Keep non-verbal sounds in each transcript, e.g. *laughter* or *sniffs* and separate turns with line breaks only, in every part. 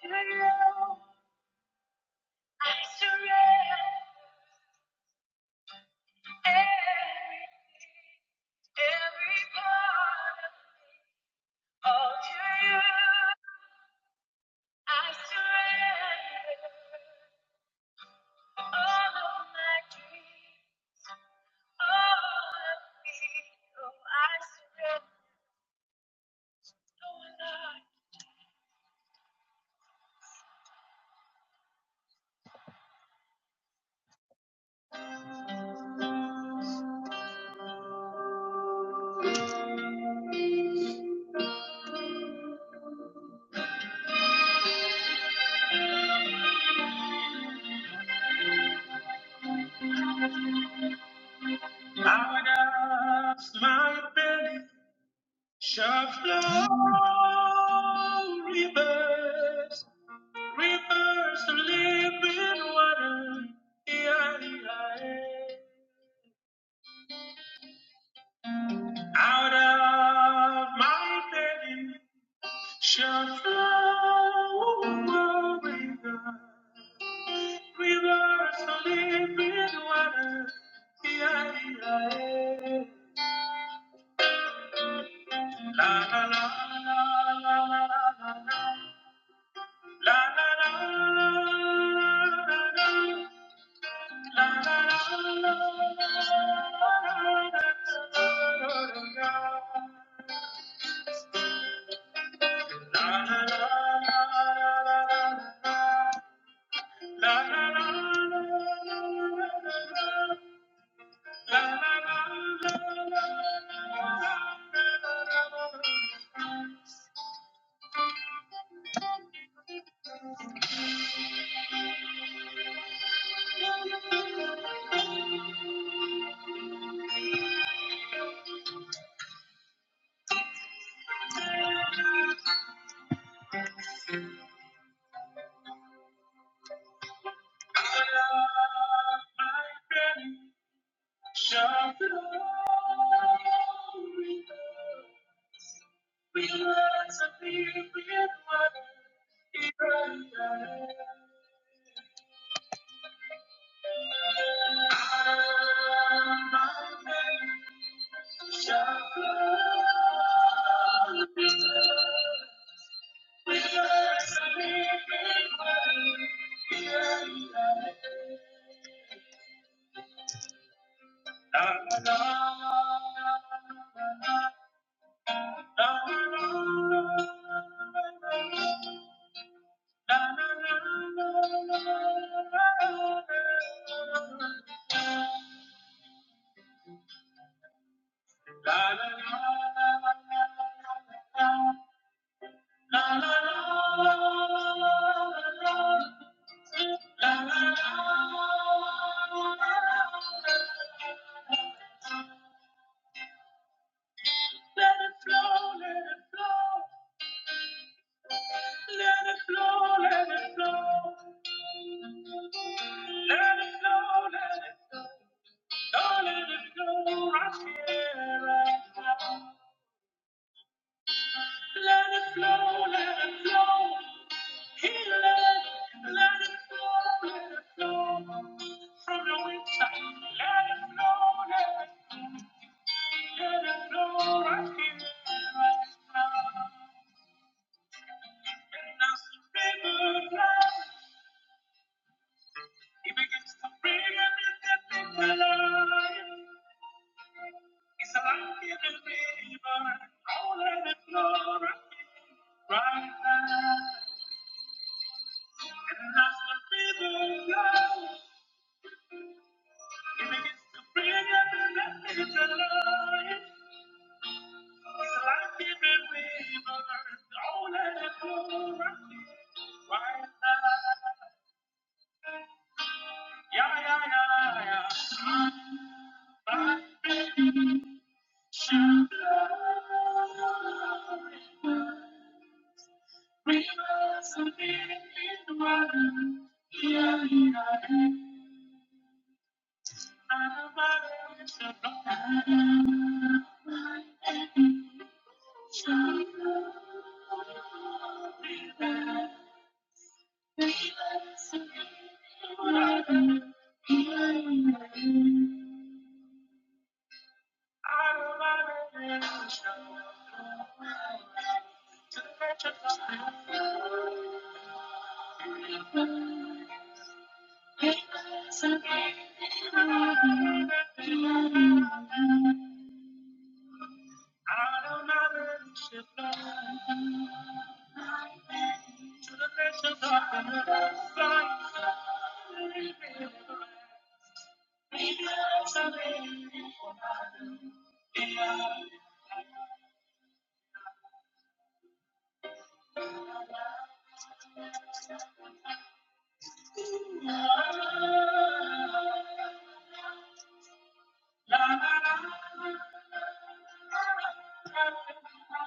To you, I surrender everything, every part of all to you. I surrender all of my dreams, all of me. Oh, I surrender, oh Lord. Out my belly shall flow rivers. Rivers of living water, out of my belly shall flow rivers, rivers of living water. la la la la la la la la la la la la. Shall glory We learn to be with one another. Let it flow, let it flow, let it flow, let it flow. Don't let it flow right here, right now. Let it flow, let it flow. He let, let it flow, let it flow. From the inside, let it flow, let it flow. Let it flow right here, right now. And as the river flows, it begins to bring everything alive. It's like a life in the river, all let it flow right now. Right now. And that's the river love. It begins to bring up and let it to life. It's like a life in the river, all let it flow right now. Right now. Yeah, yeah, yeah, yeah. My mission, love, rivers of living in the water. Yeah, yeah, yeah.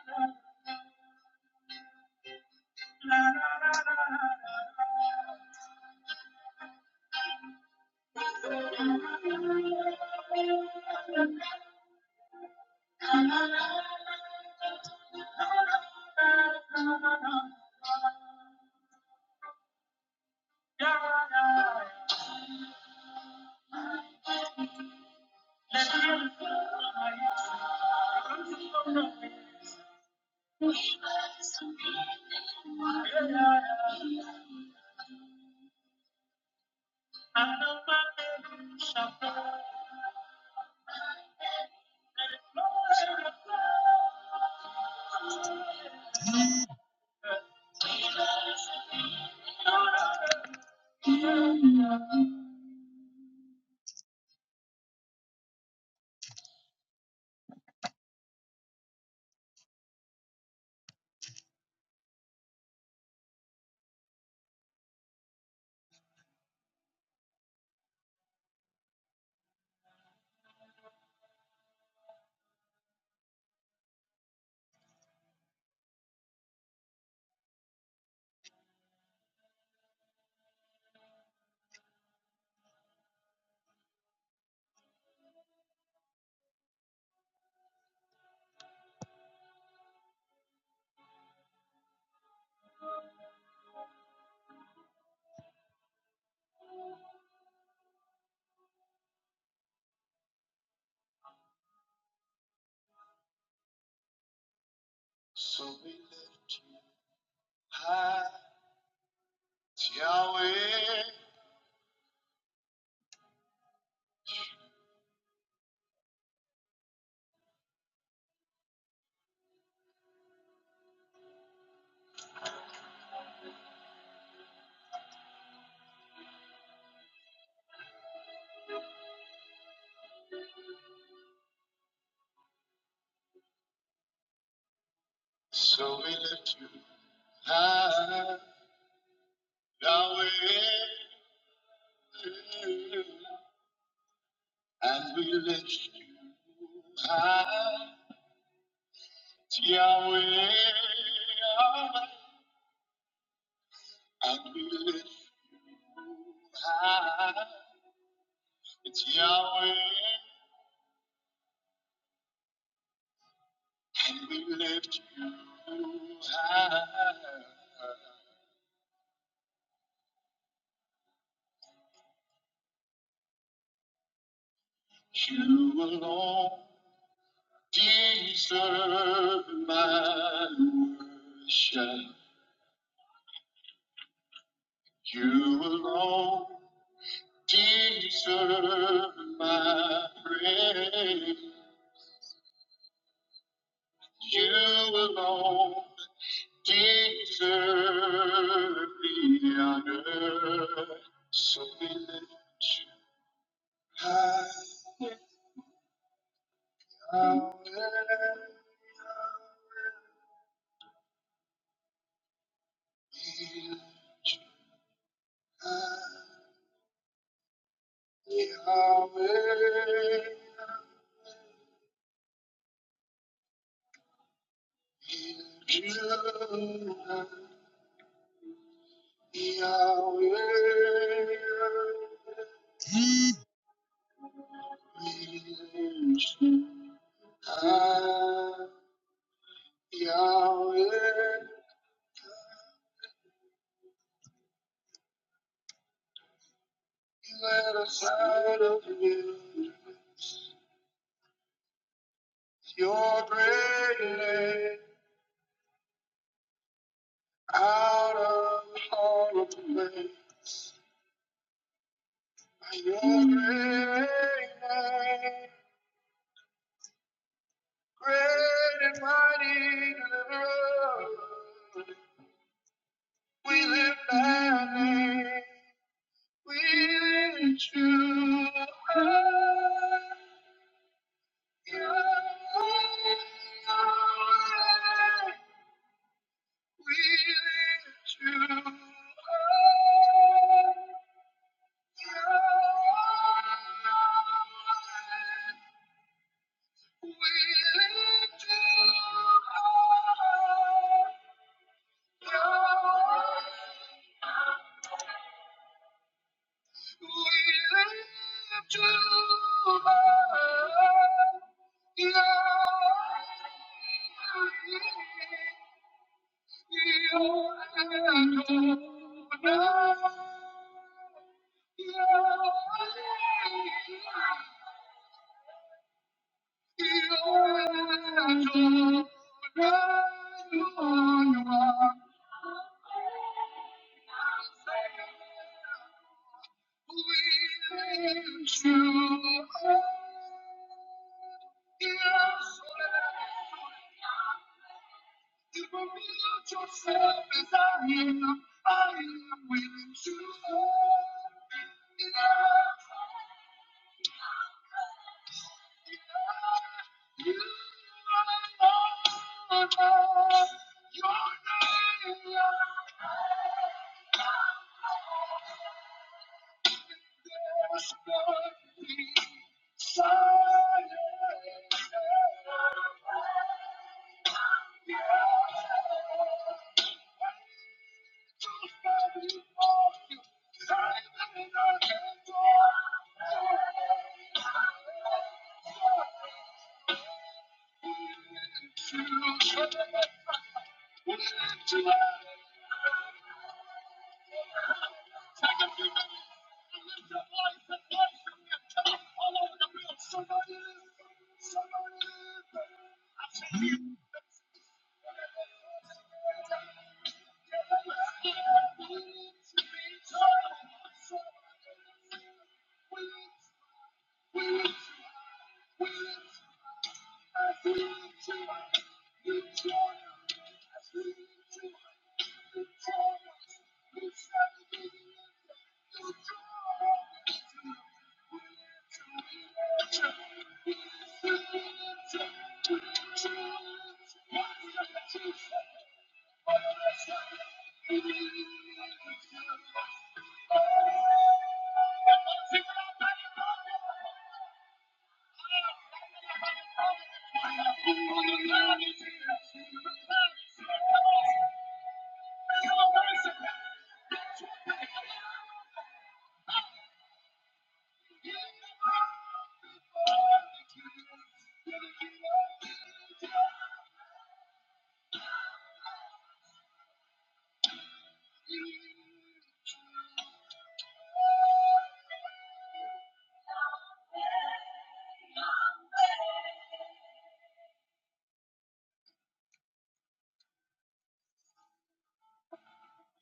Yeah. So we lift you high, Yahweh. So we lift you high, Yahweh. And we lift you It's Yahweh, and we lift you high. You alone deserve my worship. You alone deserve my praise. You alone Deserve the honor, so we lift you high. Hallelujah. We lift you high. Yahweh. We lift you high. Yahweh. We lift you high. Yahweh. Let us out of the wilderness, your great name, out of all of the ways. By your great name, great and mighty deliverer, we lift thy name, we lift you high. You are our We lift you up. We lift you up.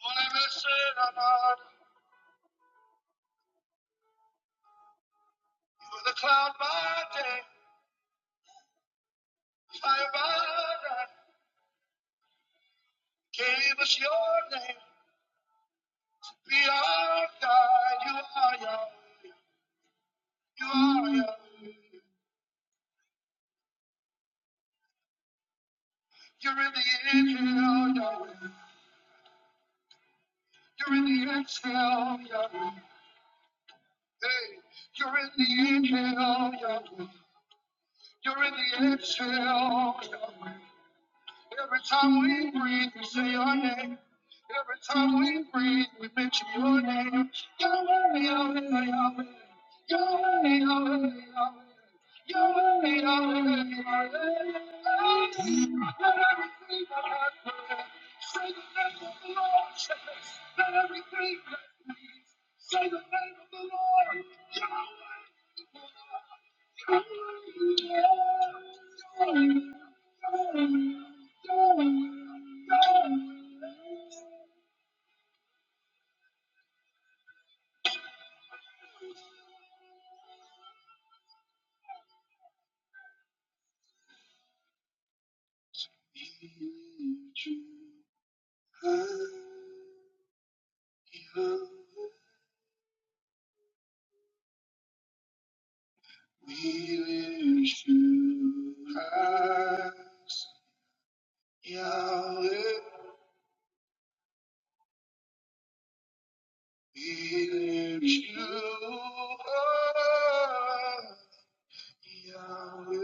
Whatever said about you were the cloud by day, fire by night, gave us your name. We are God, you are Yahweh, you are you're in the end, You're in the exhale, Yahweh. Hey, you're in the inhale, Yahweh. You're in the exhale, Yahweh. Every time we breathe, we say your name. Every time we breathe, we mention your name. Yahweh, Yahweh, Yahweh. Yahweh, Yahweh, Yahweh. Yahweh, Yahweh, Yahweh. I got We lift you high, Yahweh. We lift you high, Yahweh.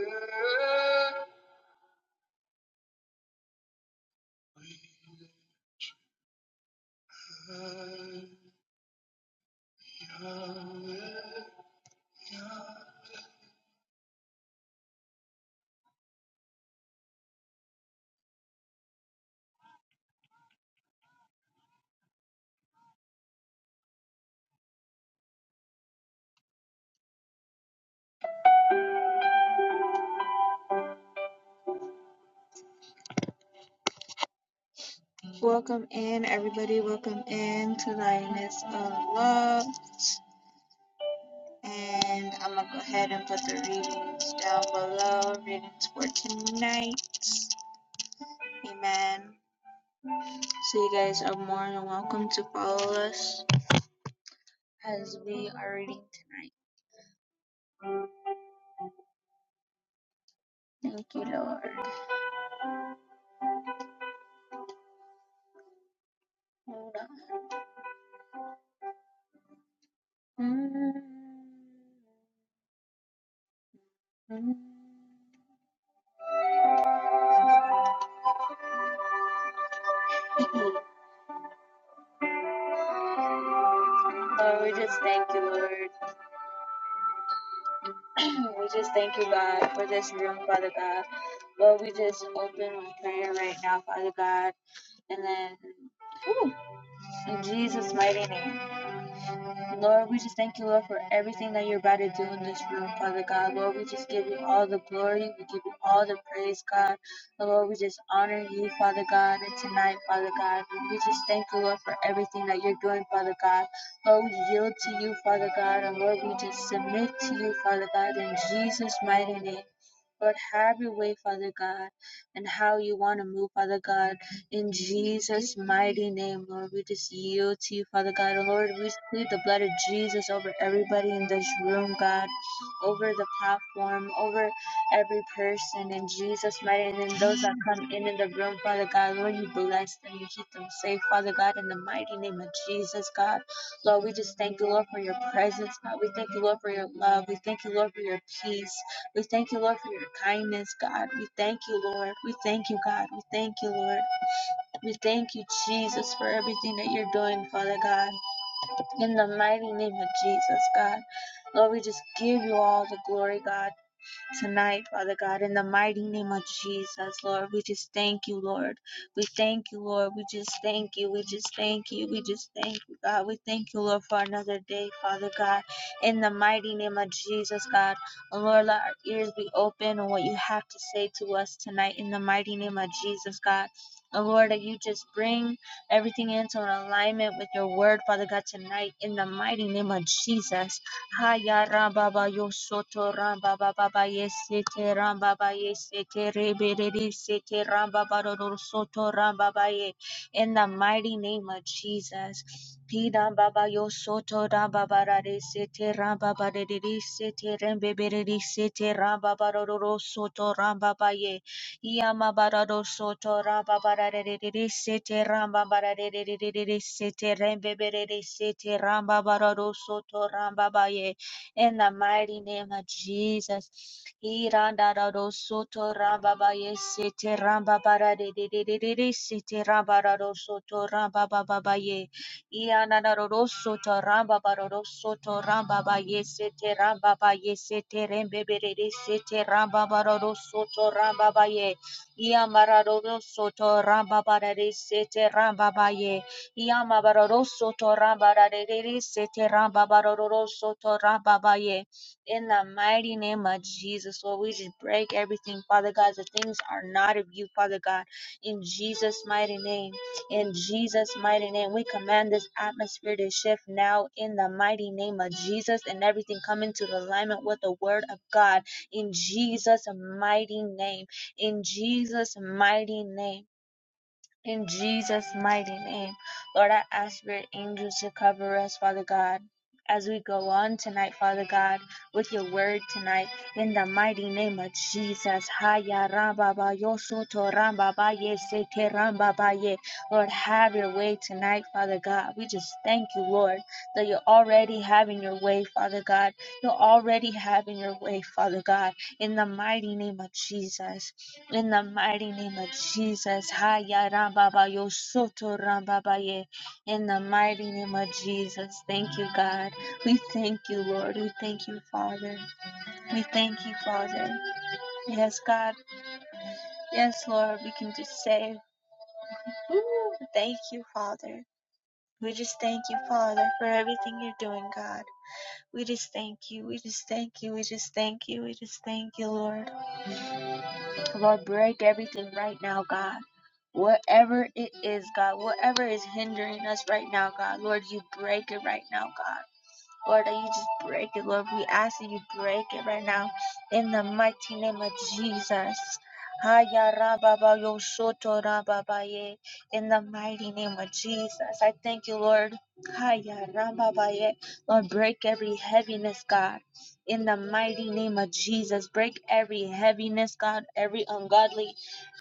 Welcome in, everybody. Welcome in to Lioness of Love. And I'm going to go ahead and put the readings down below. Readings for tonight. Amen. So, you guys are more than welcome to follow us as we are reading tonight. Thank you, Lord. Lord, we just thank you, Lord. *clears throat* we just thank you, God, for this room, Father God. Lord, we just open with prayer right now, Father God. And then in Jesus' mighty name. Lord, we just thank you, Lord, for everything that you're about to do in this room, Father God. Lord, we just give you all the glory. We give you all the praise, God. Lord, we just honor you, Father God, and tonight, Father God. We just thank you, Lord, for everything that you're doing, Father God. Lord, we yield to you, Father God, and Lord, we just submit to you, Father God, in Jesus' mighty name. Lord, have your way, Father God, and how you want to move, Father God. In Jesus' mighty name, Lord, we just yield to you, Father God. And Lord, we plead the blood of Jesus over everybody in this room, God, over the platform, over every person in Jesus' mighty name. and Those that come in in the room, Father God, Lord, you bless them, you keep them safe, Father God, in the mighty name of Jesus, God. Lord, we just thank you, Lord, for your presence, God. We thank you, Lord, for your love. We thank you, Lord, for your peace. We thank you, Lord, for your kindness, God. We thank you, Lord. We thank you, God. We thank you, Lord. We thank you, Jesus, for everything that you're doing, Father God. In the mighty name of Jesus, God. Lord, we just give you all the glory, God tonight, Father God, in the mighty name of Jesus, Lord. We just thank you, Lord. We thank you, Lord. We just thank you. We just thank you. We just thank you, God. We thank you, Lord, for another day, Father God, in the mighty name of Jesus, God. And Lord, let our ears be open on what you have to say to us tonight, in the mighty name of Jesus, God. And Lord, that you just bring everything into an alignment with your word, Father God, tonight, in the mighty name of Jesus. Haya Rambaba Yosoto Rambaba Baba Yesete Rambaba Yesete Rebede Sete Rambaba Soto Rambaba Ye. In the mighty name of Jesus. Pidam Baba Yosoto Rambaba Rade Sete Rambaba Dede Sete Rembebe Sete Rambaba Soto Rambaba Ye. Yamabarado soto rababararere sete rambabararere sete rembebere sete rambabarado soto rambabaye. In the mighty name of Jesus. Irandarado soto rambabaye sete rambabararere sete rambarado soto rambababaye. Iananaroso to ramba baroso to ramba ba yesete ramba ba yesete rembe sete ramba baroso to ramba ba ye. Iamararoso to ramba barere sete ramba ba ye. Iamararoso to ramba barere sete ramba baroso to ramba ba ye. In the mighty name of Jesus, Lord, we just break everything, Father God. The things are not of you, Father God. In Jesus' mighty name, in Jesus' mighty name, we command this atmosphere to shift now in the mighty name of Jesus and everything come into alignment with the word of God. In Jesus' mighty name, in Jesus' mighty name. In Jesus' mighty name, Lord, I ask your angels to cover us, Father God, as we go on tonight, Father God, with your word tonight. In the mighty name of Jesus, Haya Ramba Ba Yo Soto Ramba Lord, have your way tonight, Father God. We just thank you, Lord, that you're already having your way, Father God. You're already having your way, Father God. In the mighty name of Jesus. In the mighty name of Jesus, Haya Rambaba Yosoto Rambabaye. In the mighty name of Jesus, thank you, God. We thank you, Lord. We thank you, Father. We thank you, Father. Yes, God. Yes, Lord. We can just say, Ooh, thank you, Father. We just thank you, Father, for everything you're doing, God. We just thank you. We just thank you. We just thank you. We just thank you, Lord. Lord, break everything right now, God. Whatever it is, God, whatever is hindering us right now, God, Lord, you break it right now, God. Lord, that you just break it, Lord. We ask that you break it right now in the mighty name of Jesus. Haya rababa yo soto rababa ye. In the mighty name of Jesus, I thank you, Lord. Haya rababa ye. Lord, break every heaviness, God. In the mighty name of Jesus, break every heaviness, God, every ungodly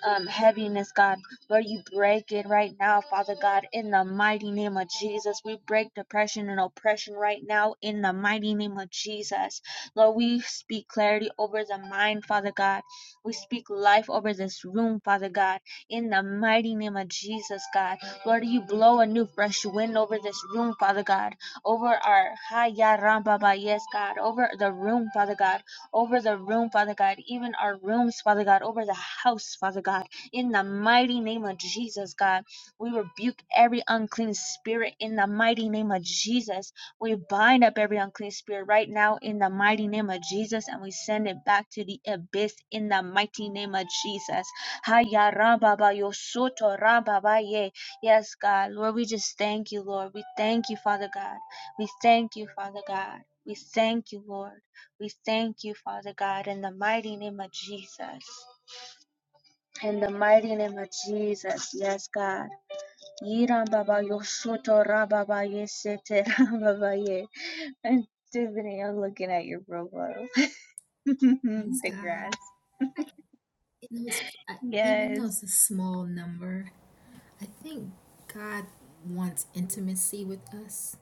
um, heaviness, God Lord, you break it right now, Father God, in the mighty name of Jesus. We break depression and oppression right now in the mighty name of Jesus. Lord, we speak clarity over the mind, Father God. We speak life over this room, Father God, in the mighty name of Jesus, God. Lord, you blow a new fresh wind over this room, Father God, over our Haya Ramba Ba, yes, God, over the room, Father God, over the room, Father God, even our rooms, Father God, over the house, Father God. In the mighty name of Jesus, God, we rebuke every unclean spirit in the mighty name of Jesus. We bind up every unclean spirit right now in the mighty name of Jesus and we send it back to the abyss in the mighty name of Jesus. Haya rababa yo soto rababa ye. Yes, God. Lord, we just thank you, Lord. We thank you, Father God. We thank you, Father God. We thank you, Lord. We thank you, Father God, in the mighty name of Jesus. In the mighty name of Jesus, yes, God. Yiram baba yoshoto rababa yesete rababa ye. And Tiffany, I'm looking at your profile. *laughs*
Praise
the
God.
grass.
I, it was, I, even though
Yes.
it's a small number, I think God wants intimacy with us.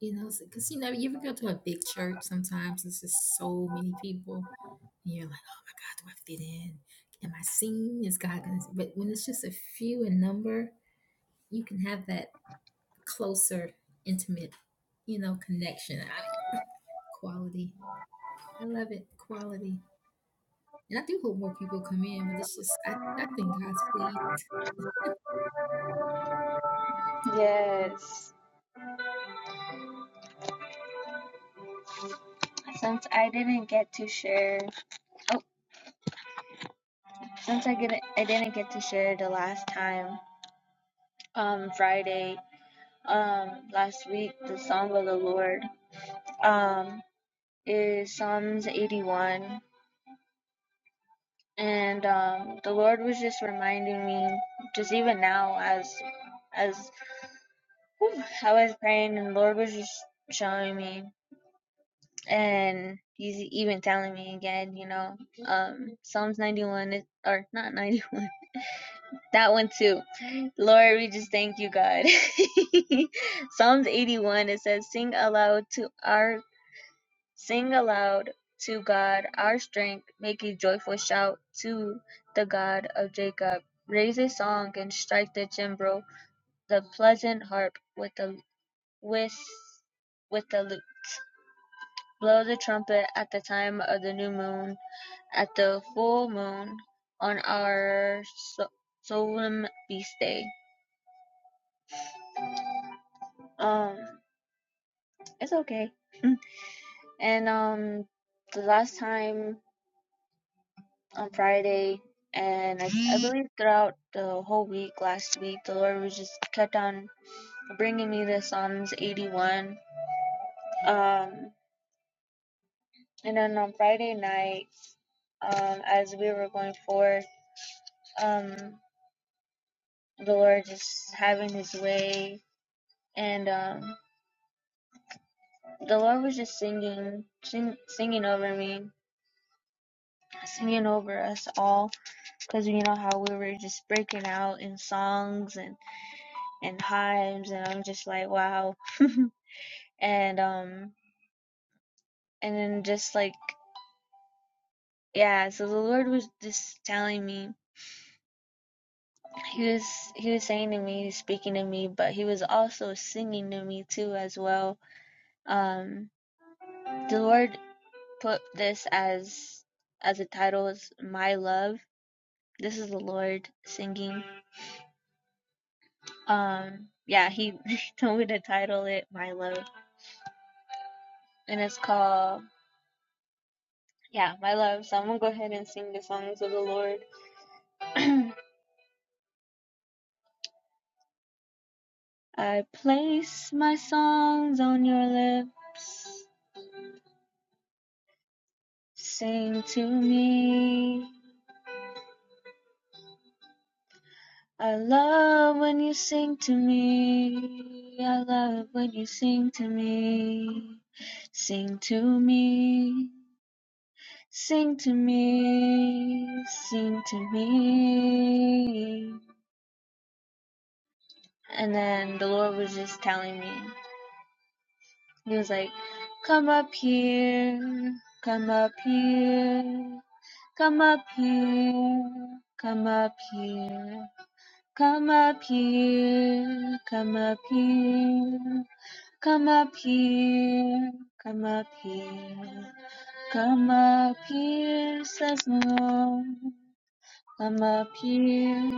You know, because you know, you ever go to a big church, sometimes it's just so many people, and you're like, oh my God, do I fit in? Am I seen? Is God going to? But when it's just a few in number, you can have that closer, intimate, you know, connection. I, quality. I love it. Quality. And I do hope more people come in, but it's just I, I think God's pleased.
Yes. Since I didn't get to share, oh, since I didn't, I didn't get to share the last time, um, Friday, um, last week, the song of the Lord, um, is Psalms 81. and um, the Lord was just reminding me, just even now, as as I was praying, and the Lord was just showing me, and He's even telling me again, you know, um, Psalms ninety one is or not ninety one, *laughs* that one too. Lord, we just thank you, God. *laughs* Psalms eighty one it says, "Sing aloud to our Sing aloud to God our strength, make a joyful shout to the God of Jacob. Raise a song and strike the timbrel, the pleasant harp with the with with the lute. Blow the trumpet at the time of the new moon, at the full moon, on our so- solemn feast day. Um, it's okay. *laughs* and um, the last time on Friday, and I, I believe throughout the whole week last week, the Lord was just kept on bringing me the Psalms 81. Um, and then on Friday night, um, as we were going forth, um, the Lord just having His way, and um, the Lord was just singing, sing, singing over me, singing over us all, because you know how we were just breaking out in songs and and hymns, and I'm just like, wow. *laughs* and um and then just like yeah so the lord was just telling me he was he was saying to me he was speaking to me but he was also singing to me too as well um the lord put this as as a title is my love this is the lord singing um yeah he, *laughs* he told me to title it my love and it's called yeah my love so i'm gonna go ahead and sing the songs of the lord *clears throat* I place my songs on your lips. Sing to me. I love when you sing to me. I love when you sing to me. Sing to me. Sing to me. Sing to me. And then the Lord was just telling me. He was like, "Come up here, come up here, come up here, come up here, come up here, come up here, come up here, come up here, come up here," says the Lord. Come up here.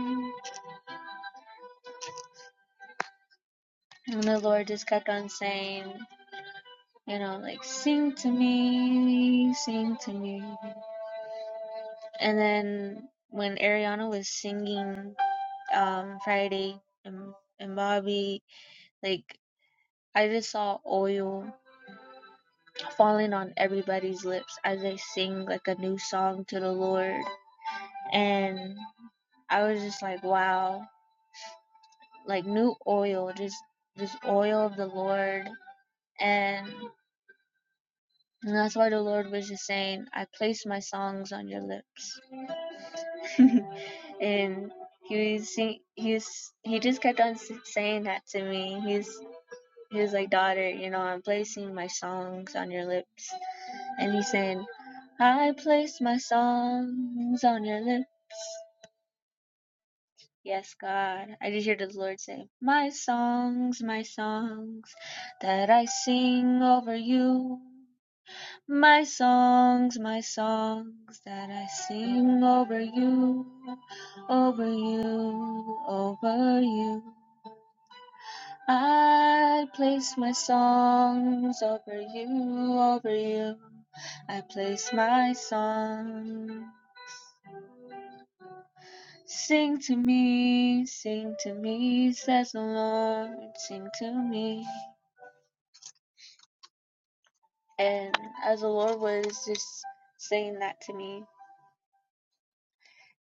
And the Lord just kept on saying, you know, like, sing to me, sing to me. And then when Ariana was singing um, Friday and, and Bobby, like I just saw oil falling on everybody's lips as they sing like a new song to the Lord. And I was just like, wow, like new oil, just just oil of the Lord. And, and that's why the Lord was just saying, I place my songs on your lips. *laughs* and he was he was, he just kept on saying that to me. He's he was like, daughter, you know, I'm placing my songs on your lips, and he saying, I place my songs on your lips. Yes, God. I just hear the Lord say, My songs, my songs that I sing over you. My songs, my songs that I sing over you, over you, over you. I place my songs over you, over you. I place my song. Sing to me, sing to me, says the Lord, sing to me. And as the Lord was just saying that to me,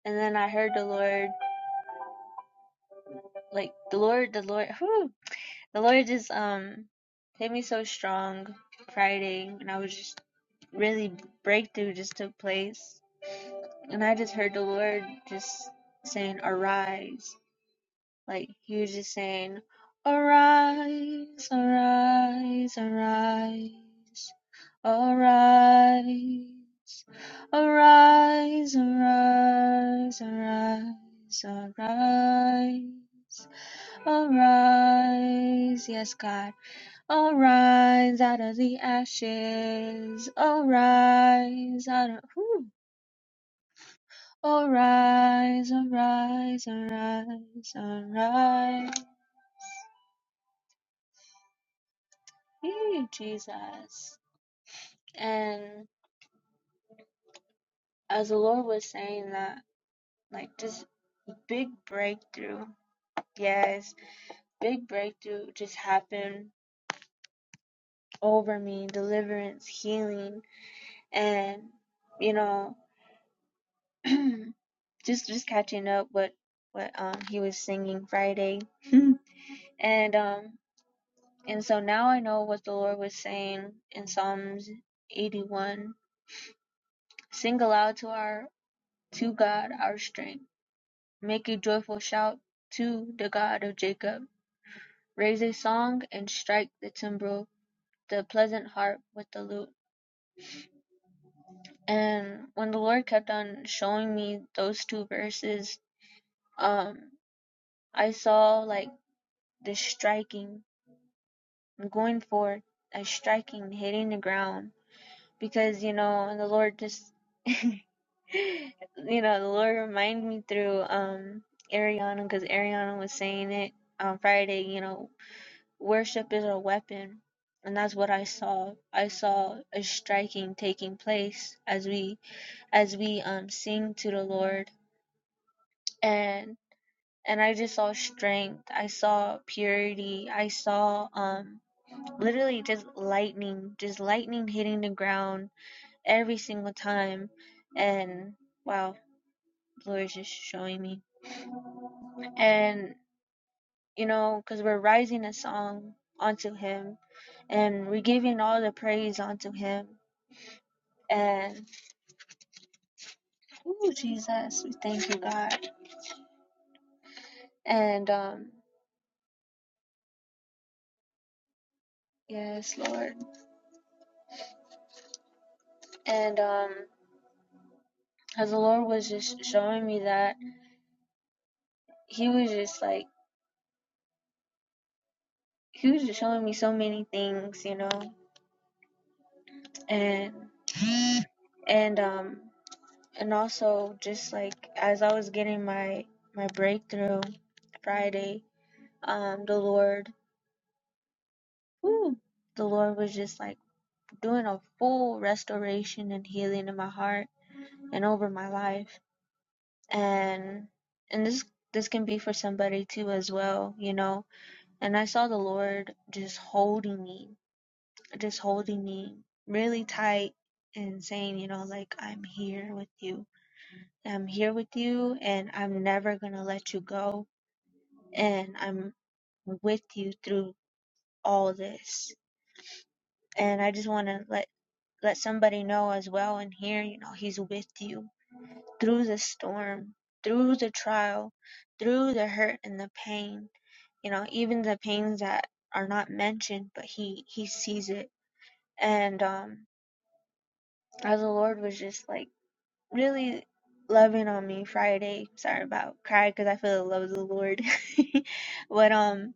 and then I heard the Lord. like the Lord, the Lord, whew, the Lord just um made me so strong Friday, and I was just really breakthrough just took place, and I just heard the Lord just saying, "Arise," like He was just saying, "Arise, arise, arise, arise." Arise, arise, arise, arise. Arise, yes, God. Arise out of the ashes. Arise out of. Whew. Arise, arise, arise, arise. Hey, Jesus. And as the Lord was saying that, like, this big breakthrough, yes, big breakthrough just happened over me deliverance, healing, and, you know. *clears throat* just just catching up what what um he was singing Friday, *laughs* and um and so now I know what the Lord was saying in Psalms 81. Sing aloud to our to God our strength. Make a joyful shout to the God of Jacob. Raise a song and strike the timbrel, the pleasant harp with the lute. And when the Lord kept on showing me those two verses, um, I saw like the striking going for it, like striking, hitting the ground. Because, you know, and the Lord just, *gasps* you know, the Lord reminded me through um Ariana, because Ariana was saying it on Friday, you know, worship is a weapon. And that's what I saw. I saw a striking taking place as we as we um sing to the Lord and and I just saw strength. I saw purity. I saw um literally just lightning, just lightning hitting the ground every single time. And wow, Blue is just showing me. And, you know, because we're rising a song onto Him and we're giving all the praise onto Him. And, ooh, Jesus, we thank you, God. And, um, yes, Lord. And, um, as the Lord was just showing me that, He was just like, He was just showing me so many things, you know and and um and also just like as I was getting my my breakthrough Friday, um the Lord the Lord was just like doing a full restoration and healing in my heart and over my life. And and this this can be for somebody too as well, you know. And I saw the Lord just holding me, just holding me really tight and saying, you know, like I'm here with you I'm here with you and I'm never going to let you go. And I'm with you through all this. And I just want to let, let somebody know as well in here, you know, he's with you through the storm, through the trial, through the hurt and the pain, you know, even the pains that are not mentioned, but he, he sees it. And, um, as the Lord was just like, really loving on me Friday. Sorry about cry because I feel the love of the Lord. *laughs* but um,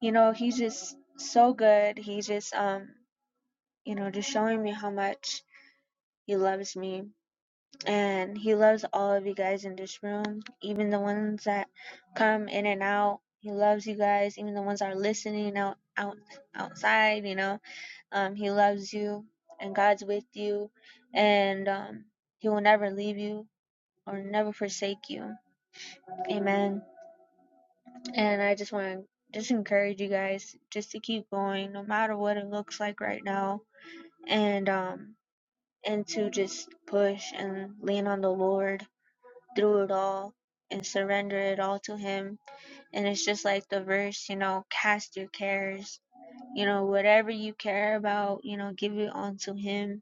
you know, he's just so good. He's just um, you know, just showing me how much he loves me. And he loves all of you guys in this room, even the ones that come in and out. He loves you guys, even the ones that are listening out out outside, you know. Um, he loves you and God's with you and um he will never leave you or never forsake you. Amen. And I just want to just encourage you guys just to keep going no matter what it looks like right now and um and to just push and lean on the Lord through it all and surrender it all to him and it's just like the verse you know cast your cares you know whatever you care about you know give it onto him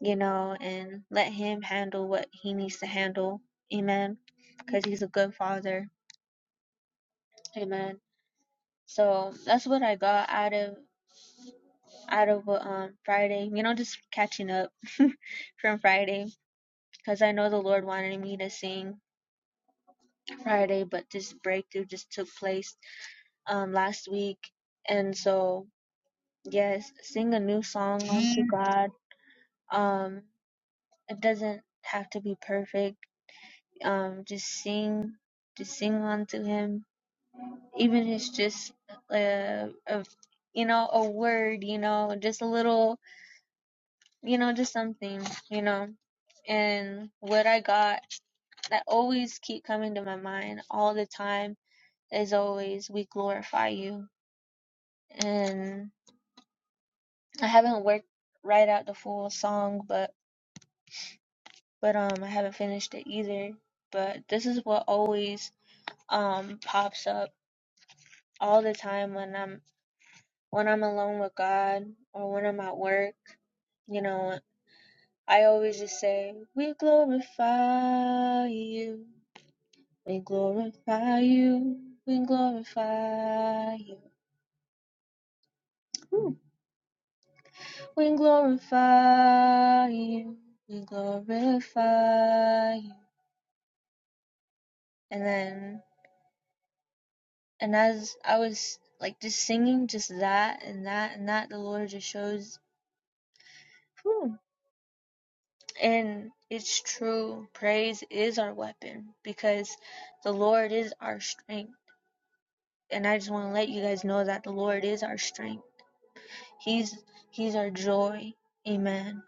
you know and let him handle what he needs to handle amen because he's a good father amen So that's what I got out of out of um Friday. You know, just catching up *laughs* from Friday because I know the Lord wanted me to sing Friday, but this breakthrough just took place um last week, and so yes, sing a new song unto God. Um, it doesn't have to be perfect. Um, just sing, just sing unto Him, even if it's just uh, a you know a word, you know, just a little you know, just something, you know. And what I got that always keep coming to my mind all the time is always we glorify you. And I haven't worked right out the full song but but um I haven't finished it either. But this is what always um pops up all the time when I'm when I'm alone with God or when I'm at work, you know, I always just say, We glorify you We glorify you. We glorify you. Ooh. We glorify you. We glorify you. And then, and as I was like just singing just that and that and that, the Lord just shows. whew. And it's true. Praise is our weapon because the Lord is our strength. And I just want to let you guys know that the Lord is our strength. He's He's our joy. Amen.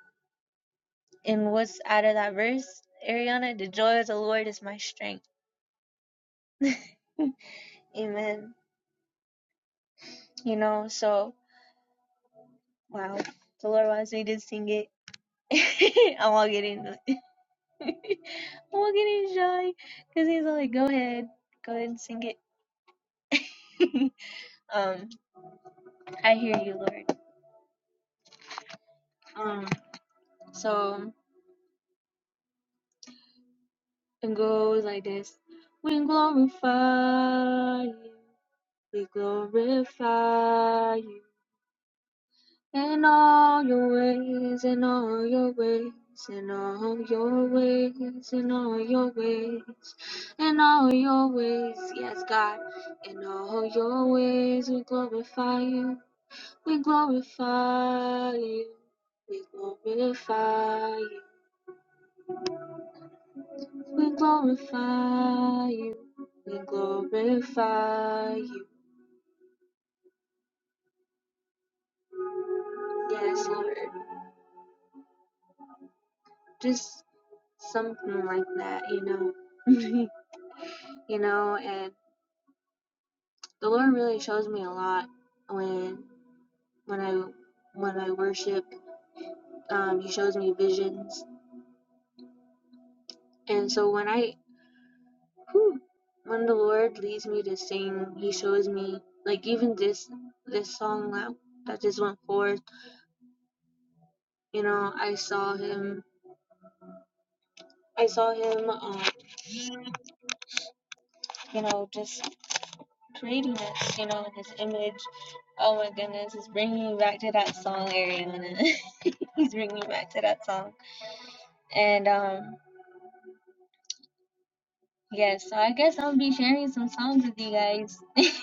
And what's out of that verse, Ariana? The joy of the Lord is my strength. *laughs* Amen. You know, so wow. The Lord wants me to sing it. *laughs* I'm all getting *laughs* I'm all getting shy because *laughs* he's like, go ahead, go ahead and sing it. *laughs* um, I hear you, Lord. Um, so it goes like this: We glorify you, we glorify you. In all your ways, in all your ways, in all your ways, in all your ways, in all your ways, yes, God, in all your ways, we glorify you, we glorify you, we glorify you, we glorify you, we glorify you, yes, Lord, just something like that, you know, *laughs* you know, and. the Lord really shows me a lot when when I when I worship. Um, he shows me visions, and so when I whew, when the Lord leads me to sing, He shows me like even this this song that that just went forth. You know, I saw Him. I saw Him. Um, you know, just creating us. You know, His image. Oh my goodness, He's bringing me back to that song, Ariana. *laughs* He's bringing me back to that song, and um. Yes, so I guess I'll be sharing some songs with you guys. *laughs*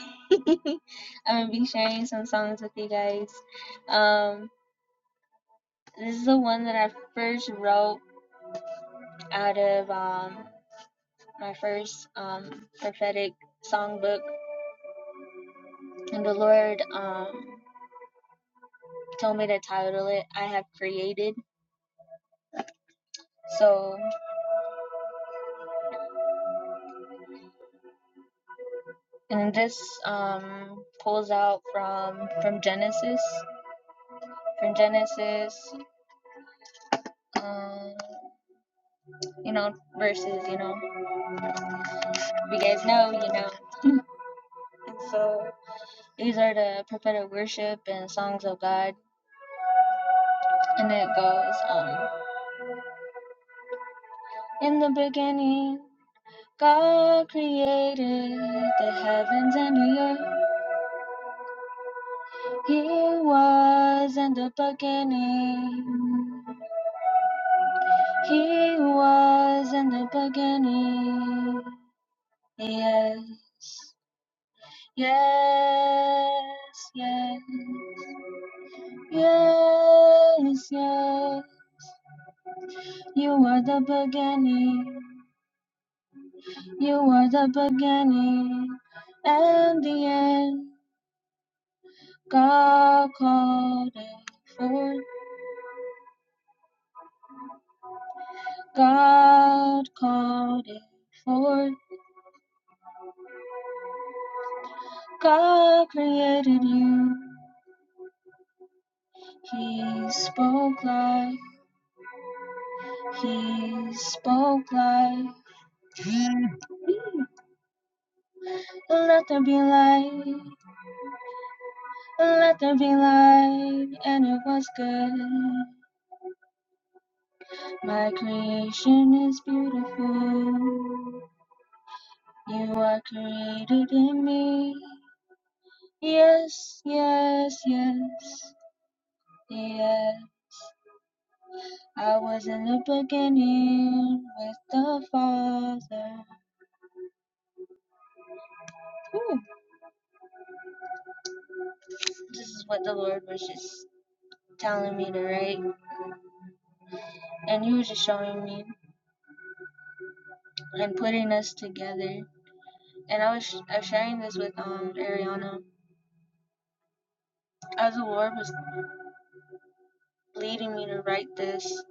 I'm gonna be sharing some songs with you guys. Um, this is the one that I first wrote out of um my first um prophetic songbook, and the Lord um told me to title it "I Have Created." So, and this um pulls out from from Genesis, from Genesis, um, you know, verses, you know. you guys know, you know. And so these are the prophetic worship and songs of God. And it goes, um, in the beginning, God created the heavens and the earth. He was in the beginning. He was in the beginning. Yes, yes, yes, yes, yes. You are the beginning. You are the beginning and the end. God called it forth. God called it forth. God created you. He spoke life. He spoke life. Let there be light. Let there be light. And it was good. My creation is beautiful. You are created in me. Yes, yes, yes, yes. I was in the beginning with the Father. Ooh, this is what the Lord was just telling me to write, and He was just showing me and putting us together. And I was I was sharing this with um Ariana. As the Lord was leading me to write this,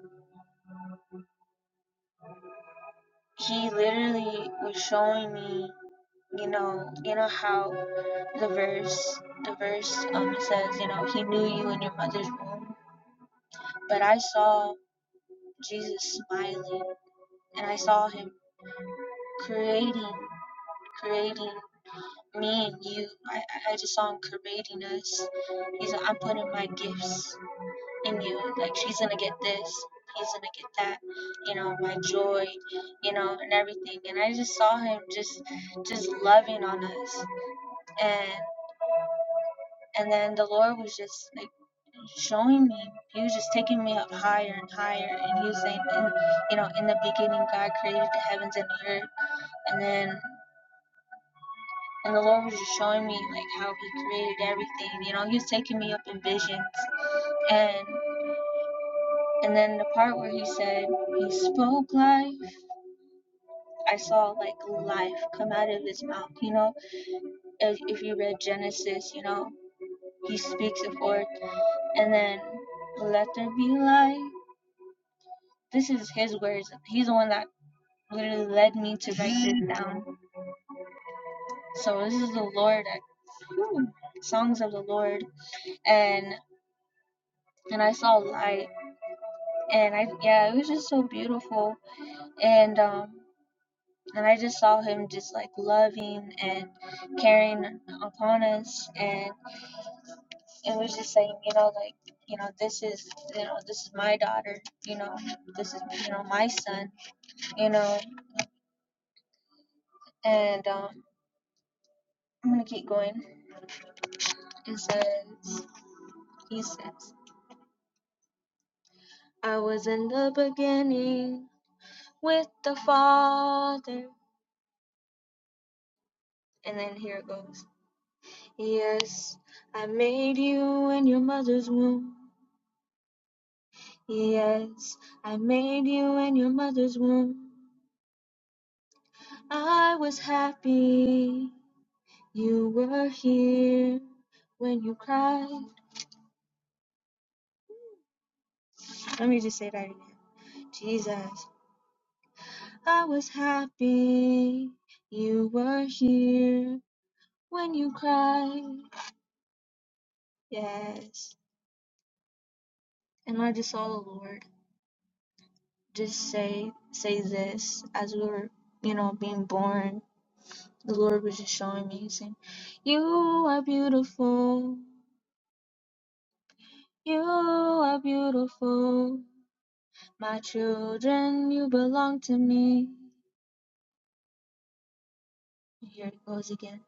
He literally was showing me, you know, you know how the verse the verse um says, you know, He knew you in your mother's womb But I saw Jesus smiling, and I saw him creating, creating me and you. I, I just saw him creating us. He's like, I'm putting my gifts in you. Like, she's gonna get this, he's gonna get that, you know, my joy, you know, and everything. And I just saw him just, just loving on us. And And then the Lord was just like showing me. He was just taking me up higher and higher. And he was saying, in, you know, in the beginning, God created the heavens and the earth. And then, and the Lord was just showing me like how He created everything. You know, He was taking me up in visions. And and then the part where He said He spoke life. I saw like life come out of His mouth. You know, if, if you read Genesis, you know, He speaks it forth. And then, let there be light this is his words. He's the one that literally led me to write this down. So this is the Lord, songs of the Lord, and and I saw light, and I yeah, it was just so beautiful, and um and I just saw him just like loving and caring upon us, and it was just saying, you know, like you know, this is you know, this is my daughter, you know, this is you know my son, you know, and um, I'm gonna keep going. It says. He says, I was in the beginning with the Father. And then here it goes. Yes, I made you in your mother's womb. Yes, I made you in your mother's womb. I was happy you were here when you cried. Let me just say that again. Jesus, I was happy you were here when you cried. Yes. And I just saw the Lord just say say this as we were, you know, being born. The Lord was just showing me, saying, You are beautiful, you are beautiful. My children, you belong to me. Here it goes again.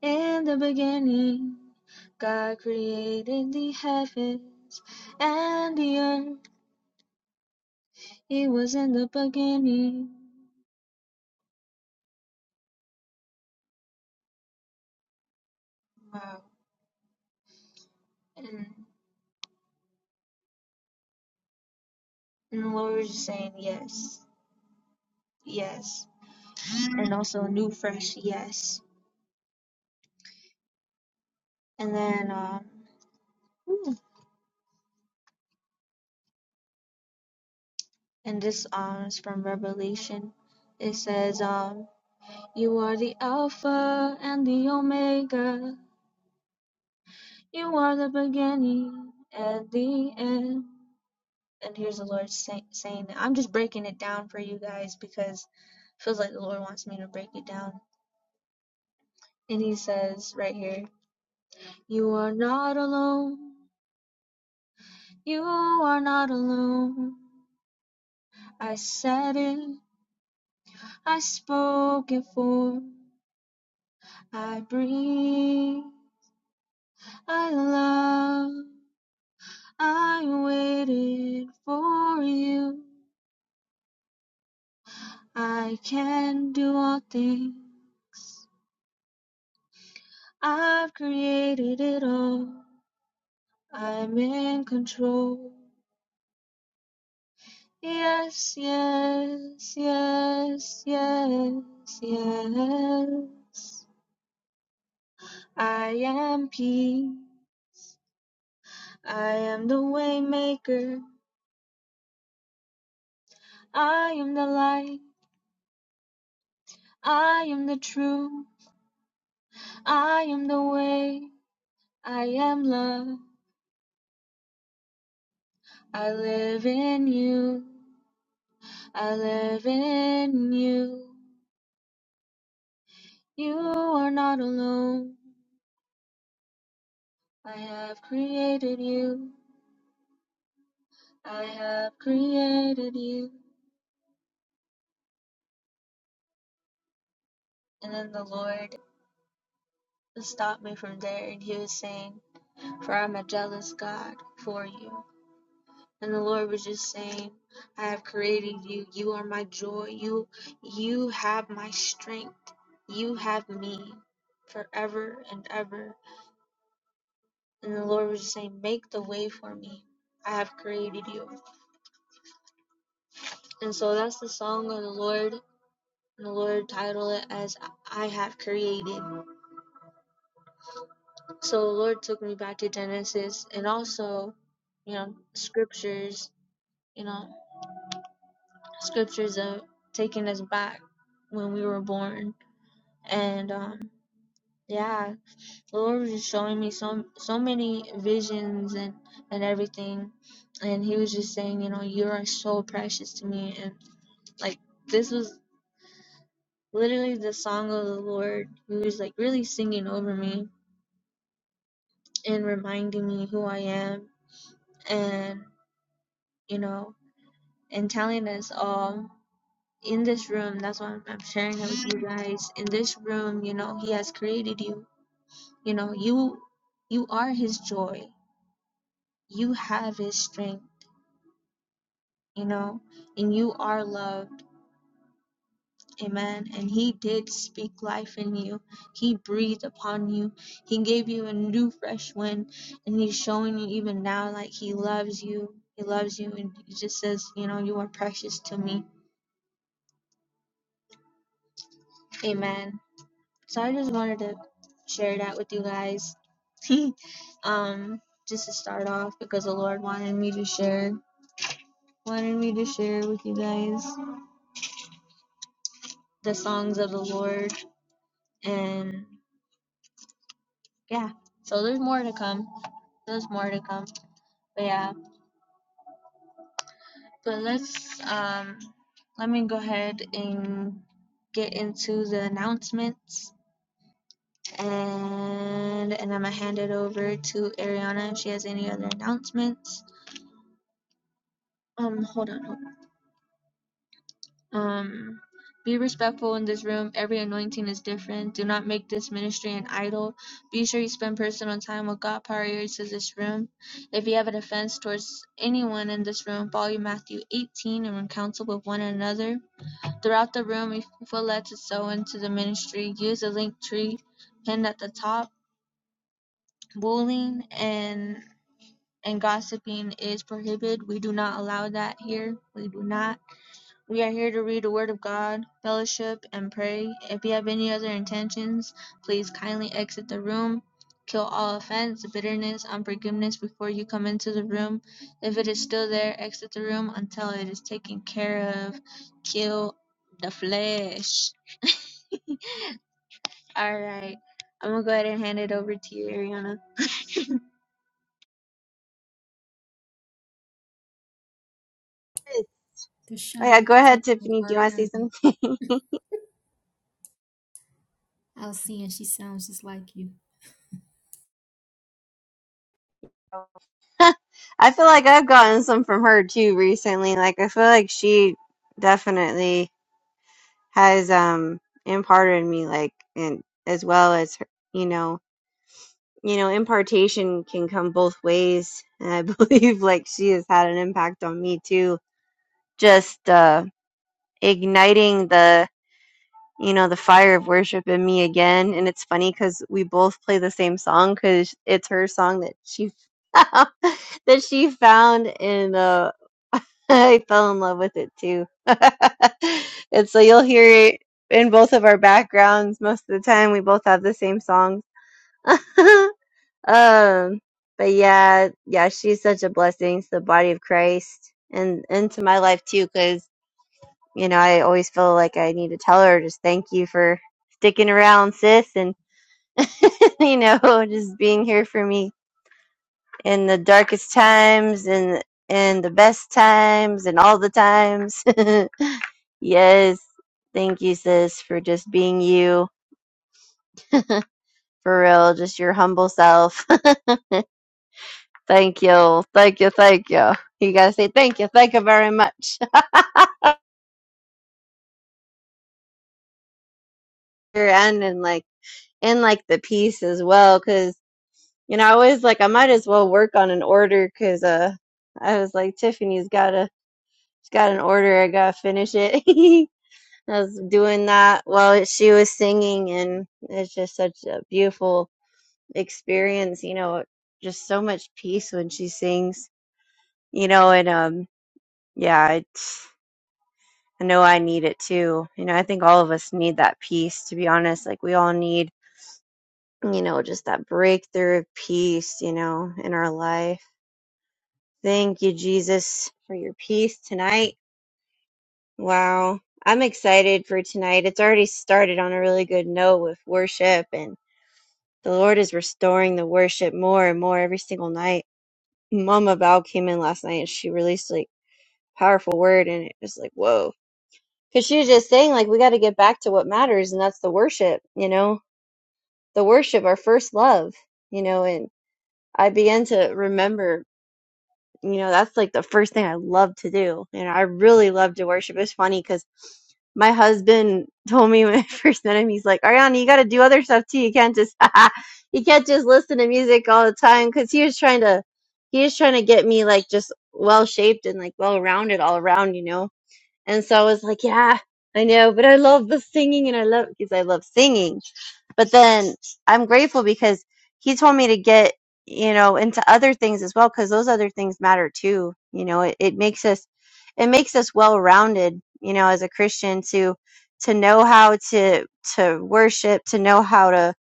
In the beginning, God created the heavens and the earth. It was in the beginning. Wow. And, and the Lord was just saying, Yes, yes. and also New Fresh Yes. And then um and this um is from Revelation. It says um you are the Alpha and the Omega. You are the beginning and the end. And here's the Lord say- saying that I'm just breaking it down for you guys because it feels like the Lord wants me to break it down. And he says right here, you are not alone. You are not alone. I said it. I spoke it form, I breathe, I love, I waited for you. I can do all things, I've created it all, I'm in control. Yes, yes, yes, yes, yes. I am peace. I am the waymaker, I am the light. I am the truth, I am the way, I am love. I live in you, I live in you. You are not alone. I have created you, I have created you. And then the Lord stopped me from there, and He was saying, For I'm a jealous God for you. And the Lord was just saying, I have created you. You are my joy. You you have my strength. You have me forever and ever. And the Lord was just saying, Make the way for me. I have created you. And so that's the song of the Lord. And the Lord titled it as I have created. So the Lord took me back to Genesis and also, you know, scriptures, you know, scriptures of taking us back when we were born and um yeah the lord was just showing me so so many visions and and everything and he was just saying you know you are so precious to me and like this was literally the song of the lord he was like really singing over me and reminding me who i am and you know and telling us all in this room that's why i'm I'm sharing it with you guys in this room you know he has created you you know you you are his joy you have his strength, you know, and you are loved. Amen. And he did speak life in you. He breathed upon you. He gave you a new fresh wind. And he's showing you even now like he loves you. He loves you. And he just says, you know, you are precious to me. Amen. So I just wanted to share that with you guys. *laughs* um, just to start off because the Lord wanted me to share. Wanted me to share with you guys the songs of the Lord. and yeah so there's more to come there's more to come but yeah but let's um let me go ahead and get into the announcements and and i'm gonna hand it over to ariana if she has any other announcements um hold on hold on Um, be respectful in this room. Every anointing is different. Do not make this ministry an idol. Be sure you spend personal time with God prior to this room. If you have an offense towards anyone in this room, follow Matthew 18 and counsel with one another. Throughout the room, if you feel led to sow into the ministry, use the link tree pinned at the top. Bullying and and gossiping is prohibited. We do not allow that here. We do not. We are here to read the Word of God, fellowship, and pray. If you have any other intentions, please kindly exit the room. Kill all offense, bitterness, unforgiveness before you come into the room. If it is still there, exit the room until it is taken care of. Kill the flesh. *laughs* All right. I'm going to go ahead and hand it over to you, Ariana.
Oh
*laughs*
Dershana,
yeah,
you
go
sound
ahead,
like
Tiffany. Do you want to say
Ariana.
something?
I was seeing she sounds just like you.
*laughs* I feel like I've gotten some from her too recently. Like I feel like she definitely has um imparted me like and as well as her, you know, you know, impartation can come both ways. And I *laughs* believe like she has had an impact on me too. Just uh igniting the you know, the fire of worship in me again. And it's funny because we both play the same song because it's her song that she *laughs* found, that she found, and uh, *laughs* I fell in love with it too. *laughs* and so you'll hear it in both of our backgrounds most of the time. We both have the same songs. *laughs* um, but yeah, yeah, she's such a blessing to the body of Christ and into my life too because you know, I always feel like I need to tell her just thank you for sticking around, sis, and *laughs* you know, just being here for me in the darkest times and and the best times and all the times. *laughs* yes, thank you, sis, for just being you for real, just your humble self. *laughs* thank you, thank you, thank you. You gotta say thank you, thank you very much. *laughs* and in like in like the peace as well, cause. And I was like, I might as well work on an order because uh, I was like, Tiffany's got a she's got an order. I gotta finish it. *laughs* I was doing that while she was singing, and it's just such a beautiful experience. You know, just so much peace when she sings. You know, and um, yeah, it's, I know I need it too. You know, I think all of us need that peace. To be honest, like we all need, you know, just that breakthrough of peace. You know, in our life Thank you, Jesus, for your peace tonight. Wow. I'm excited for tonight. It's already started on a really good note with worship, and the Lord is restoring the worship more and more every single night. Mama Val came in last night and she released like powerful word, and it was like, whoa. Because she was just saying, like, we got to get back to what matters, and that's the worship, you know, the worship, our first love, you know, and I began to remember. You know, that's like the first thing I love to do. And I really love to worship. It's funny because my husband *laughs* told me when I *laughs* first met him, he's like, Ariana, you got to do other stuff too. You can't just, *laughs* you can't just listen to music all the time. Cause he was trying to, he was trying to get me like just well shaped and like well rounded all around, you know? And so I was like, yeah, I know, but I love the singing and I love because I love singing. But then I'm grateful because he told me to get, you know, into other things as well because those other things matter too. You know, it, it makes us it makes us well-rounded, you know, as a Christian to to know how to to worship, to know how to,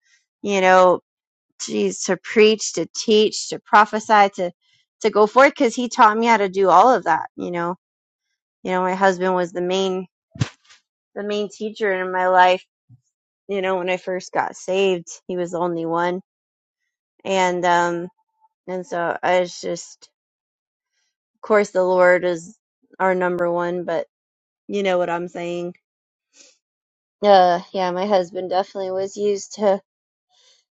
you know, geez, to preach, to teach, to prophesy, to to go forth because he taught me how to do all of that, you know. You know, my husband was the main the main teacher in my life. You know, when I first got saved, he was the only one, and um, and so I was just, of course, the Lord is our number one, but you know what I'm saying. Uh, yeah, my husband definitely was used to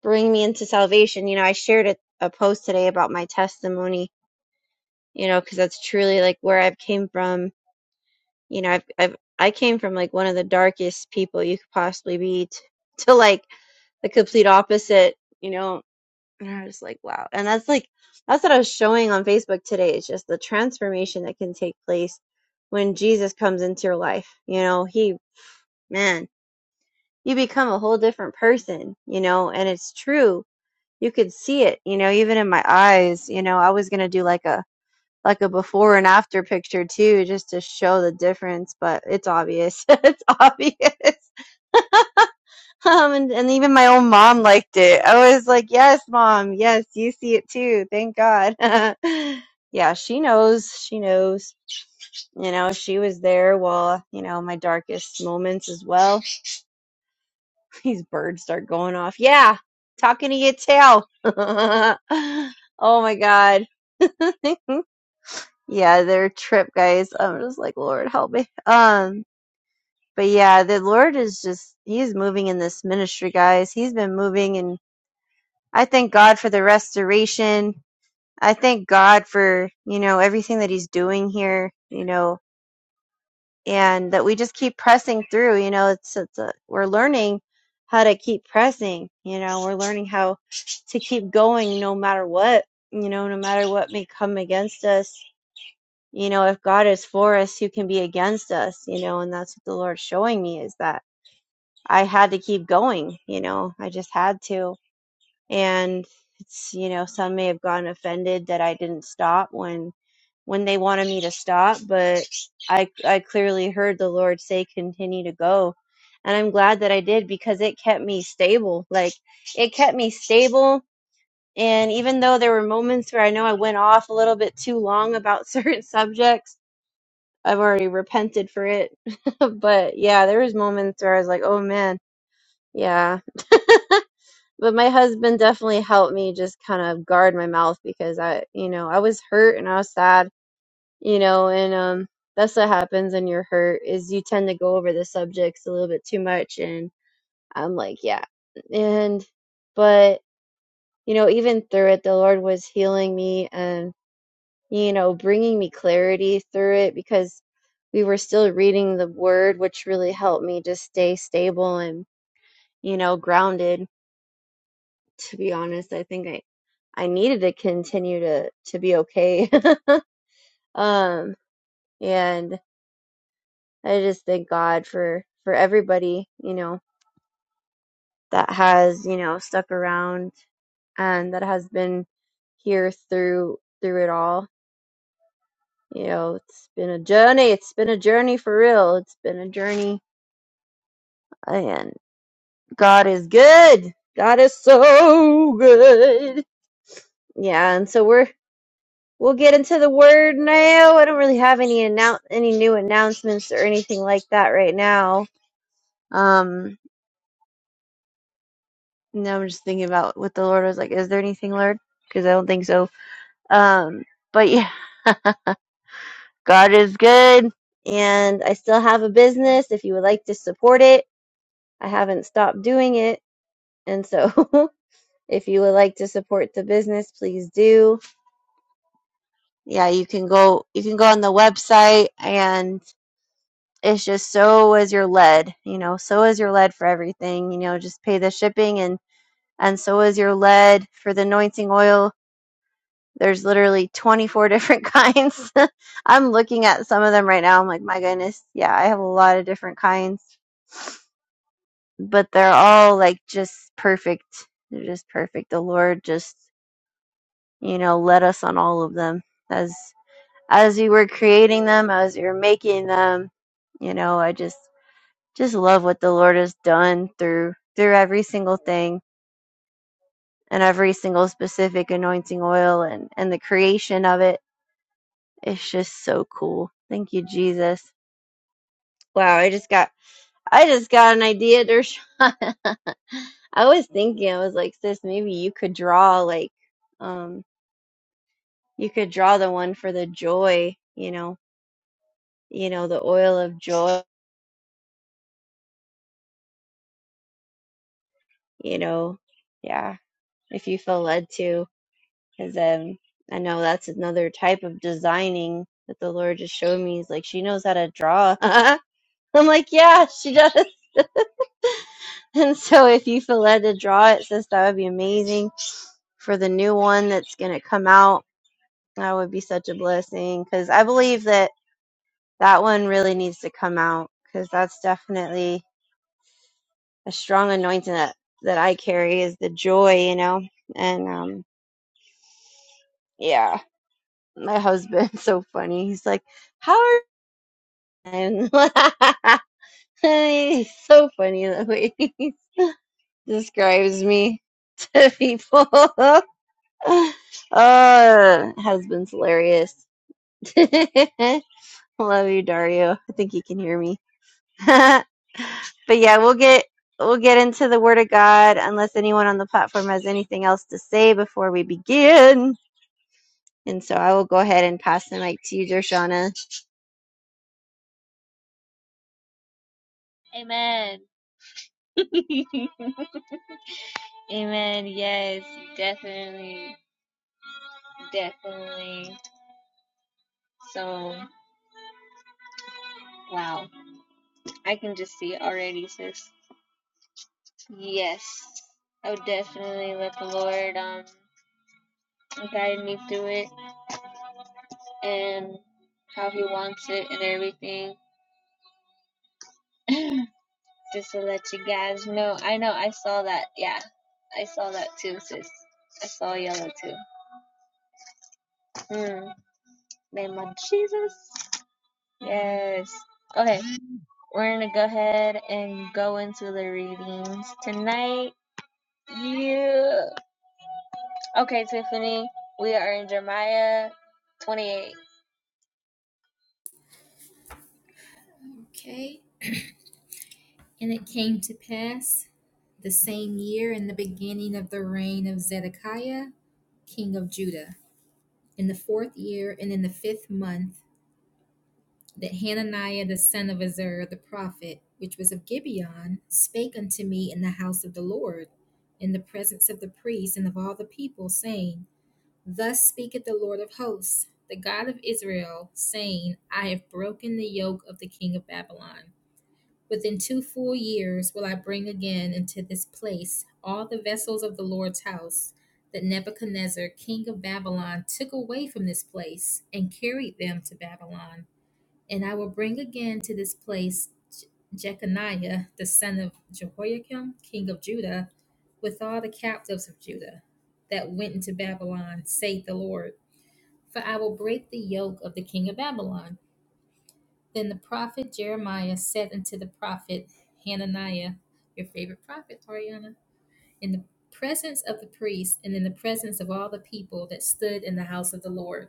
bring me into salvation. You know, I shared a, a post today about my testimony. You know, because that's truly like where I've came from. You know, I've, I've I came from like one of the darkest people you could possibly be t- to like the complete opposite. You know, And I was like, wow. And that's like, that's what I was showing on Facebook today. It's just the transformation that can take place when Jesus comes into your life. You know, he, man, you become a whole different person, you know, and it's true. You could see it, you know, even in my eyes, you know, I was going to do like a, like a before and after picture too, just to show the difference, but it's obvious. *laughs* it's obvious. Um, and, and even my own mom liked it. I was like, yes, mom, yes, you see it too. Thank God. *laughs* yeah, she knows. She knows. You know, she was there while, you know, my darkest moments as well. *laughs* These birds start going off. Yeah, talking to your tail. *laughs* oh my God. *laughs* yeah, their trip, guys. I'm just like, Lord, help me. Um, but yeah, the Lord is just, he's moving in this ministry, guys. He's been moving and. I thank God for the restoration. I thank God for, you know, everything that he's doing here, you know, and that we just keep pressing through, you know, it's, it's a, we're learning how to keep pressing, you know, we're learning how to keep going no matter what, you know, no matter what may come against us. You know, if God is for us, who can be against us, you know, and that's what the Lord's showing me is that I had to keep going, you know, I just had to. and it's you know some may have gotten offended that I didn't stop when when they wanted me to stop but I I clearly heard the Lord say continue to go and I'm glad that I did because it kept me stable like it kept me stable and even though there were moments where I know I went off a little bit too long about *laughs* certain subjects I've already repented for it *laughs* but yeah there was moments where I was like oh man yeah *laughs* but my husband definitely helped me just kind of guard my mouth because I, you know, I was hurt and I was sad, you know, and um that's what happens when you're hurt is you tend to go over the subjects a little bit too much and I'm like, yeah. And but you know, even through it the Lord was healing me and you know, bringing me clarity through it because we were still reading the word which really helped me just stay stable and you know, grounded to be honest, I think I I needed to continue to to be okay. *laughs* um and I just thank God for for everybody, you know, that has, you know, stuck around and that has been here through through it all. You know, it's been a journey. It's been a journey for real. It's been a journey and God is good. God is so good. Yeah, and so we're We'll get into the word now. I don't really have any annou- any new announcements or anything like that right now. Um, now I'm just thinking about what the Lord was like. Is there anything, Lord? Because I don't think so. Um, but yeah, *laughs* God is good, and I still have a business. If you would like to support it, I haven't stopped doing it, and so *laughs* if you would like to support the business, please do. Yeah, you can go. You can go on the website and it's just so is your lead you know so is your lead for everything you know just pay the shipping and and so is your lead for the anointing oil there's literally 24 different *laughs* kinds *laughs* i'm looking at some of them right now i'm like my goodness yeah i have a lot of different kinds but they're all like just perfect they're just perfect the lord just you know led us on all of them as as we were creating them as we were making them you know i just just love what the Lord has done through through every single thing and every single specific anointing oil and and the creation of it. It's just so cool. Thank you, Jesus. Wow, I just got I just got an idea, Dershawn. *laughs* I was thinking, I was like, sis, maybe you could draw like um you could draw the one for the joy, you know, you know, the oil of joy, you know. Yeah, if you feel led to. because um, I know that's another type of designing that the Lord just showed me. He's like, she knows how to draw. *laughs* I'm like, yeah, she does. *laughs* and so, if you feel led to draw it, sis, that would be amazing for the new one that's going to come out. That would be such a blessing because I believe that that one really needs to come out because that's definitely a strong anointing that, that I carry is the joy, you know, and um, yeah. my husband's so funny. He's like, "How are?" And *laughs* he's so funny the way he *laughs* describes me *laughs* to people. *laughs* uh, husband's hilarious. *laughs* Love you, Dario. I think you can hear me. *laughs* but yeah, we'll get we'll get into the Word of God unless anyone on the platform has anything else to say before we begin. And so I will go ahead and pass the mic to you, Dershana.
Amen. *laughs* Amen. Yes, definitely. Definitely. So, wow. I can just see it already, sis. Yes. I would definitely let the Lord um guide me through it and how he wants it and everything. *sighs* *laughs* just to let you guys know. I know I saw that. Yeah. I saw that too, sis. I saw yellow too. Mm. Name of Jesus. Yes. Okay. We're gonna go ahead and go into the readings tonight. Yeah. Okay, Tiffany, we are in Jeremiah 28.
Okay. And it came to pass the same year in the beginning of the reign of Zedekiah, king of Judah, in the fourth year and in the fifth month, that Hananiah the son of Azur the prophet, which was of Gibeon, spake unto me in the house of the Lord, in the presence of the priests and of all the people, saying, Thus speaketh the Lord of hosts, the God of Israel, saying, I have broken the yoke of the king of Babylon. Within two full years will I bring again into this place all the vessels of the Lord's house that Nebuchadnezzar, king of Babylon, took away from this place and carried them to Babylon. And I will bring again to this place Jeconiah, the son of Jehoiakim, king of Judah, with all the captives of Judah that went into Babylon, saith the Lord. For I will break the yoke of the king of Babylon. Then the prophet Jeremiah said unto the prophet Hananiah, your favorite prophet, Ariana, in the presence of the priests and in the presence of all the people that stood in the house of the Lord.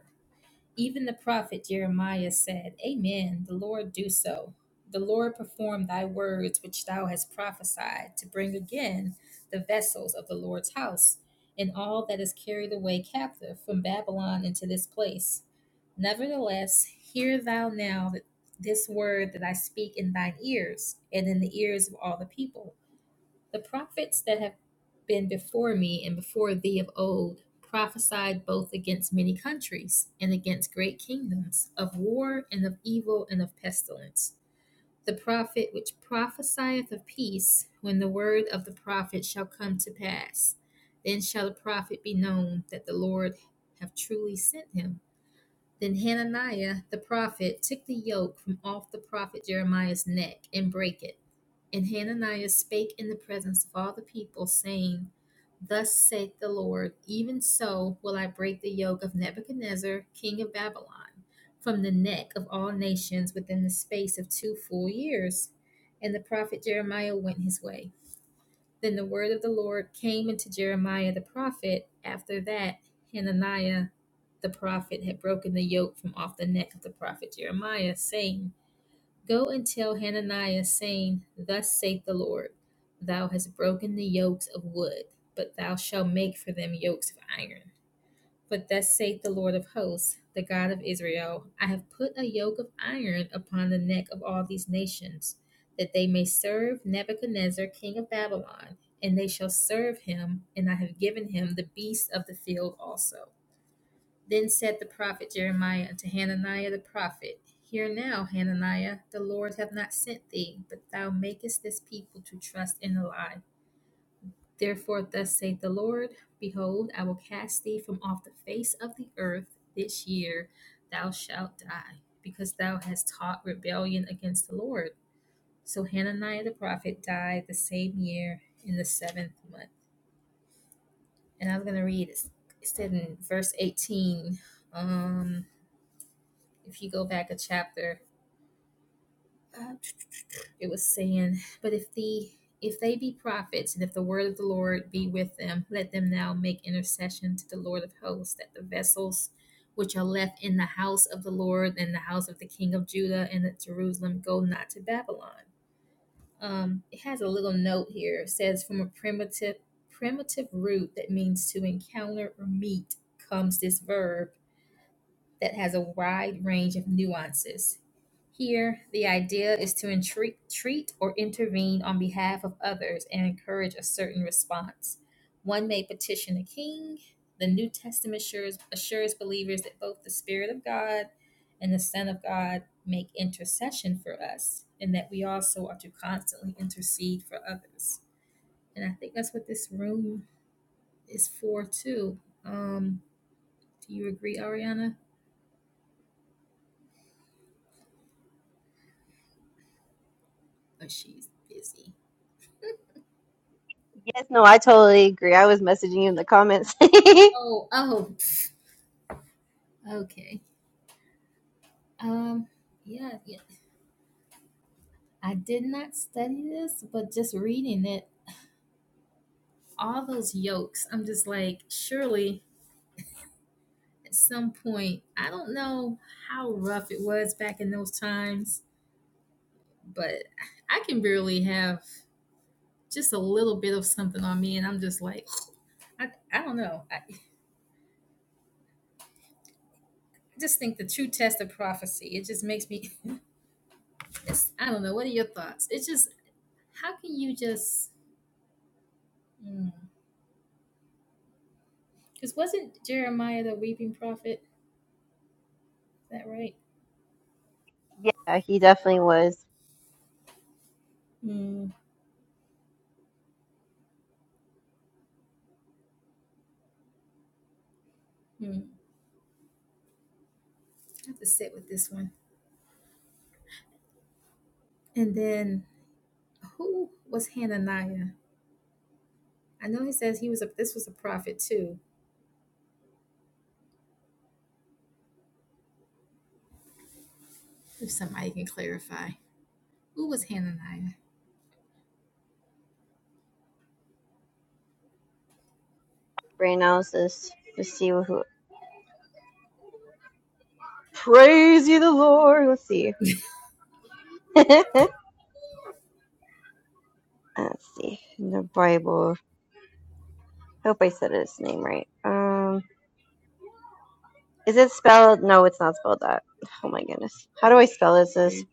Even the prophet Jeremiah said, Amen, the Lord do so. The Lord perform thy words which thou hast prophesied to bring again the vessels of the Lord's house and all that is carried away captive from Babylon into this place. Nevertheless, hear thou now that this word that I speak in thine ears and in the ears of all the people the prophets that have been before me and before thee of old prophesied both against many countries and against great kingdoms, of war and of evil and of pestilence. The prophet which prophesieth of peace, when the word of the prophet shall come to pass, then shall the prophet be known that the Lord have truly sent him. Then Hananiah the prophet took the yoke from off the prophet Jeremiah's neck and brake it. And Hananiah spake in the presence of all the people, saying, Thus saith the Lord, even so will I break the yoke of Nebuchadnezzar, king of Babylon, from the neck of all nations within the space of two full years. And the prophet Jeremiah went his way. Then the word of the Lord came into Jeremiah the prophet. After that, Hananiah the prophet had broken the yoke from off the neck of the prophet Jeremiah, saying, Go and tell Hananiah, saying, Thus saith the Lord, Thou hast broken the yokes of wood, but thou shalt make for them yokes of iron. For thus saith the Lord of hosts, the God of Israel I have put a yoke of iron upon the neck of all these nations, that they may serve Nebuchadnezzar, king of Babylon, and they shall serve him, and I have given him the beasts of the field also. Then said the prophet Jeremiah unto Hananiah the prophet, Hear now, Hananiah, the Lord hath not sent thee, but thou makest this people to trust in a lie. Therefore, thus saith the Lord Behold, I will cast thee from off the face of the earth this year, thou shalt die, because thou hast taught rebellion against the Lord. So Hananiah the prophet died the same year in the seventh month. And I'm going to read it. It said in verse 18. Um, if you go back a chapter, uh, it was saying, But if the if they be prophets, and if the word of the Lord be with them, let them now make intercession to the Lord of hosts, that the vessels which are left in the house of the Lord and the house of the king of Judah and at Jerusalem go not to Babylon. Um, it has a little note here. It says from a primitive primitive root that means to encounter or meet comes this verb that has a wide range of nuances. Here, the idea is to entreat, treat or intervene on behalf of others and encourage a certain response. One may petition a king. The New Testament assures, assures believers that both the Spirit of God and the Son of God make intercession for us, and that we also are to constantly intercede for others. And I think that's what this room is for, too. Um, do you agree, Ariana? Oh, she's busy.
Yes, no, I totally agree. I was messaging you in the comments. *laughs* yeah,
Oh, oh, okay. Um, yeah, yeah. I did not study this, but just reading it, all those yolks, I'm just like, surely at some point, I don't know how rough it was back in those times, but I can barely have just a little bit of something on me, and I'm just like, I, I don't know. I, I just think the true test of prophecy, it just makes me, *laughs* it's, I don't know. What are your thoughts? It's just, how can you just, because wasn't Jeremiah the weeping prophet? Is that right?
he definitely was.
Mm, Hmm. I have to sit with this one. And then who was Hananiah? I know he says he was a this was a prophet too. If somebody can clarify. Who was Hananiah?
Brain analysis. Let's see who. Praise you, the Lord. Let's see. *laughs* Let's see. In the Bible. Hope I said his name right. Um, is it spelled? No, it's not spelled that. Oh my goodness. How do I spell this? This.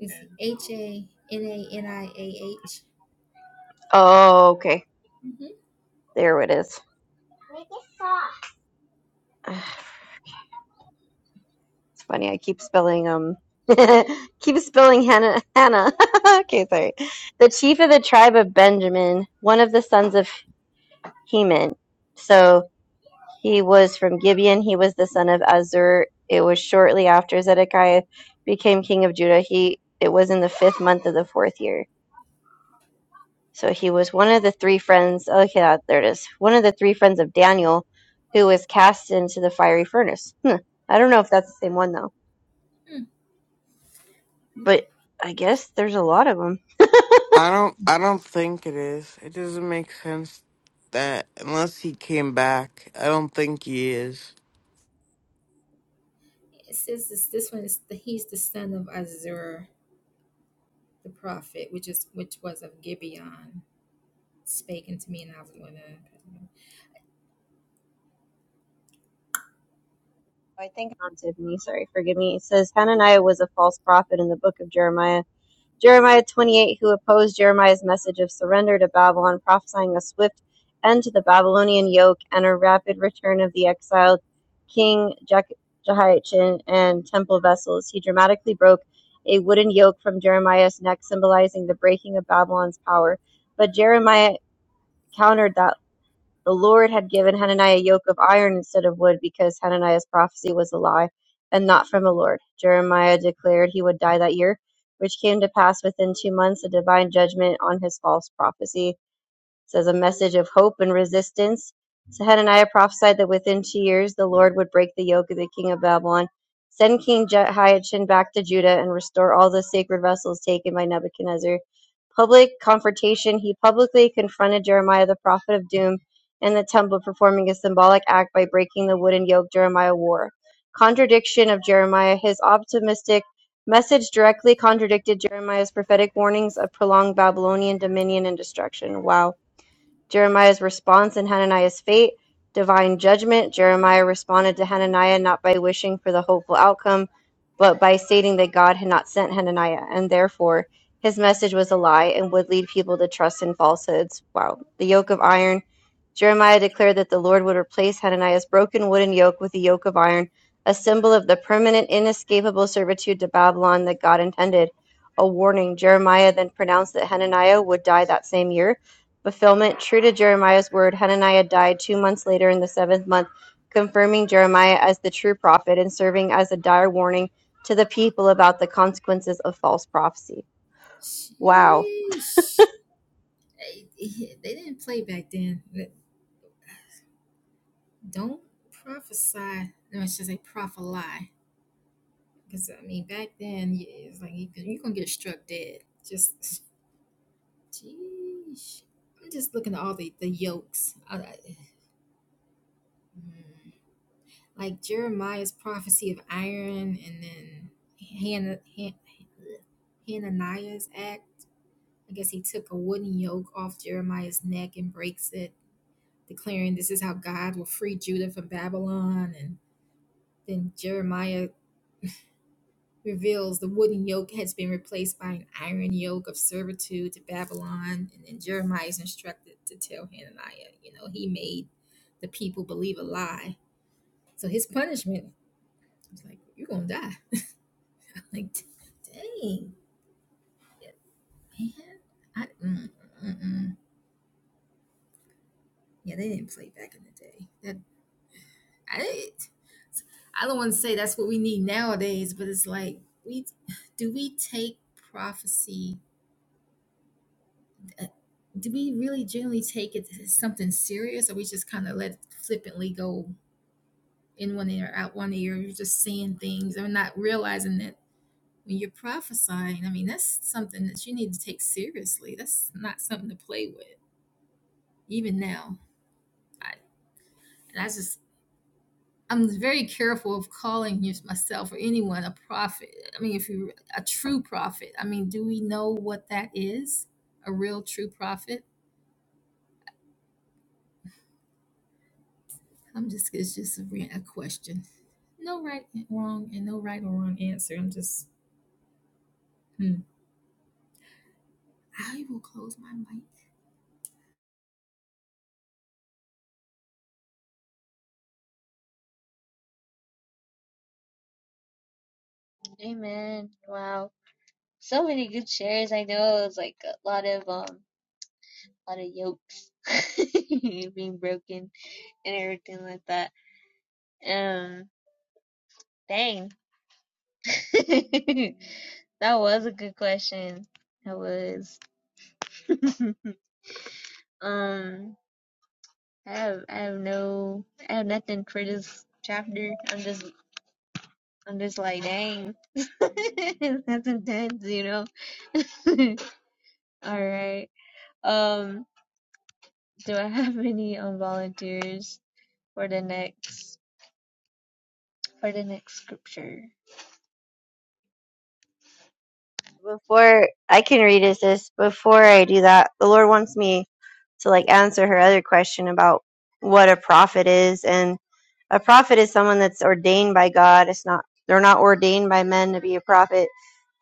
Is the H A N A N I A H?
Oh, okay.
Mhm.
There it is. *laughs* *sighs* It's funny. I keep spelling um *laughs* keep spelling Hannah Hannah. *laughs* okay, sorry. The chief of the tribe of Benjamin, one of the sons of Heman. So he was from Gibeon. He was the son of Azur. It was shortly after Zedekiah became king of Judah. He it was in the fifth month of the fourth year. So he was one of the three friends. Okay, that- there it is. One of the three friends of Daniel, who was cast into the fiery furnace. Hmm. I don't know if that's the same one though. But I guess there's a lot of them.
I don't I don't think it is. It doesn't make sense that unless he came back, I don't think he is.
It says this this one is the, he's the son of Azur the prophet, which is which was of Gibeon, spake unto me and I was going to
I think on Tiffany, sorry, forgive me. It says Hananiah was a false prophet in the book of Jeremiah. Jeremiah 28, who opposed Jeremiah's message of surrender to Babylon, prophesying a swift end to the Babylonian yoke and a rapid return of the exiled king Je- Jehoiachin and temple vessels. He dramatically broke a wooden yoke from Jeremiah's neck, symbolizing the breaking of Babylon's power. But Jeremiah countered that The Lord had given Hananiah a yoke of iron instead of wood because Hananiah's prophecy was a lie and not from the Lord. Jeremiah declared he would die that year, which came to pass within two months, a divine judgment on his false prophecy says a message of hope and resistance. So Hananiah prophesied that within two years the Lord would break the yoke of the king of Babylon, send King Jehoiachin back to Judah, and restore all the sacred vessels taken by Nebuchadnezzar. Public confrontation. He publicly confronted Jeremiah, the prophet of doom, in the temple, performing a symbolic act by breaking the wooden yoke Jeremiah wore. Contradiction of Jeremiah. His optimistic message directly contradicted Jeremiah's prophetic warnings of prolonged Babylonian dominion and destruction. Wow Jeremiah's response and Hananiah's fate, divine judgment. Jeremiah responded to Hananiah not by wishing for the hopeful outcome, but by stating that God had not sent Hananiah, and therefore his message was a lie and would lead people to trust in falsehoods. Wow. The yoke of iron. Jeremiah declared that the Lord would replace Hananiah's broken wooden yoke with the yoke of iron, a symbol of the permanent, inescapable servitude to Babylon that God intended. A warning. Jeremiah then pronounced that Hananiah would die that same year fulfillment, true to Jeremiah's word, Hananiah died two months later in the seventh month, confirming Jeremiah as the true prophet and serving as a dire warning to the people about the consequences of false prophecy. Wow.
Sheesh. They, they didn't play back then. don't prophesy. No, I should say prophesy. Because I mean, back then y- it's like you, you're gonna get struck dead. Just, *laughs* jeez. I'm just looking at all the the yokes. I, I- mm. like Jeremiah's prophecy of iron, and then Hannah, Han, Hananiah's act. I guess he took a wooden yoke off Jeremiah's neck and breaks it, declaring this is how God will free Judah from Babylon. And then Jeremiah reveals the wooden yoke has been replaced by an iron yoke of servitude to Babylon. And then Jeremiah is instructed to tell Hananiah, you know, he made the people believe a lie. So his punishment was like, you're going to die. *laughs* like, dang, yeah, man. I, mm, mm, mm. mm. Yeah, they didn't play back in the day. That I, I don't want to say that's what we need nowadays, but it's like, we do we take prophecy? uh, do we really generally take it as something serious or we just kind of let it flippantly go in one ear out one ear you're just seeing things and not realizing that when you're prophesying i mean that's something that you need to take seriously that's not something to play with even now i, and I just i'm very careful of calling myself or anyone a prophet i mean if you're a true prophet i mean do we know what that is a real true prophet i'm just it's just a, a question No right and wrong and no right or wrong answer. I'm just hmm. I will close my mic.
Amen. Wow. So many good shares. I know it was like a lot of um a lot of yokes *laughs* being broken and everything like that. Um dang. *laughs* that was a good question. That was. *laughs* um I have I have no I have nothing for this chapter. I'm just I'm just like dang. *laughs* That's intense, you know. *laughs* All right. Um do I have any um volunteers for the next for the next scripture?
Before I can read it, this, before I do that, the Lord wants me to like answer her other question about what a prophet is. And a prophet is someone that's ordained by God. It's not, they're not ordained by men to be a prophet.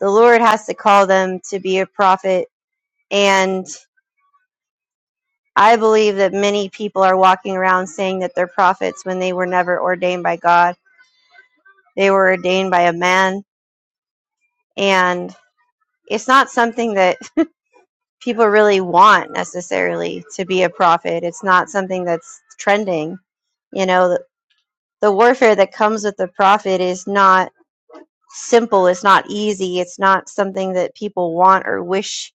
The Lord has to call them to be a prophet and I believe that many people are walking around saying that they're prophets when they were never ordained by God. They were ordained by a man. And it's not something that *laughs* people really want necessarily to be a prophet. It's not something that's trending. You know, the, the warfare that comes with the prophet is not simple, it's not easy, it's not something that people want or wish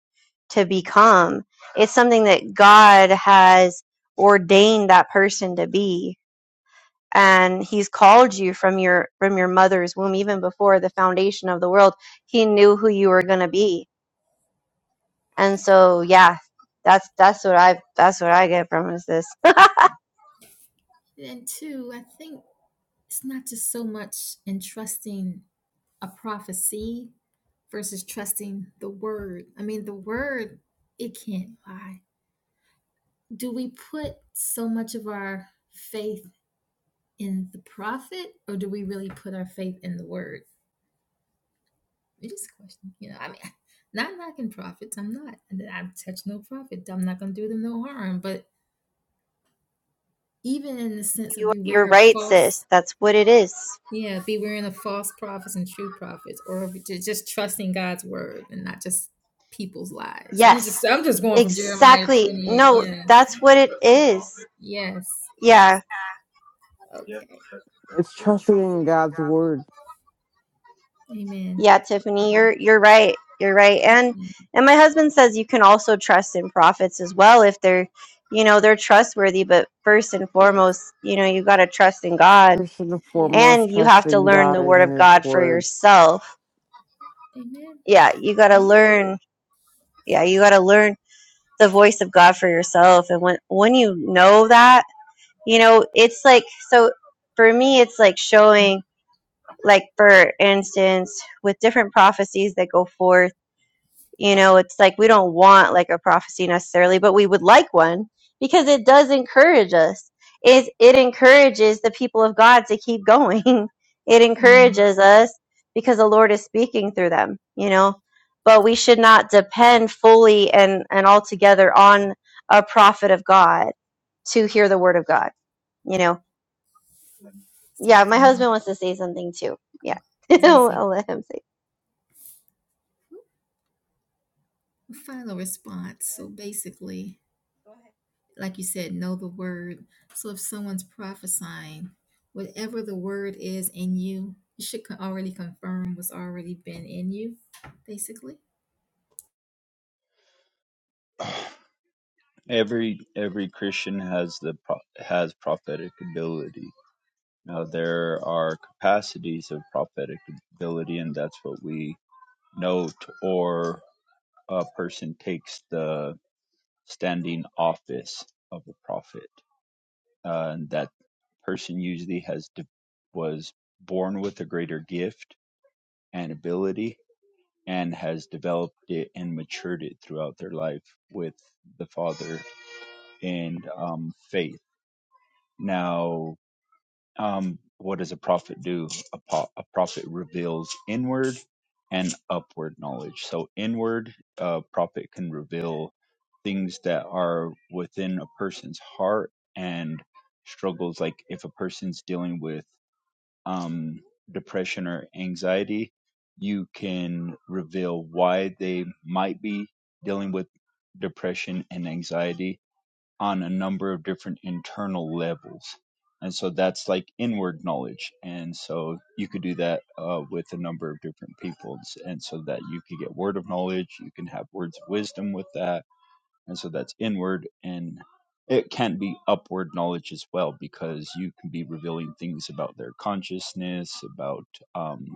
to become. It's something that God has ordained that person to be and he's called you from your from your mother's womb even before the foundation of the world he knew who you were going to be and so yeah that's that's what i that's what i get from is this
And two, I think it's not just so much in trusting a prophecy versus trusting the word. I mean, the word, it can't lie. Do we put so much of our faith in the prophet or do we really put our faith in the word? It is a question. You know, I mean, *laughs* not knocking prophets. I'm not. I touch no prophet. I'm not going to do them no harm. But even in the sense of
you, you're
beware of
right
false
sis that's what it is
yeah beware of false prophets and true prophets or ju- just trusting god's word and not just people's lies i'm
yes
just i'm just going from jeremiah
exactly
28
no
yeah
that's what it is
yes
Yeah.
yes okay
It's trusting in God's word.
amen
Yeah, Tiffany,
okay.
you're you're right. You're right. And
Mm.
and my husband says you can also trust in prophets as well if they're, you know, they're trustworthy, but first and
yes
foremost, you know, you got to trust in God
First and
yes
foremost,
and you have to
trusting
learn
God
the
in
word of
his
God for
word.
yourself.
amen
Yeah, you got to
amen
learn. Yeah, you got to learn the voice of God for yourself and when when you know that, you know, it's like so for me it's like showing like for instance with different prophecies that go forth You know, it's like we don't want like a prophecy necessarily, but we would like one because it does encourage us. It, it encourages the people of God to keep going. *laughs* It
mm.
encourages us because the Lord is speaking through them, you know. But we should not depend fully and, and altogether on a prophet of God to hear the word of God, you know.
so
Yeah, my
final
husband wants to say something too.
oh, i
Yeah. *laughs*
was gonna say
I'll let him say.
final response so basically like you said, know the word. So if someone's prophesying, whatever the word is in you, you should co- already confirm what's already been in you, basically.
has the has prophetic ability. Now there are capacities of prophetic ability, and that's what we note. Or a person takes the standing office of a prophet, uh, and that person usually has de- was born with a greater gift and ability, and has developed it and matured it throughout their life with the Father and um, faith. Now Um, what does a prophet do? A, po- a prophet reveals inward and upward knowledge. So, inward, a prophet can reveal things that are within a person's heart and struggles. Like if a person's dealing with um, depression or anxiety, you can reveal why they might be dealing with depression and anxiety on a number of different internal levels. And so that's like inward knowledge. And so you could do that uh, with a number of different people. And so that you could get word of knowledge, you can have words of wisdom with that. And so that's inward. And it can be upward knowledge as well, because you can be revealing things about their consciousness, about um,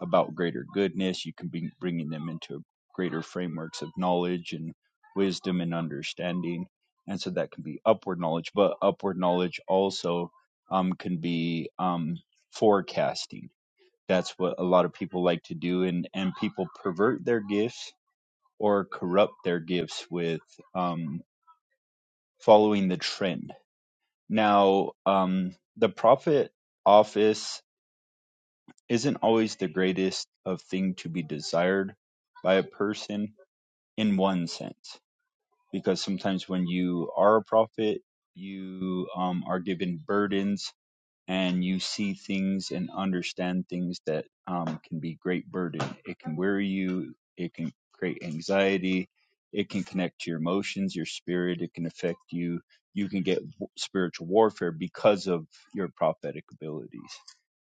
about greater goodness. You can be bringing them into greater frameworks of knowledge and wisdom and understanding. And so that can be upward knowledge, but upward knowledge also um, can be um, forecasting. That's what a lot of people like to do, and, and people pervert their gifts or corrupt their gifts with um, following the trend. Now, um, the prophet office isn't always the greatest of thing to be desired by a person in one sense because sometimes when you are a prophet you um, are given burdens and you see things and understand things that um, can be great burden. It can weary you. It can create anxiety. It can connect to your emotions, your spirit. It can affect you. You can get w- spiritual warfare because of your prophetic abilities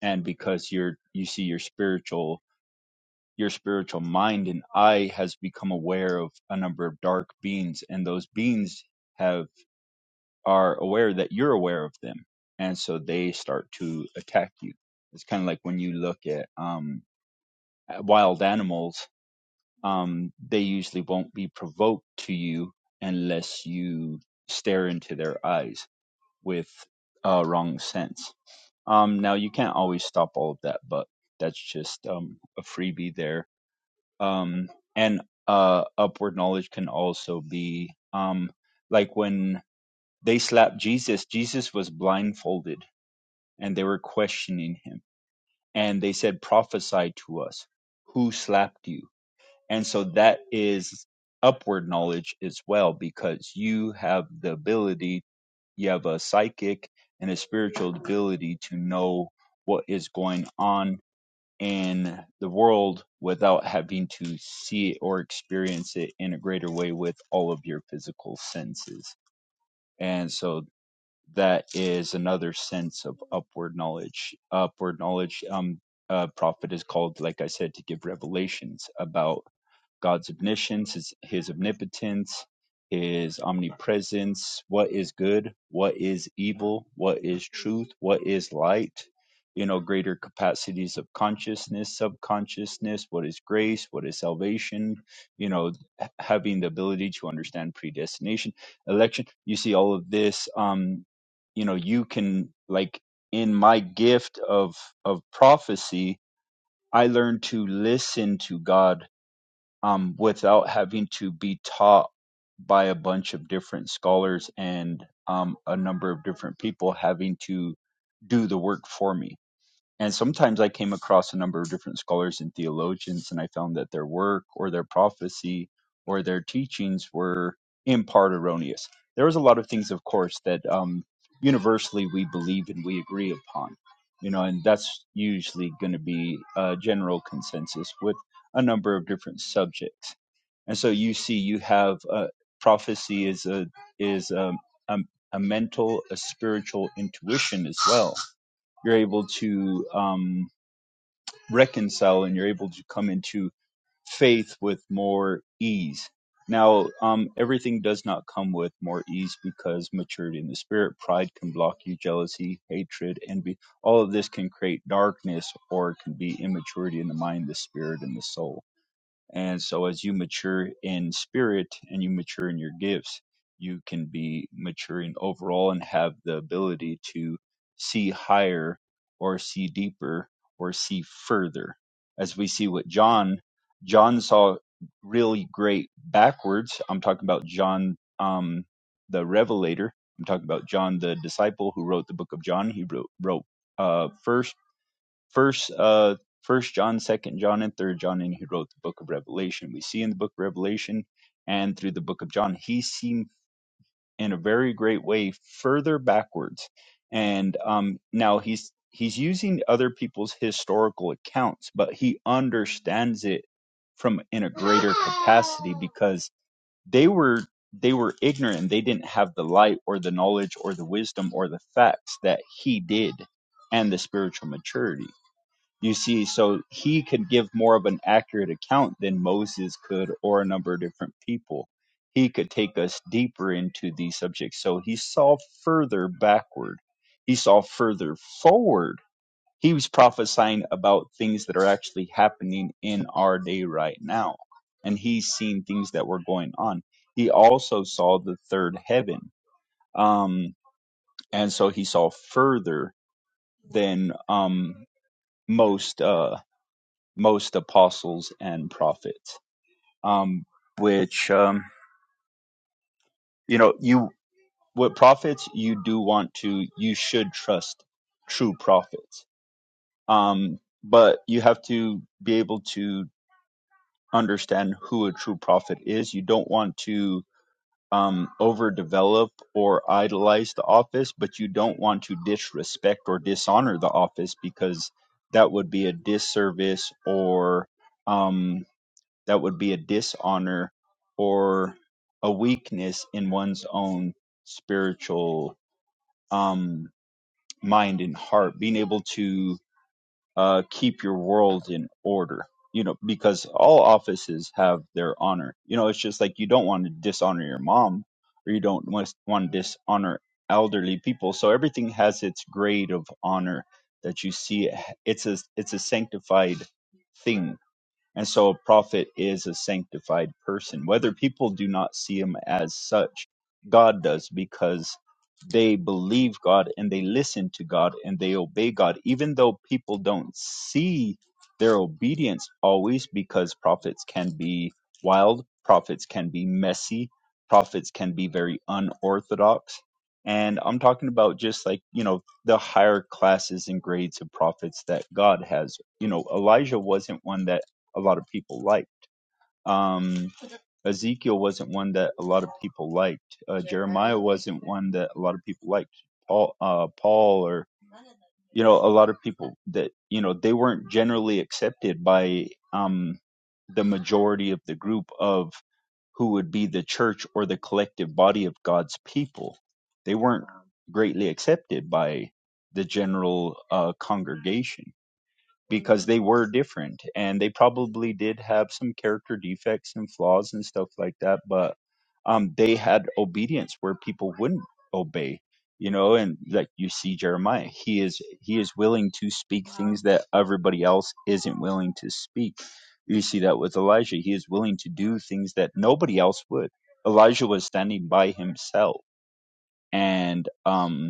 and because you're you see your spiritual your spiritual mind and eye has become aware of a number of dark beings and those beings have are aware that you're aware of them and so they start to attack you it's kind of like when you look at um wild animals um they usually won't be provoked to you unless you stare into their eyes with uh wrong sense um now you can't always stop all of that but that's just um a freebie there um and uh upward knowledge can also be um like when they slapped Jesus. Jesus was blindfolded and they were questioning him. And they said, prophesy to us. Who slapped you? And so that is upward knowledge as well, because you have the ability you have a psychic and a spiritual ability to know what is going on in the world without having to see it or experience it in a greater way with all of your physical senses. And so that is another sense of upward knowledge. Upward knowledge, um, uh, prophet is called, like I said, to give revelations about God's omniscience, his, his omnipotence, his omnipresence, what is good, what is evil, what is truth, what is light, you know, greater capacities of consciousness, subconsciousness, what is grace, what is salvation, you know, h- having the ability to understand predestination, election. You see all of this, um, you know, you can like in my gift of of prophecy, I learned to listen to God um, without having to be taught by a bunch of different scholars and um, a number of different people having to do the work for me and sometimes I came across a number of different scholars and theologians, and I found that their work or their prophecy or their teachings were in part erroneous. There was a lot of things, of course, that um, universally we believe and we agree upon, you know, and that's usually going to be a general consensus with a number of different subjects. And so you see, you have uh, prophecy is a is a, a, a mental, a spiritual intuition as well you're able to um, reconcile and you're able to come into faith with more ease. Now, um, everything does not come with more ease because maturity in the spirit, pride can block you, jealousy, hatred, envy. All of this can create darkness or it can be immaturity in the mind, the spirit, and the soul. And so, as you mature in spirit and you mature in your gifts, you can be maturing overall and have the ability to see higher or see deeper or see further. As we see what John, John saw really great backwards. I'm talking about John, um, the Revelator. I'm talking about John, the disciple who wrote the book of John. He wrote, wrote uh, first First, uh, First John, Second John, and Third John, and who wrote the Book of Revelation. We see in the Book of Revelation and through the Book of John, he seemed in a very great way further backwards. And um, now he's he's using other people's historical accounts, but he understands it from in a greater capacity *laughs* because they were they were ignorant and they didn't have the light or the knowledge or the wisdom or the facts that he did and the spiritual maturity you see, so he could give more of an accurate account than Moses could or a number of different people. He could take us deeper into these subjects. So he saw further backward, he saw further forward. He was prophesying about things that are actually happening in our day right now. And he's seen things that were going on. He also saw the third heaven. Um, and so he saw further than um, most. Uh, most apostles and prophets um which um you know you with prophets you do want to you should trust true prophets um but you have to be able to understand who a true prophet is you don't want to um overdevelop or idolize the office but you don't want to disrespect or dishonor the office because that would be a disservice or um that would be a dishonor or a weakness in one's own spiritual um, mind and heart, being able to uh, keep your world in order. You know, because all offices have their honor. You know, it's just like you don't want to dishonor your mom, or you don't want want to dishonor elderly people. So everything has its grade of honor that you see. It's a it's a sanctified thing and so a prophet is a sanctified person. Whether people do not see him as such, God does because they believe God and they listen to God and they obey God, even though people don't see their obedience always because prophets can be wild, prophets can be messy, prophets can be very unorthodox. And I'm talking about just like, you know, the higher classes and grades of prophets that God has. You know, Elijah wasn't one that a lot of people liked. Um, Ezekiel wasn't one that a lot of people liked. Uh, Jeremiah wasn't one that a lot of people liked. Paul, uh, Paul, or you know, a lot of people that you know they weren't generally accepted by um, the majority of the group of who would be the church or the collective body of God's people. They weren't greatly accepted by the general uh, congregation because they were different and they probably did have some character defects and flaws and stuff like that but um they had obedience where people wouldn't obey you know and like you see jeremiah he is he is willing to speak things that everybody else isn't willing to speak you see that with elijah he is willing to do things that nobody else would elijah was standing by himself and um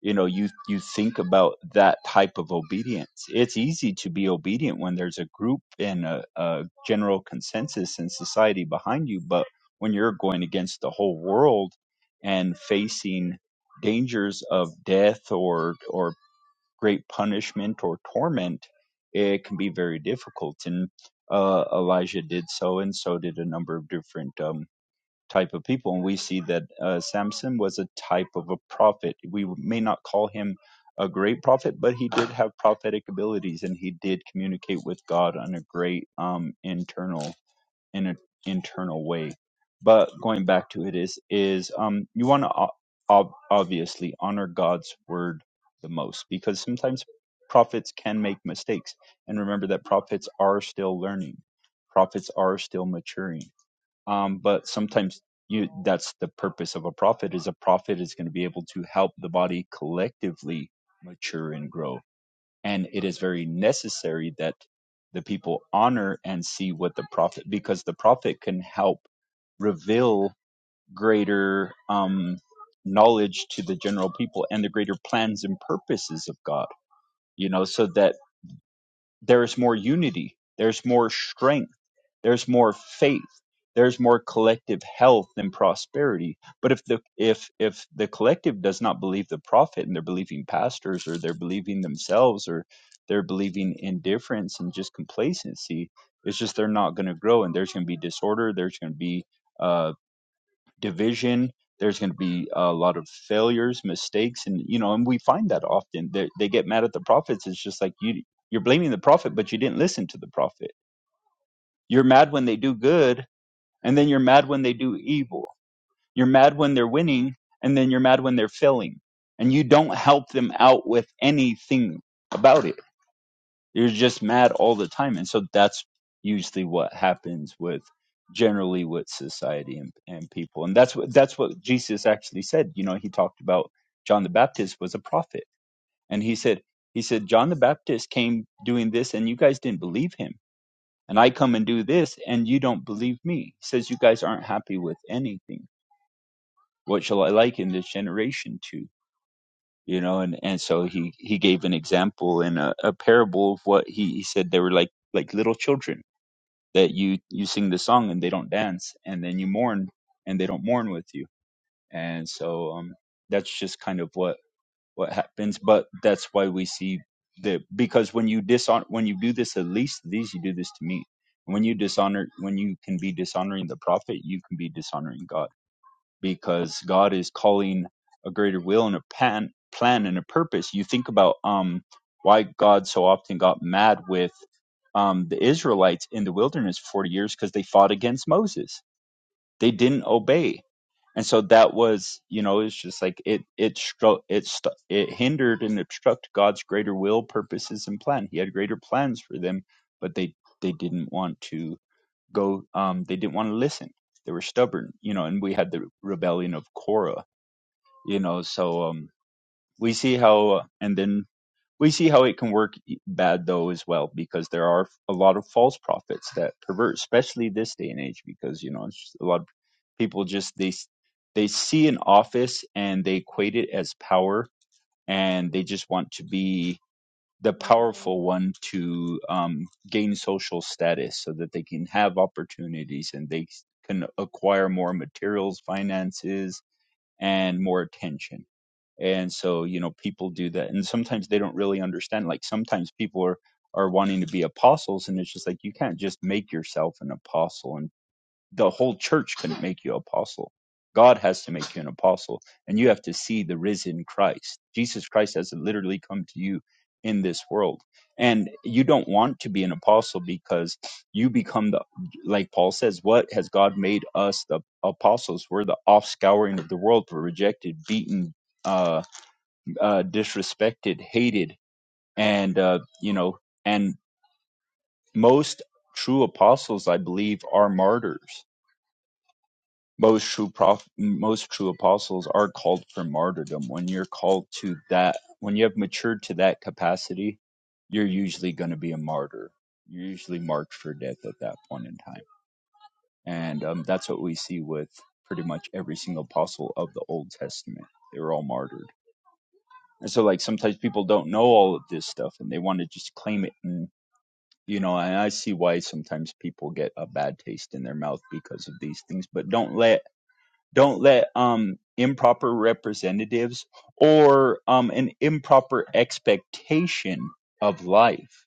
you know you you think about that type of obedience it's easy to be obedient when there's a group and a, a general consensus in society behind you but when you're going against the whole world and facing dangers of death or or great punishment or torment it can be very difficult and uh, elijah did so and so did a number of different um, type of people. And we see that uh, Samson was a type of a prophet. We may not call him a great prophet, but he did have prophetic abilities and he did communicate with God on a great um, internal in an internal way. But going back to it is is um, you want to ob- obviously honor God's word the most because sometimes prophets can make mistakes and remember that prophets are still learning prophets are still maturing um, but sometimes you that's the purpose of a prophet is a prophet is going to be able to help the body collectively mature and grow and it is very necessary that the people honor and see what the prophet because the prophet can help reveal greater um, knowledge to the general people and the greater plans and purposes of god you know so that there is more unity, there's more strength, there's more faith, there's more collective health and prosperity. But if the if if the collective does not believe the prophet and they're believing pastors or they're believing themselves or they're believing indifference and just complacency, it's just they're not going to grow and there's going to be disorder, there's going to be uh division. There's going to be a lot of failures, mistakes, and you know, and we find that often. They they get mad at the prophets. It's just like you you're blaming the prophet, but you didn't listen to the prophet. You're mad when they do good, and then you're mad when they do evil. You're mad when they're winning, and then you're mad when they're failing, and you don't help them out with anything about it you're just mad all the time. And so that's usually what happens with generally with society and, and people. And that's what that's what Jesus actually said. You know, he talked about John the Baptist was a prophet. And he said he said John the Baptist came doing this and you guys didn't believe him. And I come and do this and you don't believe me. He says you guys aren't happy with anything. What shall I liken this generation to? you know and and so he he gave an example in a, a parable of what he, he said they were like like little children that you you sing the song and they don't dance and then you mourn and they don't mourn with you and so um that's just kind of what what happens but that's why we see the because when you dishonor when you do this at least these you do this to me when you dishonor when you can be dishonoring the prophet you can be dishonoring god because God is calling a greater will and a pan, plan and a purpose. You think about um, why God so often got mad with um, the Israelites in the wilderness for 40 years because they fought against Moses. They didn't obey. And so that was, you know, it's just like it it stru- it stu- it hindered and obstructed God's greater will, purposes, and plan. He had greater plans for them, but they they didn't want to go um they didn't want to listen they were stubborn you know and we had the rebellion of korah you know so um we see how uh, and then we see how it can work e, bad though as well because there are a lot of false prophets that pervert especially this day and age because you know it's just a lot of people just they they see an office and they equate it as power and they just want to be the powerful one to um, gain social status so that they can have opportunities and they can acquire more materials, finances, and more attention. And so, you know, people do that. And sometimes they don't really understand. Like sometimes people are, are wanting to be apostles, and it's just like you can't just make yourself an apostle and the whole church couldn't make you apostle. God has to make you an apostle, and you have to see the risen Christ. Jesus Christ has literally come to you in this world. And you don't want to be an apostle because you become the, like Paul says, what has God made us the apostles? We're the offscouring of the world. We're rejected, beaten, uh, uh, disrespected, hated. And, uh, you know, and most true apostles, I believe, are martyrs most true prof- most true apostles are called for martyrdom when you're called to that when you have matured to that capacity you're usually going to be a martyr you're usually marked for death at that point in time and um, that's what we see with pretty much every single apostle of the old testament they were all martyred and so like sometimes people don't know all of this stuff and they want to just claim it and you know and i see why sometimes people get a bad taste in their mouth because of these things but don't let don't let um improper representatives or um an improper expectation of life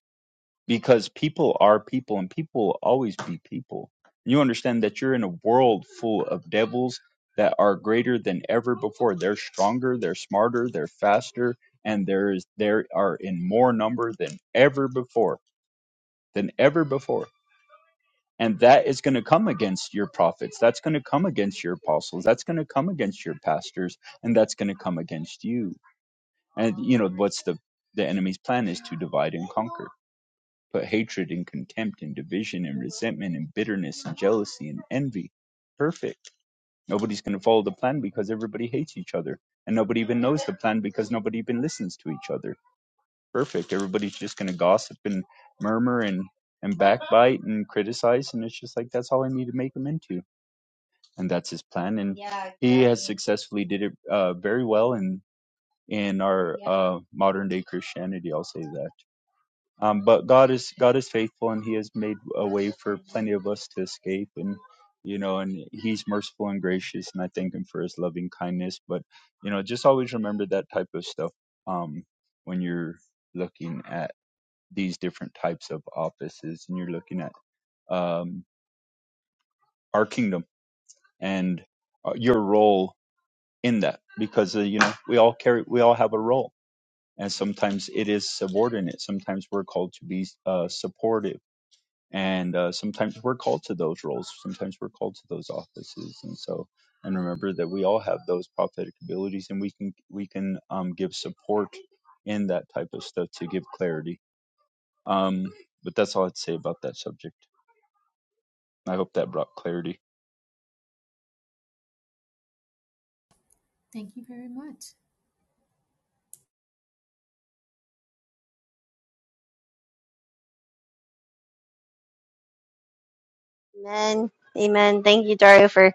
because people are people and people will always be people you understand that you're in a world full of devils that are greater than ever before they're stronger they're smarter they're faster and there is there are in more number than ever before than ever before and that is going to come against your prophets. That's going to come against your apostles. That's going to come against your pastors. And that's going to come against you. And, you know, what's the, the enemy's plan is to divide and conquer, put hatred and contempt and division and resentment and bitterness and jealousy and envy. Perfect. Nobody's going to follow the plan because everybody hates each other. And nobody even knows the plan because nobody even listens to each other. Perfect. Everybody's just going to gossip and murmur and and backbite and criticize and it's just like that's all i need to make them into and that's his plan. And Yeah, he has exactly. successfully did it uh, very well in in our Yeah. uh, modern day Christianity. I'll say that. Um, but God is God is faithful, and He has made a way for plenty of us to escape. And you know, and He's merciful and gracious, and I thank Him for His loving kindness. But you know, just always remember that type of stuff um, when you're looking at these different types of offices, and you're looking at um, our kingdom and uh, your role in that because uh, you know we all carry we all have a role and sometimes it is subordinate sometimes we're called to be uh, supportive and uh, sometimes we're called to those roles sometimes we're called to those offices and so and remember that we all have those prophetic abilities and we can we can um, give support in that type of stuff to give clarity um, but that's all i'd say about that subject i hope that brought clarity
Thank you very much.
Amen. Amen. Thank you, Dario, for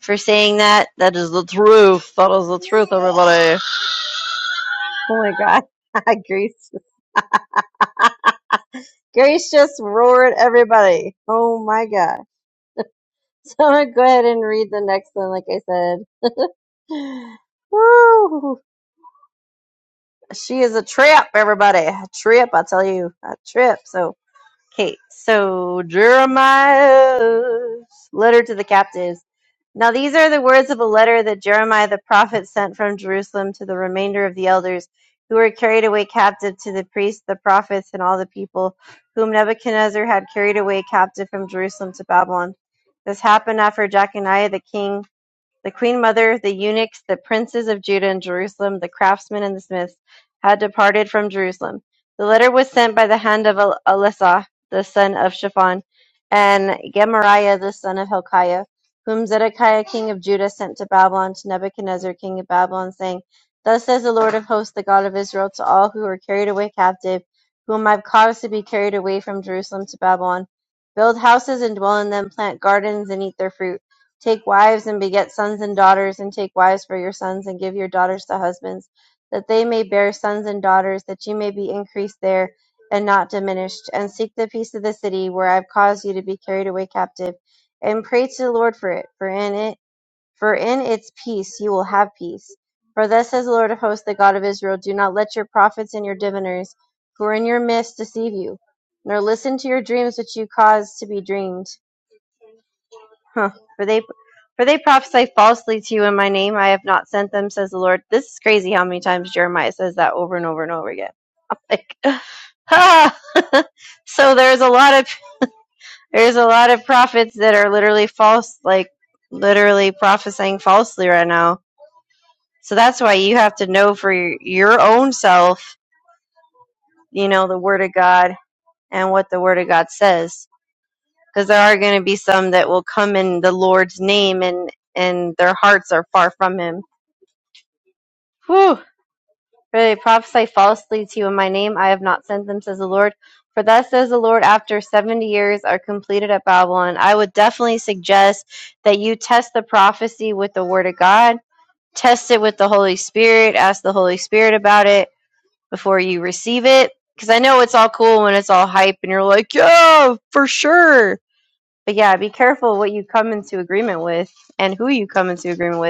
for saying that. That is the truth. That is the truth, everybody. Oh my God. *laughs* Grace, Grace just roared everybody. Oh my God. *laughs* So I'm gonna go ahead and read the next one, like I said. *laughs* Woo! She is a trip, everybody. A trip, I tell you. A trip. So, okay. So, Jeremiah's letter to the captives. Now these are the words of a letter that Jeremiah the prophet sent from Jerusalem to the remainder of the elders who were carried away captive to the priests, the prophets, and all the people whom Nebuchadnezzar had carried away captive from Jerusalem to Babylon. This happened after Jeconiah the king the queen mother, the eunuchs, the princes of Judah and Jerusalem, the craftsmen and the smiths had departed from Jerusalem. The letter was sent by the hand of El- the son of Shaphan, and Gemariah, the son of Hilkiah, whom Zedekiah, king of Judah, sent to Babylon to Nebuchadnezzar, king of Babylon, saying, Thus says the Lord of hosts, the God of Israel, to all who are carried away captive, whom I've caused to be carried away from Jerusalem to Babylon. Build houses and dwell in them, plant gardens and eat their fruit Take wives and beget sons and daughters, and take wives for your sons, and give your daughters to husbands, that they may bear sons and daughters, that you may be increased there and not diminished. And seek the peace of the city where I've caused you to be carried away captive, and pray to the Lord for it, for in it, for in its peace you will have peace. For thus says the Lord of hosts, the God of Israel, do not let your prophets and your diviners, who are in your midst, deceive you, nor listen to your dreams which you cause to be dreamed. Huh. For they for they prophesy falsely to you in my name. I have not sent them, says the Lord. This is crazy how many times Jeremiah says that over and over and over again. Like ah! *laughs* so there's a lot of there's a lot of prophets that are literally false, like literally prophesying falsely right now. So that's why you have to know for your, your own self, you know, the word of God and what the word of God says. Because there are going to be some that will come in the Lord's name and and their hearts are far from him Whew. For they prophesy falsely to you in my name. I have not sent them, says the Lord. For thus says the Lord, after 70 years are completed at Babylon, I would definitely suggest that you test the prophecy with the Word of God, test it with the Holy Spirit, ask the Holy Spirit about it before you receive it. Because I know it's all cool when it's all hype and you're like, yeah, for sure. But yeah, be careful what you come into agreement with and who you come into agreement with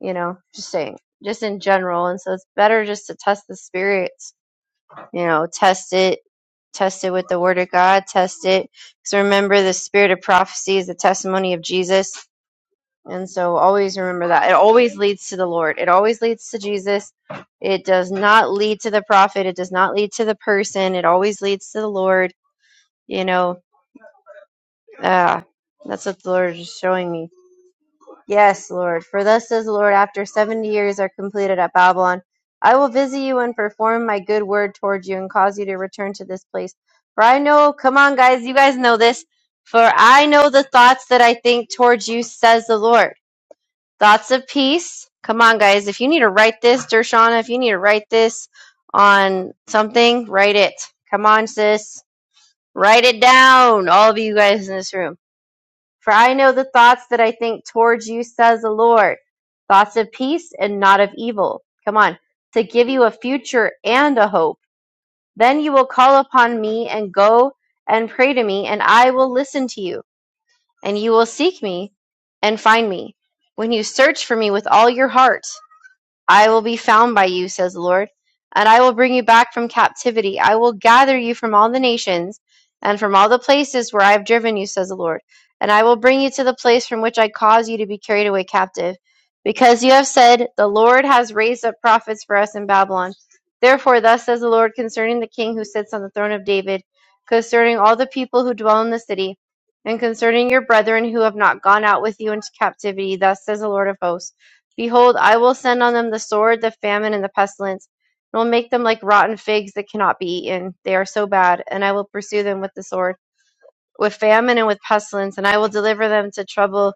you know, just saying, just in general. And so it's better just to test the spirits, you know, test it, test it with the word of God, test it. Because remember, the spirit of prophecy is the testimony of Jesus. And so always remember that. It always leads to the Lord, it always leads to Jesus. It does not lead to the prophet, it does not lead to the person, it always leads to the Lord, you know. Uh, that's what the Lord is showing me Yes, Lord, for thus says the Lord, after seventy years are completed at Babylon, I will visit you and perform my good word toward you and cause you to return to this place. For I know, come on, guys, you guys know this. For I know the thoughts that I think towards you, says the Lord. Thoughts of peace. Come on, guys, if you need to write this, Dershana, if you need to write this on something, write it. Come on, sis. Write it down, all of you guys in this room for I know the thoughts that I think towards you, says the Lord, thoughts of peace and not of evil. Come on, to give you a future and a hope. Then you will call upon me and go and pray to me, and I will listen to you, and you will seek me and find me when you search for me with all your heart. I will be found by you, says the Lord, and I will bring you back from captivity. I will gather you from all the nations and from all the places where I have driven you, says the Lord, and I will bring you to the place from which I caused you to be carried away captive. Because you have said, The Lord has raised up prophets for us in Babylon. Therefore, thus says the Lord concerning the king who sits on the throne of David, concerning all the people who dwell in the city, and concerning your brethren who have not gone out with you into captivity, thus says the Lord of hosts. Behold, I will send on them the sword, the famine, and the pestilence, and will make them like rotten figs that cannot be eaten. They are so bad, and I will pursue them with the sword, with famine and with pestilence, and I will deliver them to trouble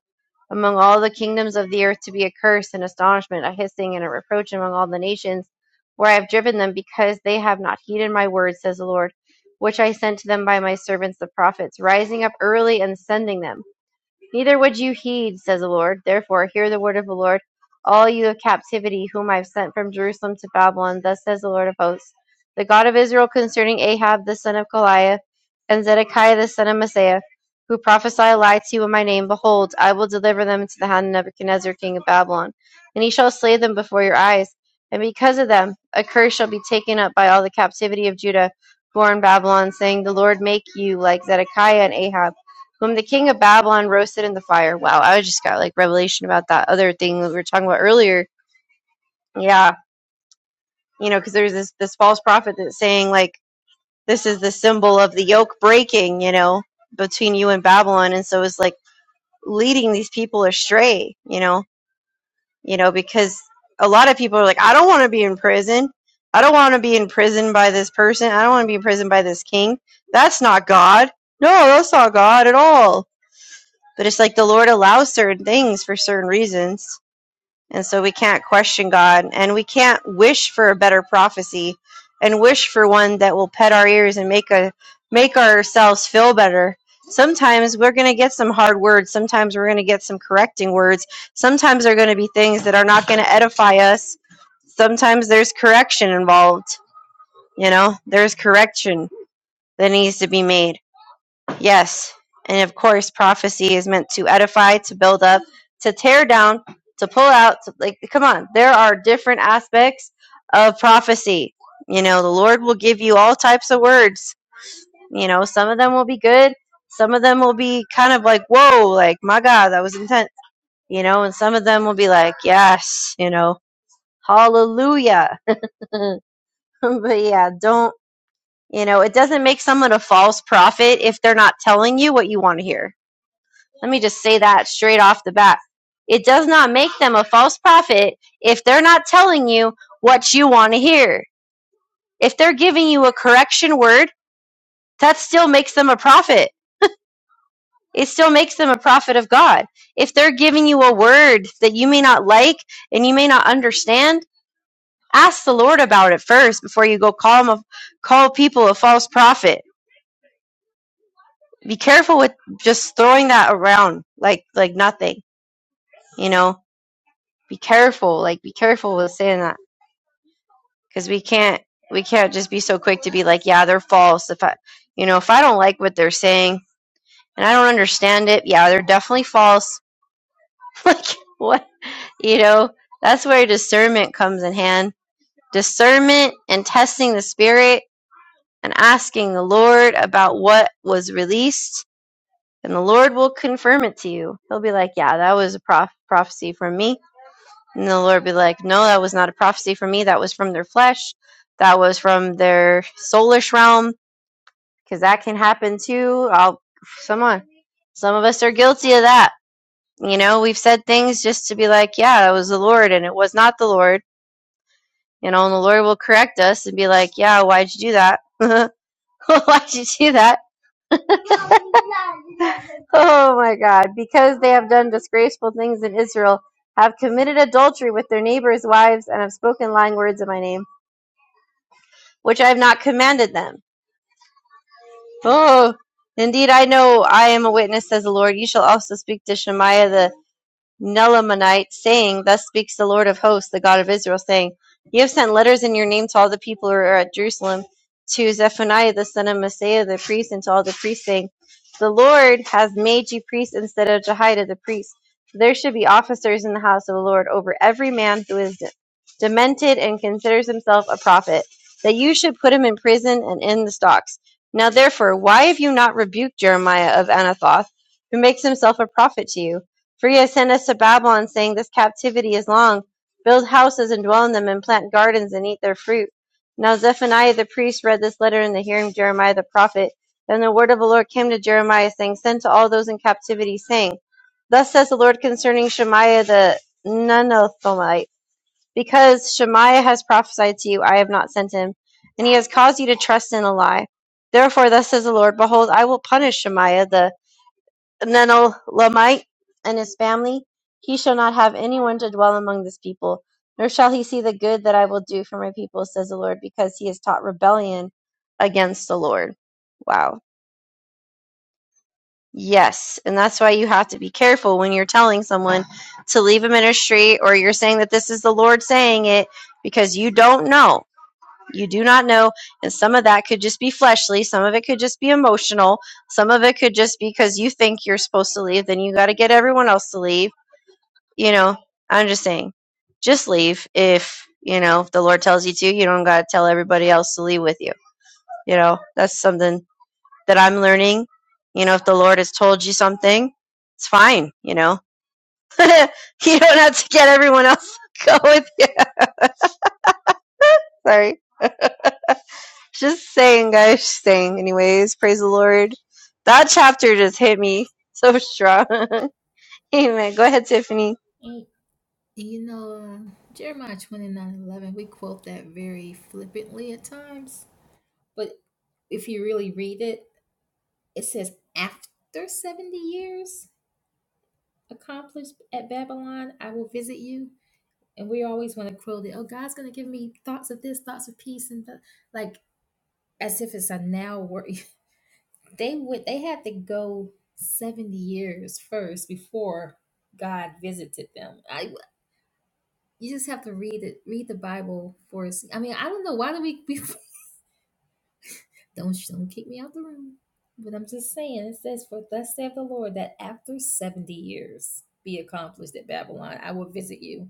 among all the kingdoms of the earth to be a curse and astonishment, a hissing and a reproach among all the nations where I have driven them, because they have not heeded my words, says the Lord, which I sent to them by my servants the prophets, rising up early and sending them. Neither would you heed, says the Lord. Therefore, hear the word of the Lord, all you of captivity, whom I have sent from Jerusalem to Babylon. Thus says the Lord of hosts, the God of Israel, concerning Ahab the son of Goliath, and Zedekiah the son of Messiah, who prophesy a lie to you in my name. Behold, I will deliver them into the hand of Nebuchadnezzar, king of Babylon, and he shall slay them before your eyes. And because of them, a curse shall be taken up by all the captivity of Judah, who are in Babylon, saying, The Lord make you like Zedekiah and Ahab whom the king of Babylon roasted in the fire. Wow, I just got like revelation about that other thing that we were talking about earlier. Yeah, you know, because there's this this false prophet that's saying like this is the symbol of the yoke breaking, you know, between you and Babylon, and so it's like leading these people astray, you know, you know, because a lot of people are like, I don't want to be in prison. I don't want to be in prison by this person. I don't want to be in prison by this king. That's not God. No, that's not God at all But it's like the Lord allows certain things for certain reasons. And so we can't question God and we can't wish for a better prophecy and wish for one that will pet our ears and make a make ourselves feel better. Sometimes we're going to get some hard words, sometimes we're going to get some correcting words. Sometimes there're going to be things that are not going to edify us. Sometimes there's correction involved, you know? There's correction that needs to be made. Yes, and of course, prophecy is meant to edify, to build up, to tear down, to pull out. To, like, come on, there are different aspects of prophecy. You know, the Lord will give you all types of words. You know, some of them will be good, some of them will be kind of like, whoa, like, my God, that was intense. You know, and some of them will be like, yes, you know, hallelujah. *laughs* but yeah, don't, you know, it doesn't make someone a false prophet if they're not telling you what you want to hear Let me just say that straight off the bat. It does not make them a false prophet if they're not telling you what you want to hear. If they're giving you a correction word, that still makes them a prophet. It still makes them a prophet of God. If they're giving you a word that you may not like and you may not understand, ask the Lord about it first before you go call them a, call people a false prophet. Be careful with just throwing that around like like nothing, you know? be careful like be careful with saying that because we can't we can't just be so quick to be like yeah they're false if i you know if i don't like what they're saying and i don't understand it yeah they're definitely false *laughs* like what you know that's where discernment comes in hand discernment and testing the spirit and asking the lord about what was released and the lord will confirm it to you he'll be like yeah that was a prof- prophecy from me and the lord be like no that was not a prophecy from me that was from their flesh that was from their soulish realm because that can happen too. I'll someone, some of us are guilty of that. You know, we've said things just to be like, yeah, that was the Lord, and it was not the Lord. You know, and the Lord will correct us and be like, yeah, why'd you do that? *laughs* why'd you do that? *laughs* oh my God! Because they have done disgraceful things in Israel, have committed adultery with their neighbors' wives, and have spoken lying words in my name, which I have not commanded them. Oh, indeed, I know I am a witness, says the Lord. You shall also speak to Shemaiah the Nelamanite, saying, Thus speaks the Lord of hosts, the God of Israel, saying, You have sent letters in your name to all the people who are at Jerusalem, to Zephaniah the son of Messiah the priest, and to all the priests, saying, The Lord has made you priests instead of Jehoiada the priest. There should be officers in the house of the Lord over every man who is demented and considers himself a prophet, that you should put him in prison and in the stocks. Now therefore, why have you not rebuked Jeremiah of Anathoth, who makes himself a prophet to you? For you have sent us to Babylon, saying, This captivity is long. Build houses and dwell in them, and plant gardens and eat their fruit. Now Zephaniah the priest read this letter in the hearing of Jeremiah the prophet. Then the word of the Lord came to Jeremiah, saying, Send to all those in captivity, saying, Thus says the Lord concerning Shemaiah the Nenothomite. Because Shemaiah has prophesied to you, I have not sent him, and he has caused you to trust in a lie. Therefore, thus says the Lord, Behold, I will punish Shemaiah the Nenelamite and his family, he shall not have anyone to dwell among this people, nor shall he see the good that I will do for my people, says the Lord, because he has taught rebellion against the Lord. Wow. Yes. And that's why you have to be careful when you're telling someone to leave a ministry or you're saying that this is the Lord saying it because you don't know. You do not know. And some of that could just be fleshly. Some of it could just be emotional. Some of it could just be because you think you're supposed to leave, then you got to get everyone else to leave. You know, I'm just saying, just leave if, you know, if the Lord tells you to. You don't got to tell everybody else to leave with you. You know, that's something that I'm learning. You know, if the Lord has told you something, it's fine. You know, *laughs* you don't have to get everyone else to go with you. *laughs* Sorry. Just saying, guys. Just saying. Anyways, praise the Lord. That chapter just hit me so strong. *laughs* Amen. Go ahead, Tiffany.
And and you know, uh, Jeremiah twenty nine eleven. we quote that very flippantly at times. But if you really read it, it says, After 70 years accomplished at Babylon, I will visit you. And we always want to quote it, oh, God's going to give me thoughts of this, thoughts of peace, and th-. like as if it's a now work *laughs* they would they had to go 70 years first before god visited them i you just have to read it read the bible for i mean i don't know why do we, we *laughs* don't don't kick me out the room but i'm just saying it says for thus saith the lord that after 70 years be accomplished at babylon i will visit you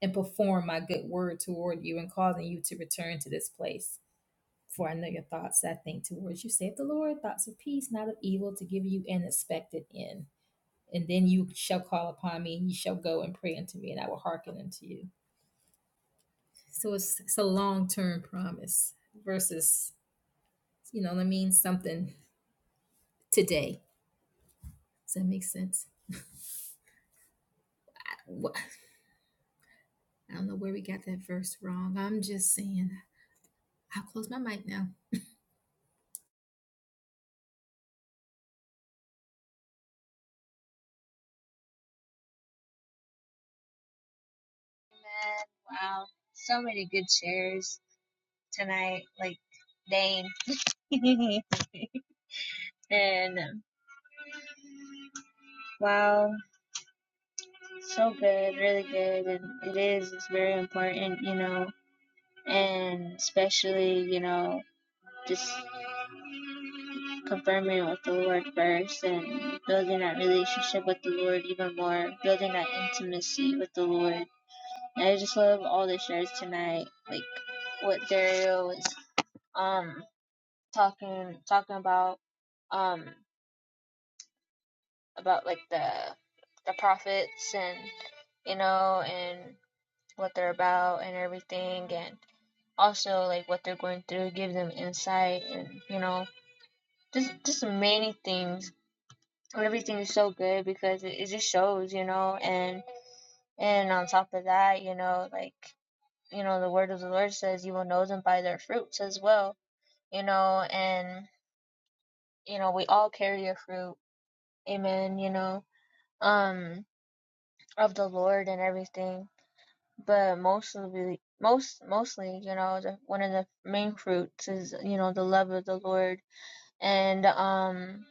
and perform my good word toward you and causing you to return to this place For I know your thoughts, I think, towards you, saith the Lord, thoughts of peace, not of evil, to give you an expected end. And then you shall call upon me, and you shall go and pray unto me, and I will hearken unto you. So it's, it's a long term promise versus, you know what I mean, something today. Does that make sense? Wh- I don't know where we got that verse wrong. I'm just saying, I'll close my mic now.
Man, wow. So many good shares tonight, like dang. *laughs* and um, wow, so good, really good and it is, it's very important, you know. and especially you know just confirming it with the lord first and building that relationship with the lord even more building that intimacy with the lord and i just love all the shares tonight like what dario was um talking talking about um about like the the prophets and you know and what they're about and everything and also like what they're going through give them insight and you know just just many things. Everything is so good because it, it just shows, you know, and and on top of that, you know, like you know, the word of the Lord says you will know them by their fruits as well, you know, and you know, we all carry a fruit, amen, you know, um, of the Lord and everything. But mostly most mostly, you know, the, one of the main fruits is, you know, the love of the Lord and um,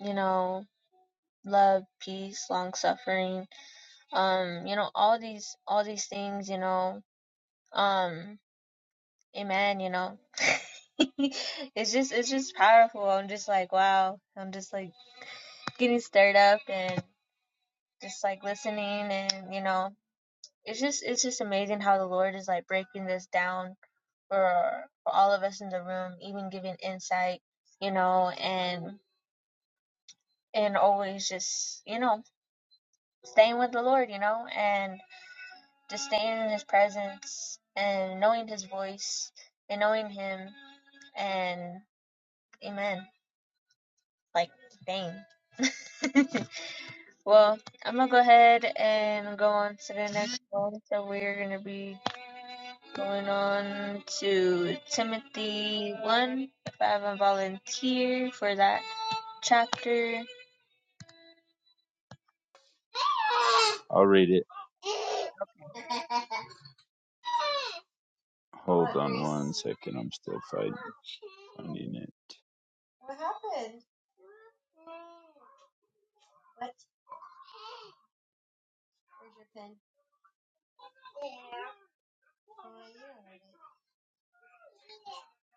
you know, love, peace, long suffering, um you know all these all these things you know um amen you know *laughs* it's just it's just powerful i'm just like wow i'm just like getting stirred up and just like listening and you know it's just it's just amazing how the lord is like breaking this down for for all of us in the room even giving insight you know and and always just you know staying with the lord you know and. Just staying in his presence and knowing his voice and knowing him and amen. Like dang. *laughs* well, I'm gonna go ahead and go on to the next one. So we're gonna be going on to Timothy one. If I haven't volunteered for that chapter,
i'll read it hold on one second i'm still fighting, finding it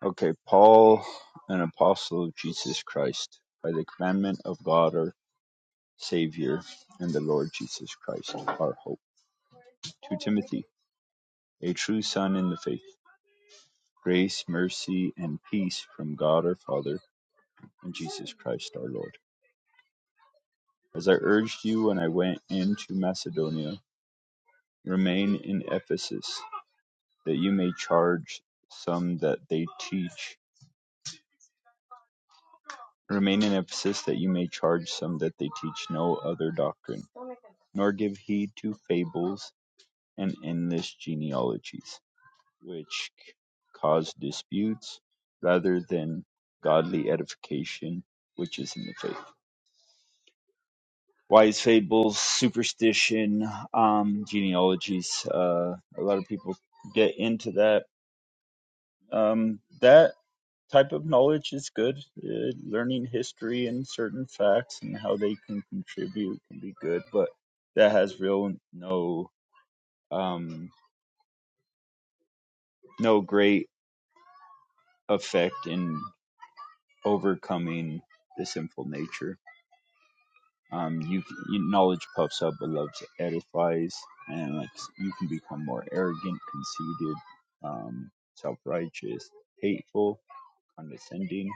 Okay, Paul, an apostle of Jesus Christ, by the commandment of God our Savior and the Lord Jesus Christ, our hope. To Timothy, a true son in the faith, grace, mercy, and peace from God our Father and Jesus Christ our Lord. As I urged you when I went into Macedonia, remain in Ephesus, that you may charge some that they teach. Remain in Ephesus, that you may charge some that they teach no other doctrine nor give heed to fables and endless genealogies, which cause disputes rather than godly edification, which is in the faith. Wise fables, superstition, um, genealogies. Uh, a lot of people get into that. Um, that type of knowledge is good. Uh, learning history and certain facts and how they can contribute can be good, but that has real no um, no great effect in overcoming the sinful nature. Um, you, you knowledge puffs up, but love edifies, and like you can become more arrogant, conceited, um, self-righteous, hateful, condescending.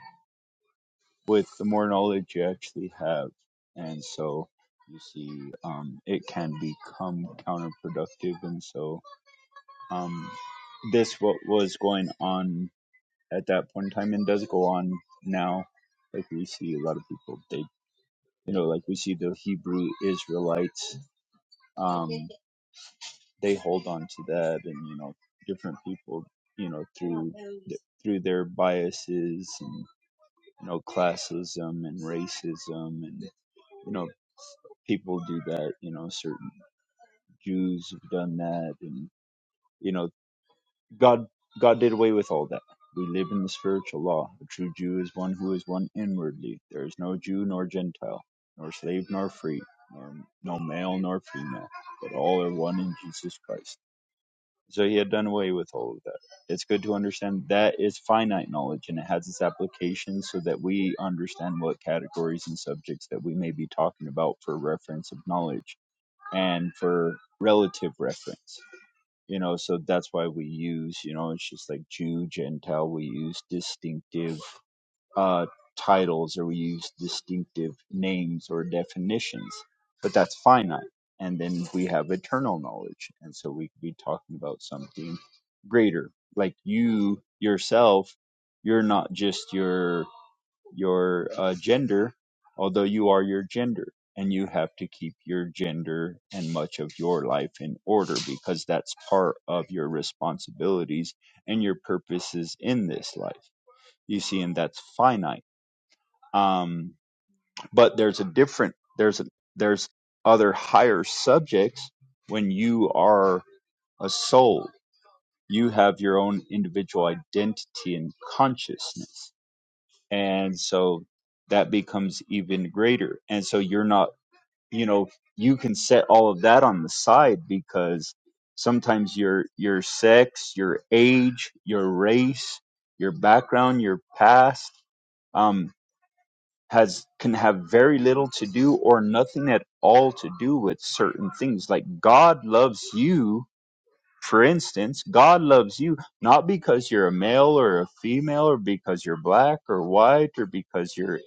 With the more knowledge you actually have, and so you see, um, it can become counterproductive, and so um, this what was going on at that point in time and does go on now. Like we see a lot of people, they, you know, like we see the Hebrew Israelites, um, they hold on to that and, you know, different people, you know, through, th- through their biases and, you know, classism and racism and, you know, people do that, you know, certain Jews have done that and, you know. God God did away with all that. We live in the spiritual law. A true Jew is one who is one inwardly. There is no Jew nor Gentile, nor slave nor free, nor no male nor female, but all are one in Jesus Christ. So he had done away with all of that. It's good to understand that is finite knowledge and it has its applications so that we understand what categories and subjects that we may be talking about for reference of knowledge and for relative reference you know so that's why we use you know it's just like jew gentile we use distinctive uh titles or we use distinctive names or definitions but that's finite and then we have eternal knowledge and so we could be talking about something greater like you yourself you're not just your your uh, gender, although you are your gender, and you have to keep your gender and much of your life in order because that's part of your responsibilities and your purposes in this life. You see, and that's finite. Um, but there's a different there's a, there's other higher subjects when you are a soul. You have your own individual identity and consciousness and so that becomes even greater and so you're not you know you can set all of that on the side because sometimes your your sex your age your race your background your past um has can have very little to do or nothing at all to do with certain things like god loves you for instance, God loves you not because you're a male or a female or because you're black or white or because you're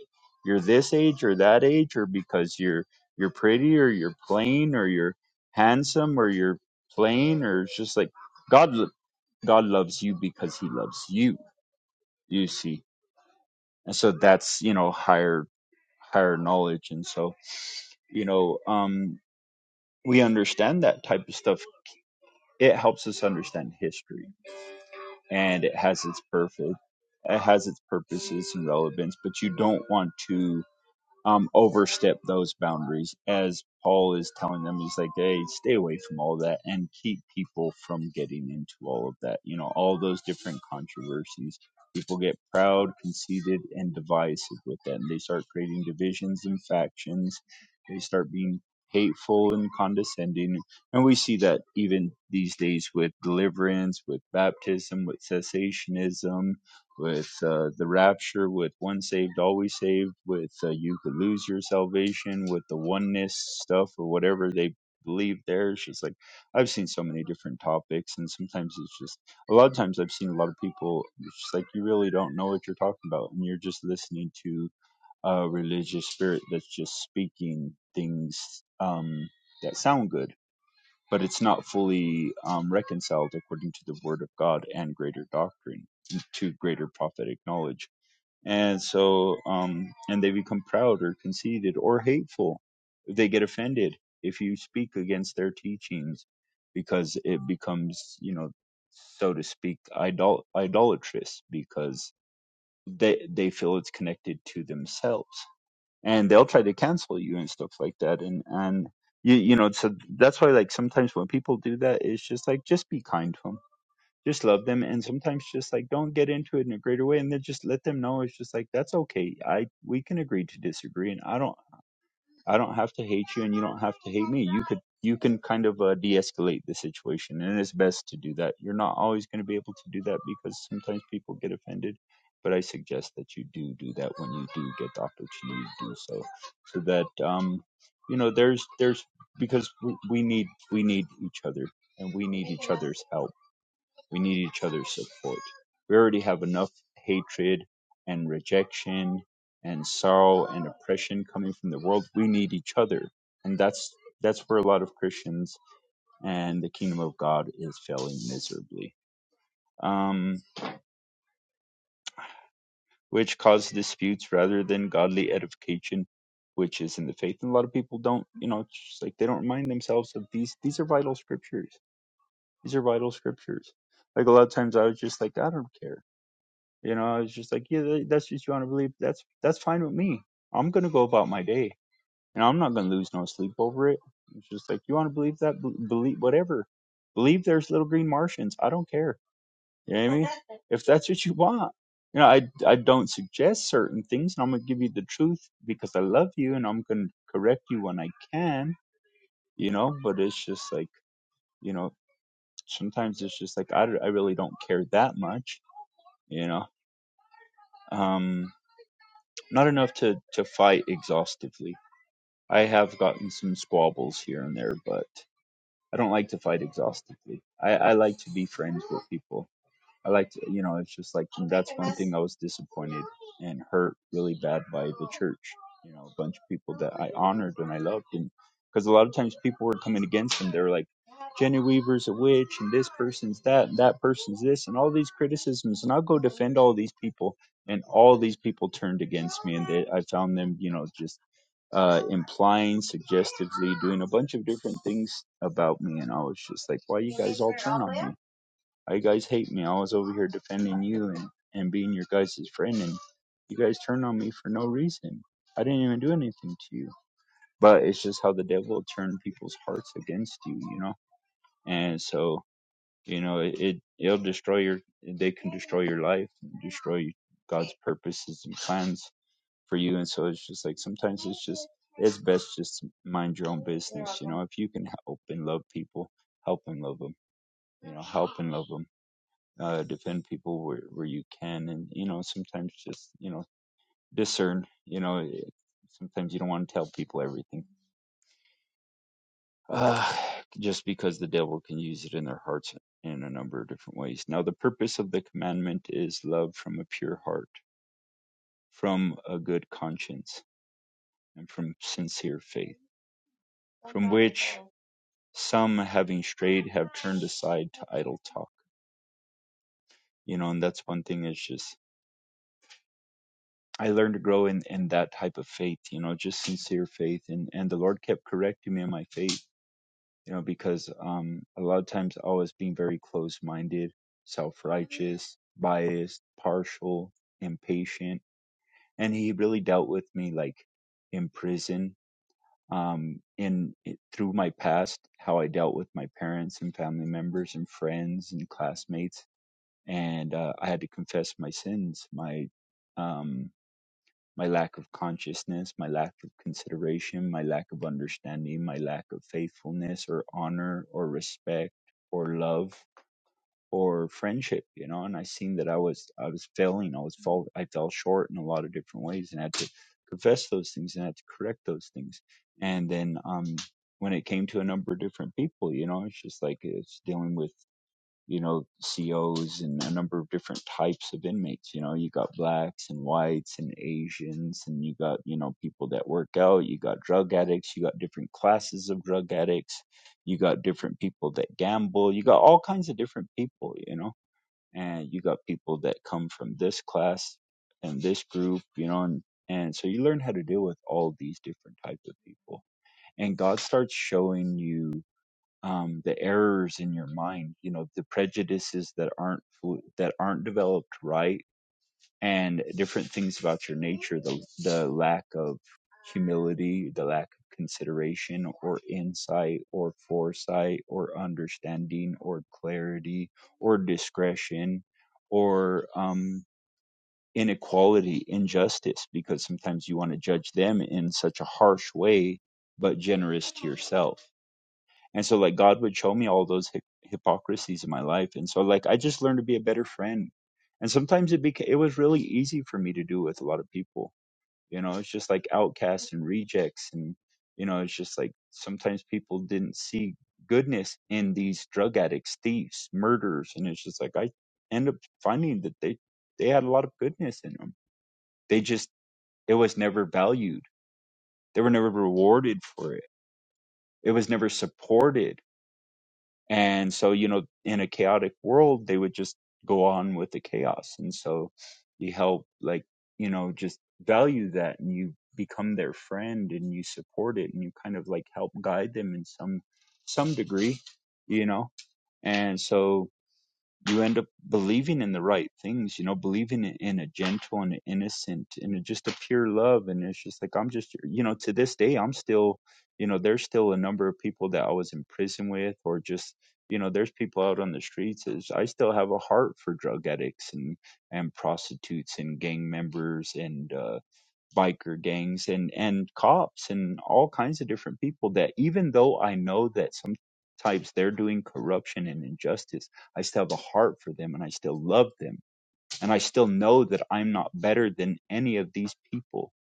you're this age or that age or because you're you're pretty or you're plain or you're handsome or you're plain or it's just like God lo- God loves you because he loves you, you see. And so that's, you know, higher higher knowledge and so, you know, um we understand that type of stuff. It helps us understand history and it has its perfect it has its purposes and relevance, but you don't want to um, overstep those boundaries as Paul is telling them. He's like, hey, stay away from all that and keep people from getting into all of that. You know, all those different controversies. People get proud, conceited, and divisive with that. And they start creating divisions and factions. They start being hateful and condescending. And we see that even these days with deliverance, with baptism, with cessationism, with uh, the rapture, with one saved, always saved, with uh, you could lose your salvation, with the oneness stuff or whatever they believe there. She's like, I've seen so many different topics, and sometimes it's just a lot of times I've seen a lot of people, it's just like, you really don't know what you're talking about, and you're just listening to a religious spirit that's just speaking things um, that sound good but it's not fully um, reconciled according to the word of God and greater doctrine to greater prophetic knowledge. And so, um, and they become proud or conceited or hateful. They get offended if you speak against their teachings because it becomes, you know, so to speak, idol- idolatrous because they, they feel it's connected to themselves and they'll try to cancel you and stuff like that and and you you know so that's why like sometimes when people do that it's just like just be kind to them just love them and sometimes just like don't get into it in a greater way and then just let them know it's just like that's okay i we can agree to disagree and i don't I don't have to hate you, and you don't have to hate me. You could you can kind of uh, de-escalate the situation, and it's best to do that. You're not always going to be able to do that because sometimes people get offended. But I suggest that you do do that when you do get the opportunity to do so, so that um, you know there's there's because we, we need we need each other and we need each other's help we need each other's support. We already have enough hatred and rejection and sorrow and oppression coming from the world. We need each other. And that's that's where a lot of Christians and the kingdom of God is failing miserably. Um, which causes disputes rather than godly edification, which is in the faith. And a lot of people don't, you know, it's just like they don't remind themselves of these. These are vital scriptures. These are vital scriptures. Like a lot of times I was just like, I don't care You know, I was just like, yeah, tha- that's what you want to believe. That's that's fine with me. I'm gonna go about my day, and I'm not gonna lose no sleep over it. It's just like you want to believe that, bel- believe whatever. Believe there's little green Martians. I don't care. You know what I mean? If that's what you want, you know, I I don't suggest certain things, and I'm gonna give you the truth because I love you, and I'm gonna correct you when I can. You know, but it's just like you know, sometimes it's just like I, d- I really don't care that much. You know, um. Not enough to, to fight exhaustively. I have gotten some squabbles here and there, but I don't like to fight exhaustively. I, I like to be friends with people. I like to, you know, it's just like that's one thing I was disappointed and hurt really bad by the church. You know, a bunch of people that I honored and I loved, and because a lot of times people were coming against them. They were like, Jenny Weaver's a witch, and this person's that, and that person's this, and all these criticisms. And I'll go defend all these people, and all these people turned against me, and they, I found them, you know, just uh, implying, suggestively doing a bunch of different things about me, and I was just like, why you guys all turn on me? Why you guys hate me? I was over here defending you and, and being your guys' friend, and you guys turned on me for no reason. I didn't even do anything to you. But it's just how the devil will turn people's hearts against you, you know? And so, you know, it, it, it'll destroy your, they can destroy your life, and destroy God's purposes and plans for you. And so it's just like sometimes it's just, it's best just mind your own business, you know? If you can help and love people, help and love them, you know, help and love them uh, defend people where, where you can and you know sometimes just you know discern you know eh, sometimes you don't want to tell people everything uh, just because the devil can use it in their hearts in a number of different ways now the purpose of the commandment is love from a pure heart from a good conscience and from sincere faith from which some having strayed have turned aside to idle talk you know and that's one thing is just I learned to grow in in that type of faith, you know, just sincere faith, and and the Lord kept correcting me in my faith, you know, because um a lot of times I was being very closed minded, self righteous, biased, partial, impatient, and He really dealt with me like in prison, um, in through my past, how I dealt with my parents and family members and friends and classmates, and uh, I had to confess my sins, my um my lack of consciousness, my lack of consideration, my lack of understanding, my lack of faithfulness or honor or respect or love or friendship, you know, and I seen that I was I was failing, I was fall I fell short in a lot of different ways and I had to confess those things and I had to correct those things. And then um when it came to a number of different people, you know, it's just like it's dealing with you know, COs and a number of different types of inmates. You know, you got blacks and whites and Asians, and you got, you know, people that work out, you got drug addicts, you got different classes of drug addicts, you got different people that gamble, you got all kinds of different people, you know, and you got people that come from this class and this group, you know, and, and so you learn how to deal with all these different types of people. And God starts showing you um, the errors in your mind, you know, the prejudices that aren't that aren't developed right, and different things about your nature, the the lack of humility, the lack of consideration or insight or foresight or understanding or clarity or discretion or um, inequality, injustice, because sometimes you want to judge them in such a harsh way, but generous to yourself and so like god would show me all those hy- hypocrisies in my life and so like i just learned to be a better friend and sometimes it became it was really easy for me to do with a lot of people you know it's just like outcasts and rejects and you know it's just like sometimes people didn't see goodness in these drug addicts thieves murderers and it's just like i end up finding that they they had a lot of goodness in them they just it was never valued they were never rewarded for it it was never supported And so, you know, in a chaotic world, they would just go on with the chaos. And so you help, like, you know, just value that and you become their friend and you support it and you kind of like help guide them in some, some degree, you know? And so, you end up believing in the right things, you know, believing in in a gentle and innocent and just a pure love. And it's just like, I'm just, you know, to this day, I'm still, you know, there's still a number of people that I was in prison with or just, you know, there's people out on the streets. Is I still have a heart for drug addicts and, and prostitutes and gang members and, uh, biker gangs and and cops and all kinds of different people that even though I know that sometimes they're doing corruption and injustice, I still have a heart for them and I still love them and I still know that I'm not better than any of these people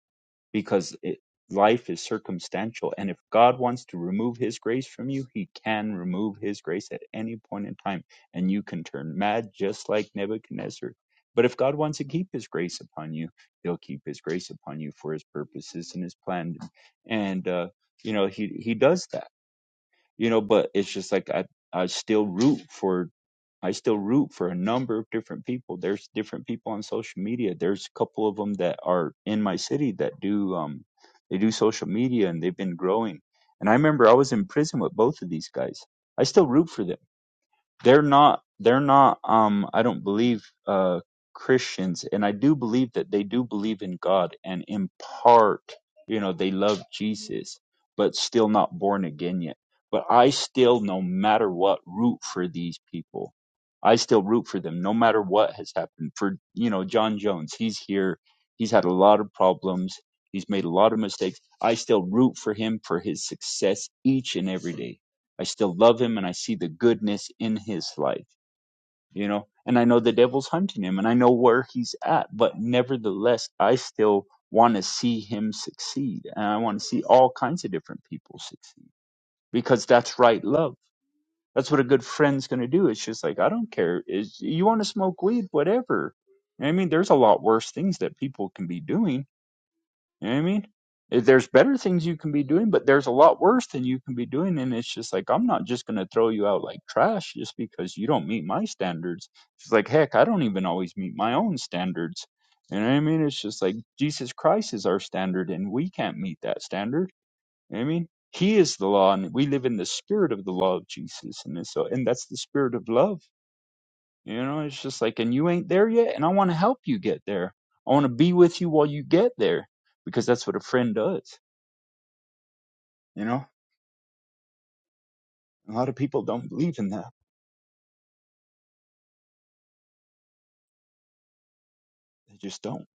because it, life is circumstantial. And if God wants to remove His grace from you, He can remove His grace at any point in time, and you can turn mad just like Nebuchadnezzar. But if God wants to keep His grace upon you, He'll keep His grace upon you for His purposes and His plan. And uh, you know He He does that you know but it's just like i i still root for i still root for a number of different people there's different people on social media there's a couple of them that are in my city that do um they do social media and they've been growing and i remember i was in prison with both of these guys i still root for them they're not they're not um i don't believe uh christians and i do believe that they do believe in god and in part you know they love jesus but still not born again yet but i still no matter what root for these people i still root for them no matter what has happened for you know john jones he's here he's had a lot of problems he's made a lot of mistakes i still root for him for his success each and every day I still love him and I see the goodness in his life, you know? And I know the devil's hunting him and I know where he's at, but nevertheless, I still want to see him succeed. And I want to see all kinds of different people succeed because that's right love. That's what a good friend's going to do. It's just like, I don't care. Is you want to smoke weed, whatever. I mean, there's a lot worse things that people can be doing you know what I mean? If There's better things you can be doing, but there's a lot worse than you can be doing. And it's just like, I'm not just going to throw you out like trash just because you don't meet my standards. It's like, heck, I don't even always meet my own standards. You know what I mean? It's just like Jesus Christ is our standard and we can't meet that standard. You know what I mean? He is the law and we live in the spirit of the law of Jesus. And it's so, and that's the spirit of love you know, it's just like, and you ain't there yet, and I want to help you get there. I want to be with you while you get there because that's what a friend does. You know, a lot of people don't believe in that. They just don't.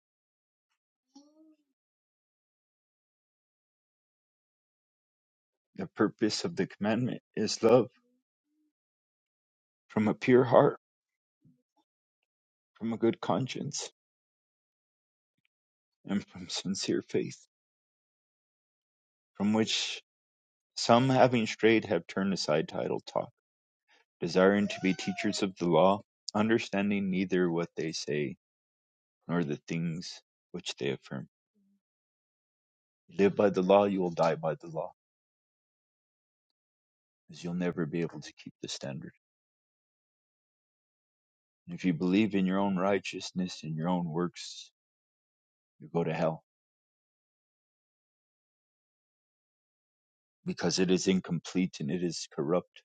The purpose of the commandment is love from a pure heart, from a good conscience, and from sincere faith, from which some having strayed have turned aside to idle talk, desiring to be teachers of the law, understanding neither what they say nor the things which they affirm. Live by the law, you will die by the law because you'll never be able to keep the standard. And if you believe in your own righteousness and your own works, you go to hell because it is incomplete and it is corrupt.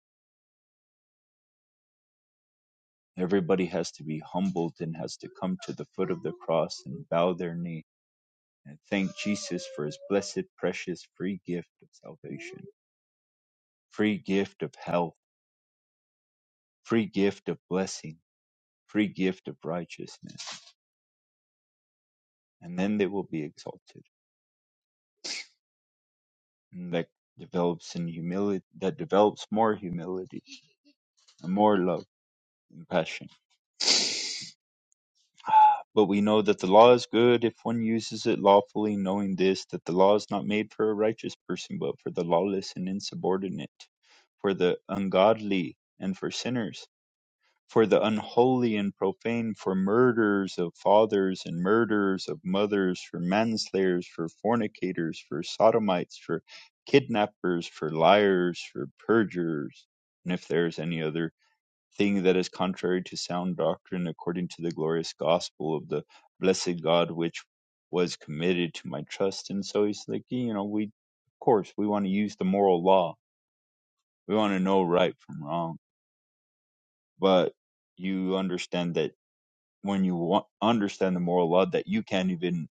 Everybody has to be humbled and has to come to the foot of the cross and bow their knee and thank Jesus for his blessed, precious, free gift of salvation, free gift of health, free gift of blessing, free gift of righteousness. And then they will be exalted. And that develops in humility, that develops more humility and more love compassion. But we know that the law is good if one uses it lawfully, knowing this, that the law is not made for a righteous person, but for the lawless and insubordinate, for the ungodly and for sinners, for the unholy and profane, for murderers of fathers and murderers of mothers, for manslayers, for fornicators, for sodomites, for kidnappers, for liars, for perjurers, and if there is any other thing that is contrary to sound doctrine according to the glorious gospel of the blessed God which was committed to my trust. And so he's like, you know, we, of course, we want to use the moral law. We want to know right from wrong. But you understand that when you wa- understand the moral law, that you can't even,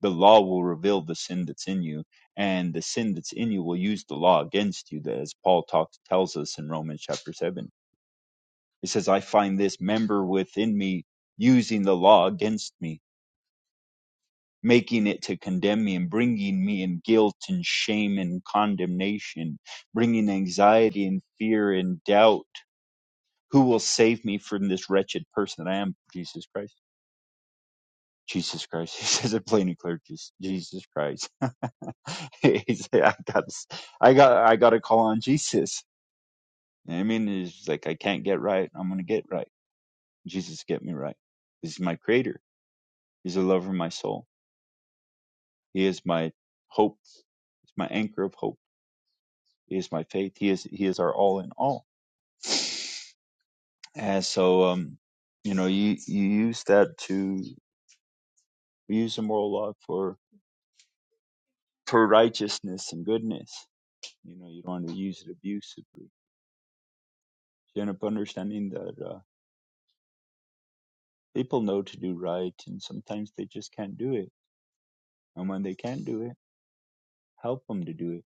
the law will reveal the sin that's in you. And the sin that's in you will use the law against you, that as Paul talks, tells us in Romans chapter 7 He says, I find this member within me using the law against me, making it to condemn me and bringing me in guilt and shame and condemnation, bringing anxiety and fear and doubt. Who will save me from this wretched person that I am? Jesus Christ. Jesus Christ. *laughs* He says it plain and clear. Jesus, Jesus Christ. *laughs* he said, I got, I got, I got to call on Jesus. I mean, it's like, I can't get right. I'm going to get right. Jesus, get me right. He's my creator. He's the lover of my soul He is my hope. He's my anchor of hope. He is my faith. He is He is our all in all. And so, um, you know, you you use that to you use the moral law for for righteousness and goodness. You know, you don't want to use it abusively. You end up understanding that uh, people know to do right, and sometimes they just can't do it. And when they can't do it, help them to do it.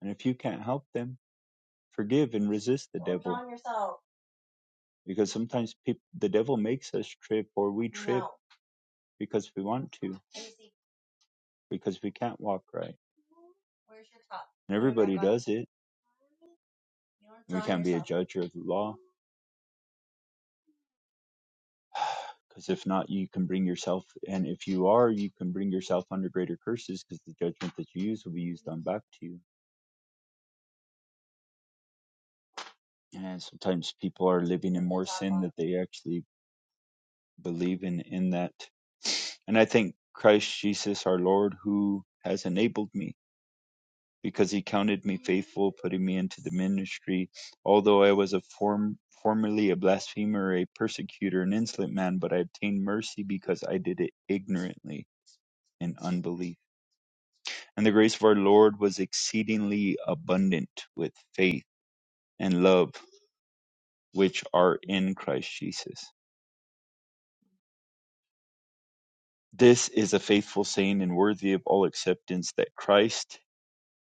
And if you can't help them, forgive and resist the devil. Because sometimes peop the devil makes us trip, or we trip no. because we want to, because we can't walk right. And everybody does it. We can't be a judge of the law, because if not, you can bring yourself, and if you are, you can bring yourself under greater curses, because the judgment that you use will be used on back to you. And sometimes people are living in more sin that they actually believe in, in that. And I thank Christ Jesus, our Lord, who has enabled me because he counted me faithful, putting me into the ministry. Although I was a form, formerly a blasphemer, a persecutor, an insolent man, but I obtained mercy because I did it ignorantly in unbelief. And the grace of our Lord was exceedingly abundant with faith and love which are in Christ Jesus. This is a faithful saying and worthy of all acceptance that Christ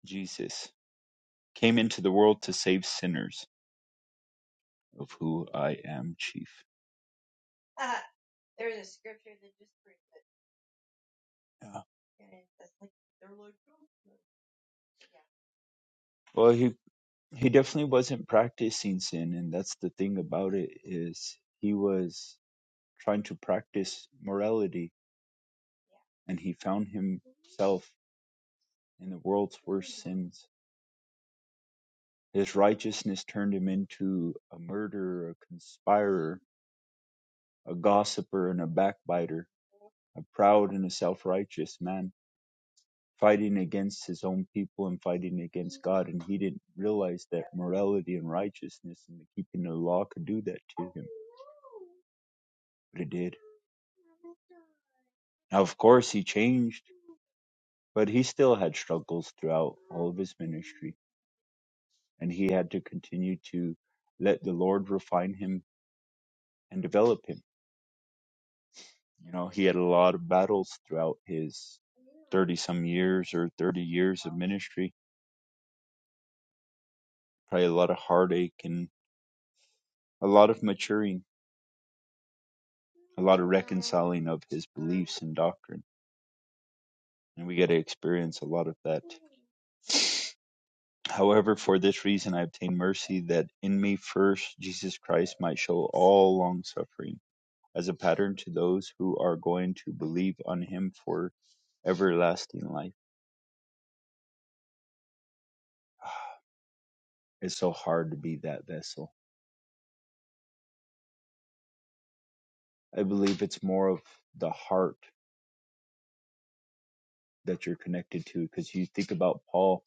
Jesus came into the world to save sinners, of who I am chief. Yeah. Well, he he definitely wasn't practicing sin and that's the thing about it is he was trying to practice morality and he found himself in the world's worst sins his righteousness turned him into a murderer a conspirer a gossiper and a backbiter a proud and a self-righteous man fighting against his own people and fighting against god and he didn't realize that morality and righteousness and the keeping of the law could do that to him but it did Of course, he changed, but he still had struggles throughout all of his ministry, and he had to continue to let the Lord refine him and develop him. You know, he had a lot of battles throughout his 30 some years or 30 years of ministry, probably a lot of heartache and a lot of maturing, a lot of reconciling of his beliefs and doctrine. And we get to experience a lot of that However, for this reason I obtained mercy, that in me first Jesus Christ might show all long suffering as a pattern to those who are going to believe on him for everlasting life. *sighs* It's so hard to be that vessel. I believe it's more of the heart that you're connected to because you think about Paul.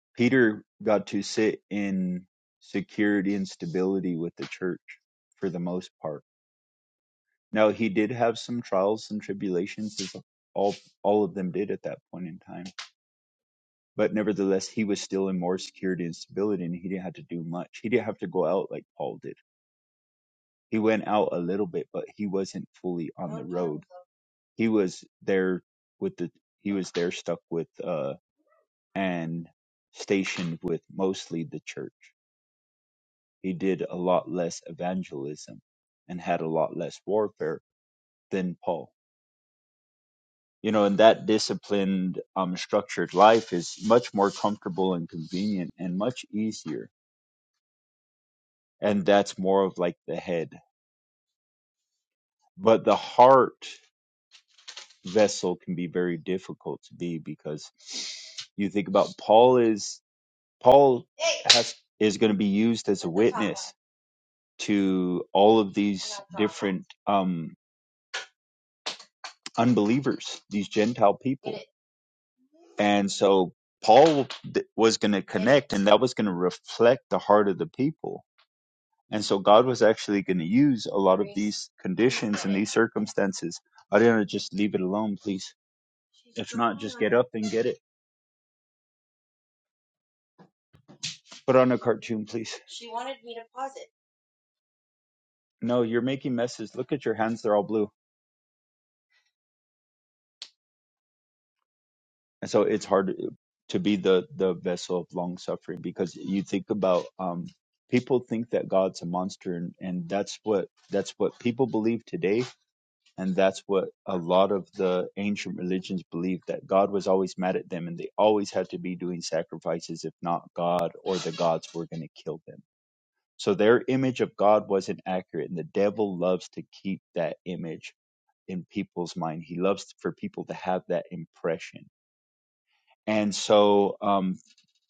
*sniffs* Peter got to sit in security and stability with the church for the most part Now he did have some trials and tribulations, as all all of them did at that point in time. But nevertheless, he was still in more security and stability, and he didn't have to do much. He didn't have to go out like Paul did. He went out a little bit, but he wasn't fully on the road. He was there with the he was there stuck with uh and stationed with mostly the church. He did a lot less evangelism and had a lot less warfare than Paul you know, and that disciplined, um, structured life is much more comfortable and convenient and much easier. And that's more of like the head. But the heart vessel can be very difficult to be because you think about Paul is Paul has is going to be used as a witness to all of these different um, unbelievers, these Gentile people And so Paul th- was going to connect, and that was going to reflect the heart of the people. And so God was actually going to use a lot of these conditions and these circumstances. I didn't just leave it alone, please. If not, just get up and get it. Put on a cartoon, please. No, you're making messes. Look at your hands; they're all blue. And so it's hard to be the the vessel of long suffering because you think about um, people think that God's a monster, and and that's what that's what people believe today And that's what a lot of the ancient religions believed that God was always mad at them and they always had to be doing sacrifices. If not God or the gods were going to kill them. So their image of God wasn't accurate. And the devil loves to keep that image in people's mind. He loves for people to have that impression. And so, um,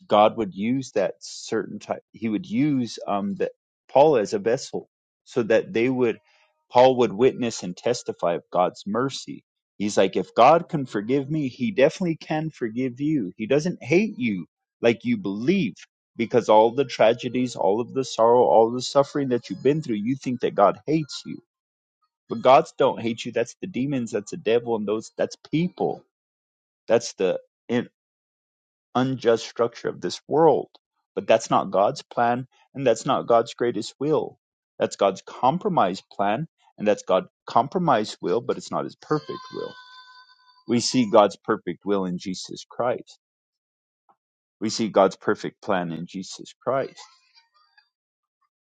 God would use that certain type. He would use um, that Paul as a vessel, so that they would, Paul would witness and testify of God's mercy. He's like, if God can forgive me, He definitely can forgive you. He doesn't hate you like you believe, because all the tragedies, all of the sorrow, all the suffering that you've been through, you think that God hates you. But God don't hate you. That's the demons. That's the devil, and those. That's people. That's the in unjust structure of this world. But that's not God's plan, and that's not God's greatest will. That's God's compromise plan, and that's God's compromise will, but it's not his perfect will. We see God's perfect will in Jesus Christ. We see God's perfect plan in Jesus Christ.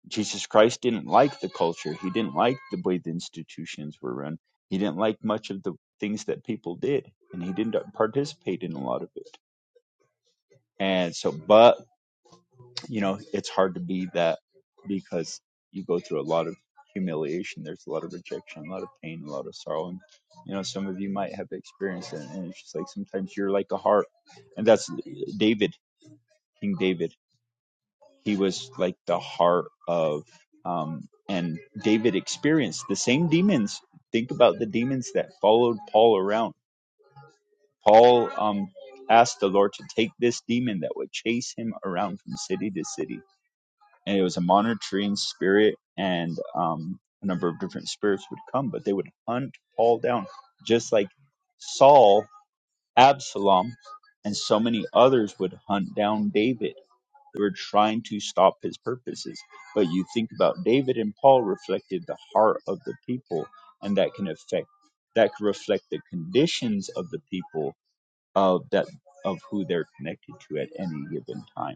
Jesus Christ didn't like the culture. He didn't like the way the institutions were run. He didn't like much of the things that people did, and he didn't participate in a lot of it. And so, but you know, it's hard to be that because you go through a lot of humiliation. There's a lot of rejection, a lot of pain, a lot of sorrow. And, you know, some of you might have experienced it. And it's just like sometimes you're like a heart. And that's David, King David. He was like the heart of, um, and David experienced the same demons. Think about the demons that followed Paul around. Paul um, asked the Lord to take this demon that would chase him around from city to city and it was a monitoring spirit and um, a number of different spirits would come but they would hunt paul down just like saul absalom and so many others would hunt down david they were trying to stop his purposes but you think about david and paul reflected the heart of the people and that can affect that can reflect the conditions of the people of that of who they're connected to at any given time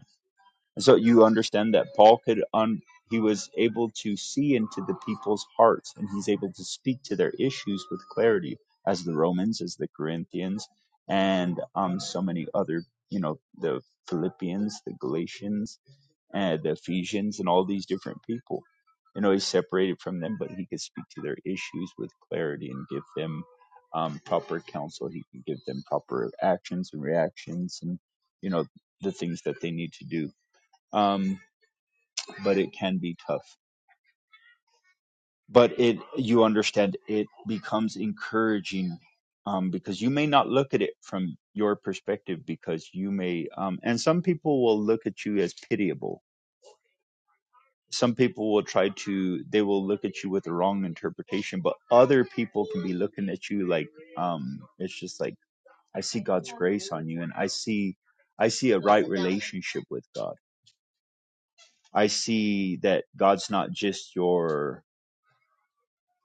and so you understand that Paul could un- he was able to see into the people's hearts and he's able to speak to their issues with clarity as the Romans, as the Corinthians, and um so many other, you know, the Philippians, the Galatians, and the Ephesians and all these different people. You know, he's separated from them, but he could speak to their issues with clarity and give them um, proper counsel. He could give them proper actions and reactions and, you know, the things that they need to do um, but it can be tough. But it, you understand, it becomes encouraging um, because you may not look at it from your perspective because you may, um, and some people will look at you as pitiable. Some people will try to, they will look at you with the wrong interpretation, but other people can be looking at you like, um, it's just like, I see God's grace on you and I see, I see a right relationship with God. I see that God's not just your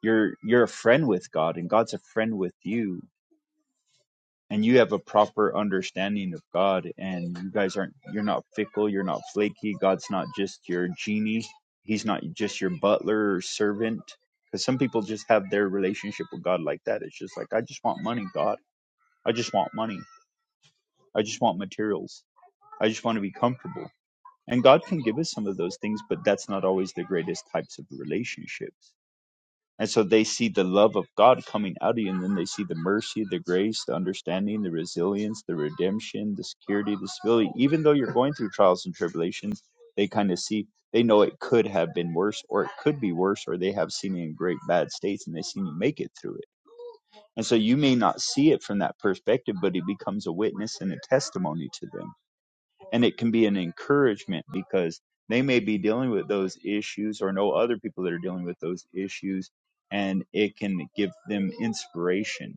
you're you're a friend with God and God's a friend with you and you have a proper understanding of God and you guys aren't you're not fickle, you're not flaky. God's not just your genie. He's not just your butler or servant cuz some people just have their relationship with God like that. It's just like I just want money, God. I just want money. I just want materials. I just want to be comfortable. And God can give us some of those things, but that's not always the greatest types of relationships And so they see the love of God coming out of you, and then they see the mercy, the grace, the understanding, the resilience, the redemption, the security, the stability. Even though you're going through trials and tribulations, they kind of see, they know it could have been worse, or it could be worse, or they have seen you in great bad states and they've seen you make it through it. And so you may not see it from that perspective, but it becomes a witness and a testimony to them and it can be an encouragement because they may be dealing with those issues or know other people that are dealing with those issues and it can give them inspiration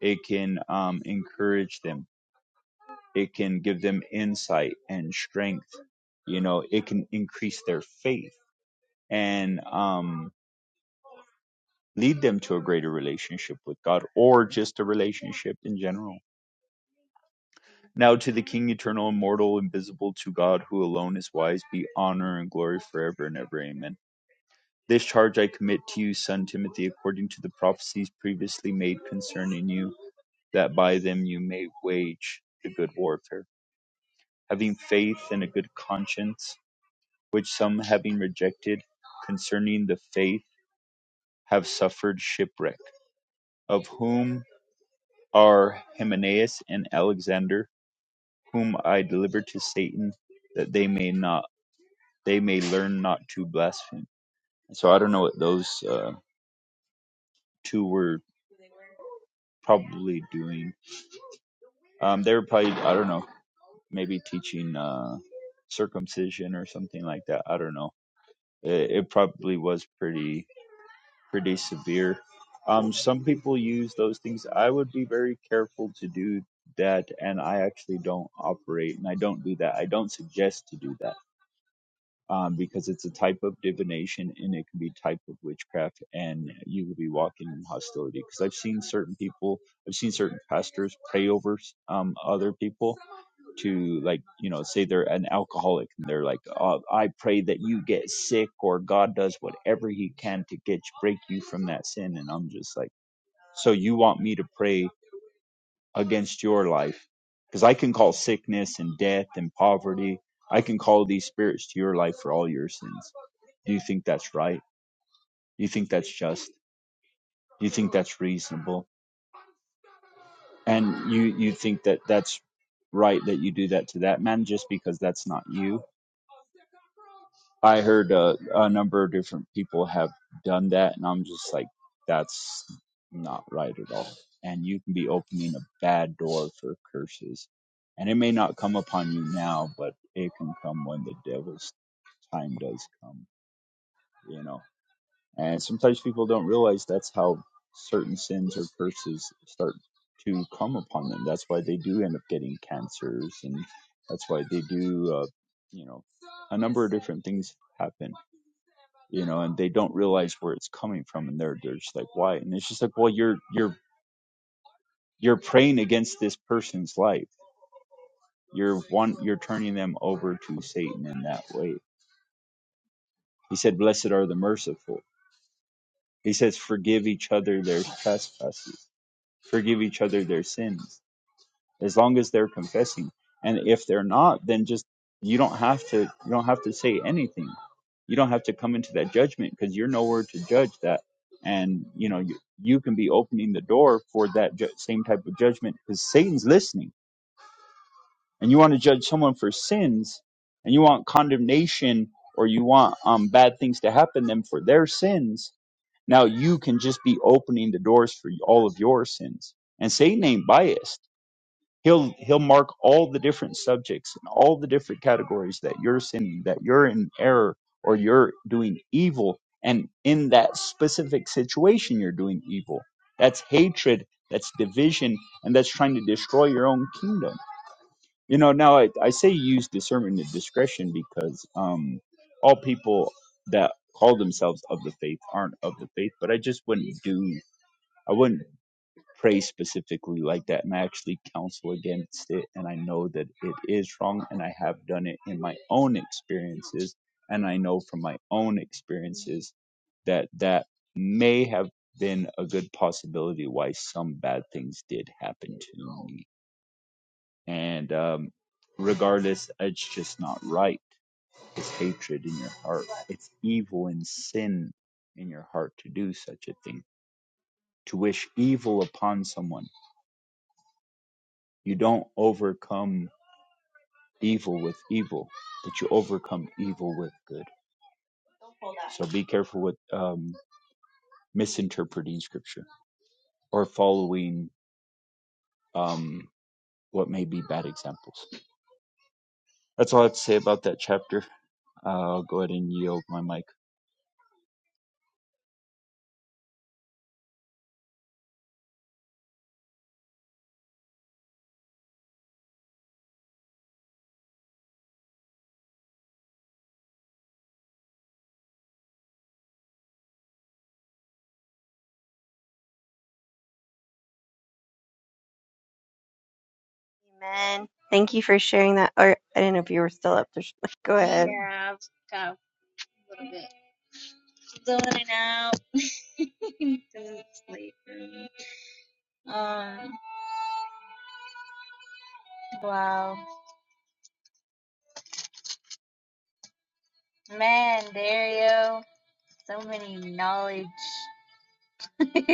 it can um, encourage them it can give them insight and strength you know it can increase their faith and um, lead them to a greater relationship with god or just a relationship in general now to the king eternal immortal invisible to god who alone is wise be honor and glory forever and ever amen This charge I commit to you, son Timothy, according to the prophecies previously made concerning you, that by them you may wage the good warfare, having faith and a good conscience, which some having rejected concerning the faith have suffered shipwreck, of whom are Hymenaeus and Alexander, whom I delivered to Satan, that they may not they may learn not to blaspheme. So I don't know what those uh, two were probably doing Um, they were probably, I don't know, maybe teaching uh, circumcision or something like that. I don't know. It, it probably was pretty pretty severe. Um, some people use those things. I would be very careful to do that, and I actually don't operate, and I don't do that. I don't suggest to do that um, because it's a type of divination, and it can be type of witchcraft, and you could be walking in hostility. Because I've seen certain people, I've seen certain pastors pray over um, other people, to like you know say they're an alcoholic and they're like oh, i pray that you get sick or god does whatever he can to get break you from that sin and i'm just like so you want me to pray against your life because i can call sickness and death and poverty i can call these spirits to your life for all your sins do you think that's right do you think that's just do you think that's reasonable and you you think that that's right that you do that to that man just because that's not you I heard uh, a number of different people have done that, and I'm just like, that's not right at all. And you can be opening a bad door for curses. And it may not come upon you now, but it can come when the devil's time does come, you know. And sometimes people don't realize that's how certain sins or curses start to come upon them. That's why they do end up getting cancers, and that's why they do, uh, you know, a number of different things happen you know, and they don't realize where it's coming from, and they're they're just like, why? And it's just like, well, you're you're you're praying against this person's life. You're one, you're turning them over to Satan in that way. He said, "Blessed are the merciful." He says, "Forgive each other their trespasses, forgive each other their sins." as long as they're confessing. And if they're not, then just you don't have to you don't have to say anything. You don't have to come into that judgment because you're nowhere to judge that. And you know you, you can be opening the door for that ju- same type of judgment because Satan's listening, and you want to judge someone for sins, and you want condemnation or you want um, bad things to happen to them for their sins. Now you can just be opening the doors for all of your sins, and Satan ain't biased he'll he'll mark all the different subjects and all the different categories that you're sinning that you're in error or you're doing evil and in that specific situation you're doing evil that's hatred that's division and that's trying to destroy your own kingdom you know now i, I say use discernment and discretion because um all people that call themselves of the faith aren't of the faith but i just wouldn't do i wouldn't pray specifically like that and I actually counsel against it and I know that it is wrong and I have done it in my own experiences and I know from my own experiences that that may have been a good possibility why some bad things did happen to me and um regardless it's just not right it's hatred in your heart it's evil and sin in your heart to do such a thing to wish evil upon someone You don't overcome evil with evil, but you overcome evil with good. So be careful with um, misinterpreting scripture or following um, what may be bad examples. That's all I have to say about that chapter. Uh, I'll go ahead and yield my mic.
Amen. Thank you for sharing that. Or I didn't know if you were still up there. *laughs* Go ahead.
yeah, I've got a little bit zoning out 'cause *laughs* it's late. for me. *laughs* Um, wow. Man, Dario, so many knowledge. *laughs*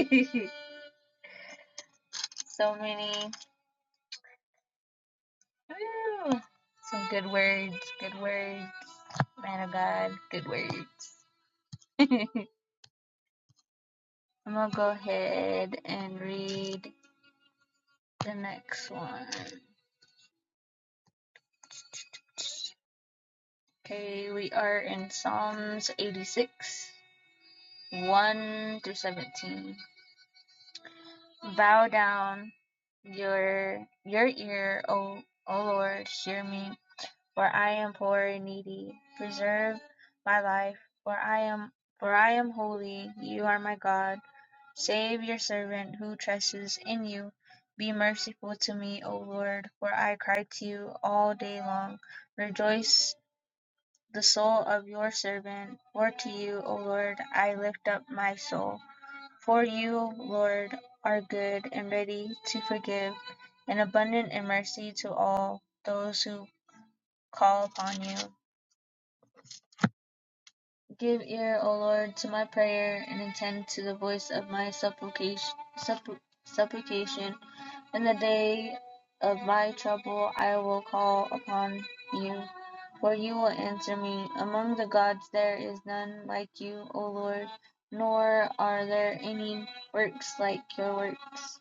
so many. Woo, some good words, good words. Man of God, good words. *laughs* I'm gonna go ahead and read the next one. Okay, we are in Psalms 86, 1 through 17. Bow down your your ear, O O Lord, hear me for I am poor and needy. Preserve my life, for I am for I am holy. You are my God. Save your servant who trusts in you. Be merciful to me, O Lord, for I cry to you all day long. Rejoice the soul of your servant, for to you, O Lord, I lift up my soul. For you, Lord, are good and ready to forgive, and abundant in mercy to all those who call upon you. Give ear, O Lord, to my prayer, and attend to the voice of my supplication. suppl- supplication. In the day of my trouble, I will call upon you, for you will answer me. Among the gods, there is none like you, O Lord, nor are there any works like your works.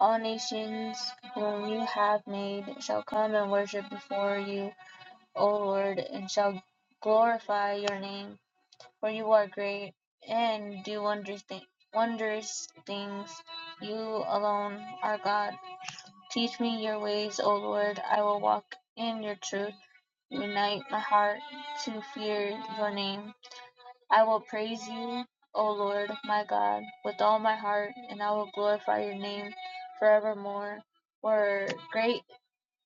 All nations whom you have made shall come and worship before you, O Lord, and shall glorify your name for you are great and do wondrous, thi- wondrous things. You alone are God. Teach me your ways, O Lord. I will walk in your truth. Unite my heart to fear your name. I will praise you, O Lord, my God, with all my heart, and I will glorify your name forevermore. For great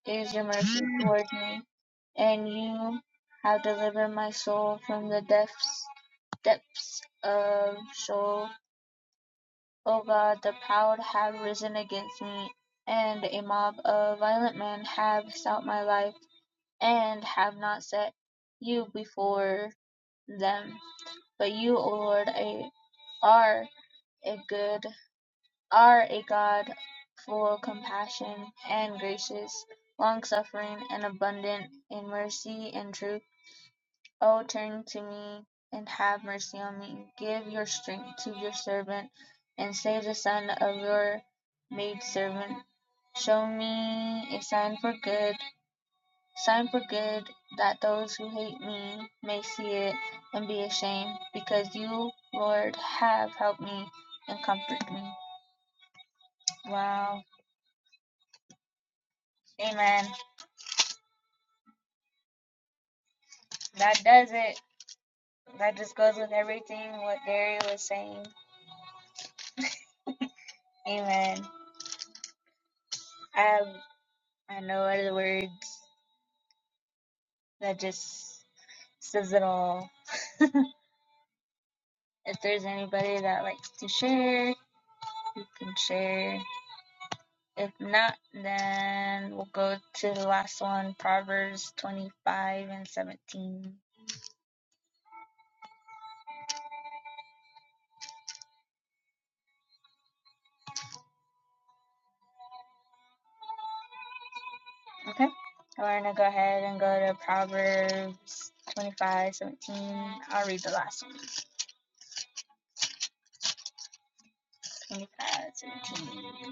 is your mercy towards me, and you have delivered my soul from the depths depths of soul, O God, the proud have risen against me, and a mob of violent men have sought my life, and have not set you before them. But you, O Lord, a- are a good, are a God full of compassion and gracious, long suffering and abundant in mercy and truth O turn to me and have mercy on me. Give your strength to your servant and save the son of your maidservant. Show me a sign for good, sign for good, that those who hate me may see it and be ashamed, because you, Lord, have helped me and comforted me. Wow. Amen. That does it. That just goes with everything what Gary was saying. Amen. I have I know other words that just says it all. *laughs* if there's anybody that likes to share, you can share. If not, then we'll go to the last one, Proverbs 25 and 17. Okay? We're going to go ahead and go to Proverbs 25, 17. I'll read the last one, 25, 17.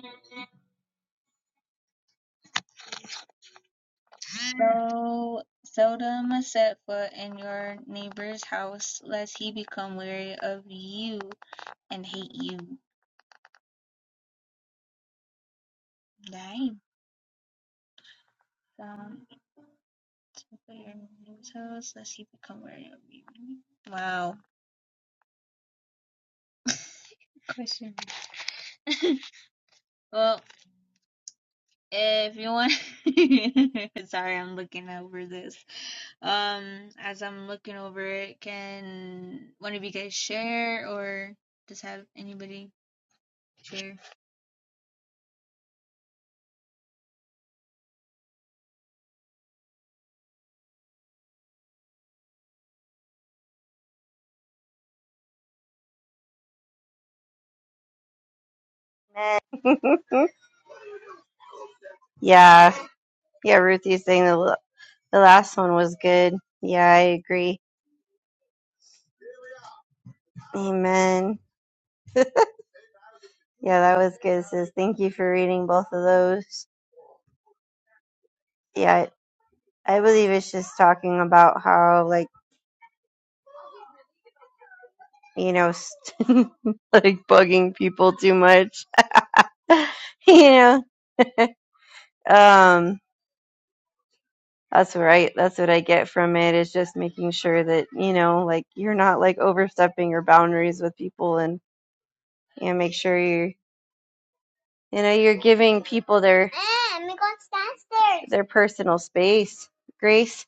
So seldom set foot in your neighbor's house, lest he become weary of you and hate you. Nein, ähm, Losers, let's see if we come where you Wow. Question. *laughs* Well, if you want, *laughs* sorry, I'm looking over this. Um, as I'm looking over it, can one of you guys share or just have anybody share?
Amen. *laughs* yeah. Yeah, Ruthie's saying the, l- the last one was good. Yeah, I agree. Amen. Yeah, that was good, sis. Thank you for reading both of those. Yeah, I believe it's just talking about how, like, you know, st- *laughs* like bugging people too much. *laughs* you know, um, that's right. That's what I get from it is just making sure that, you know, like you're not like overstepping your boundaries with people and, you know, make sure you're, you know, you're giving people their, Mom, we're going downstairs. their personal space. Grace,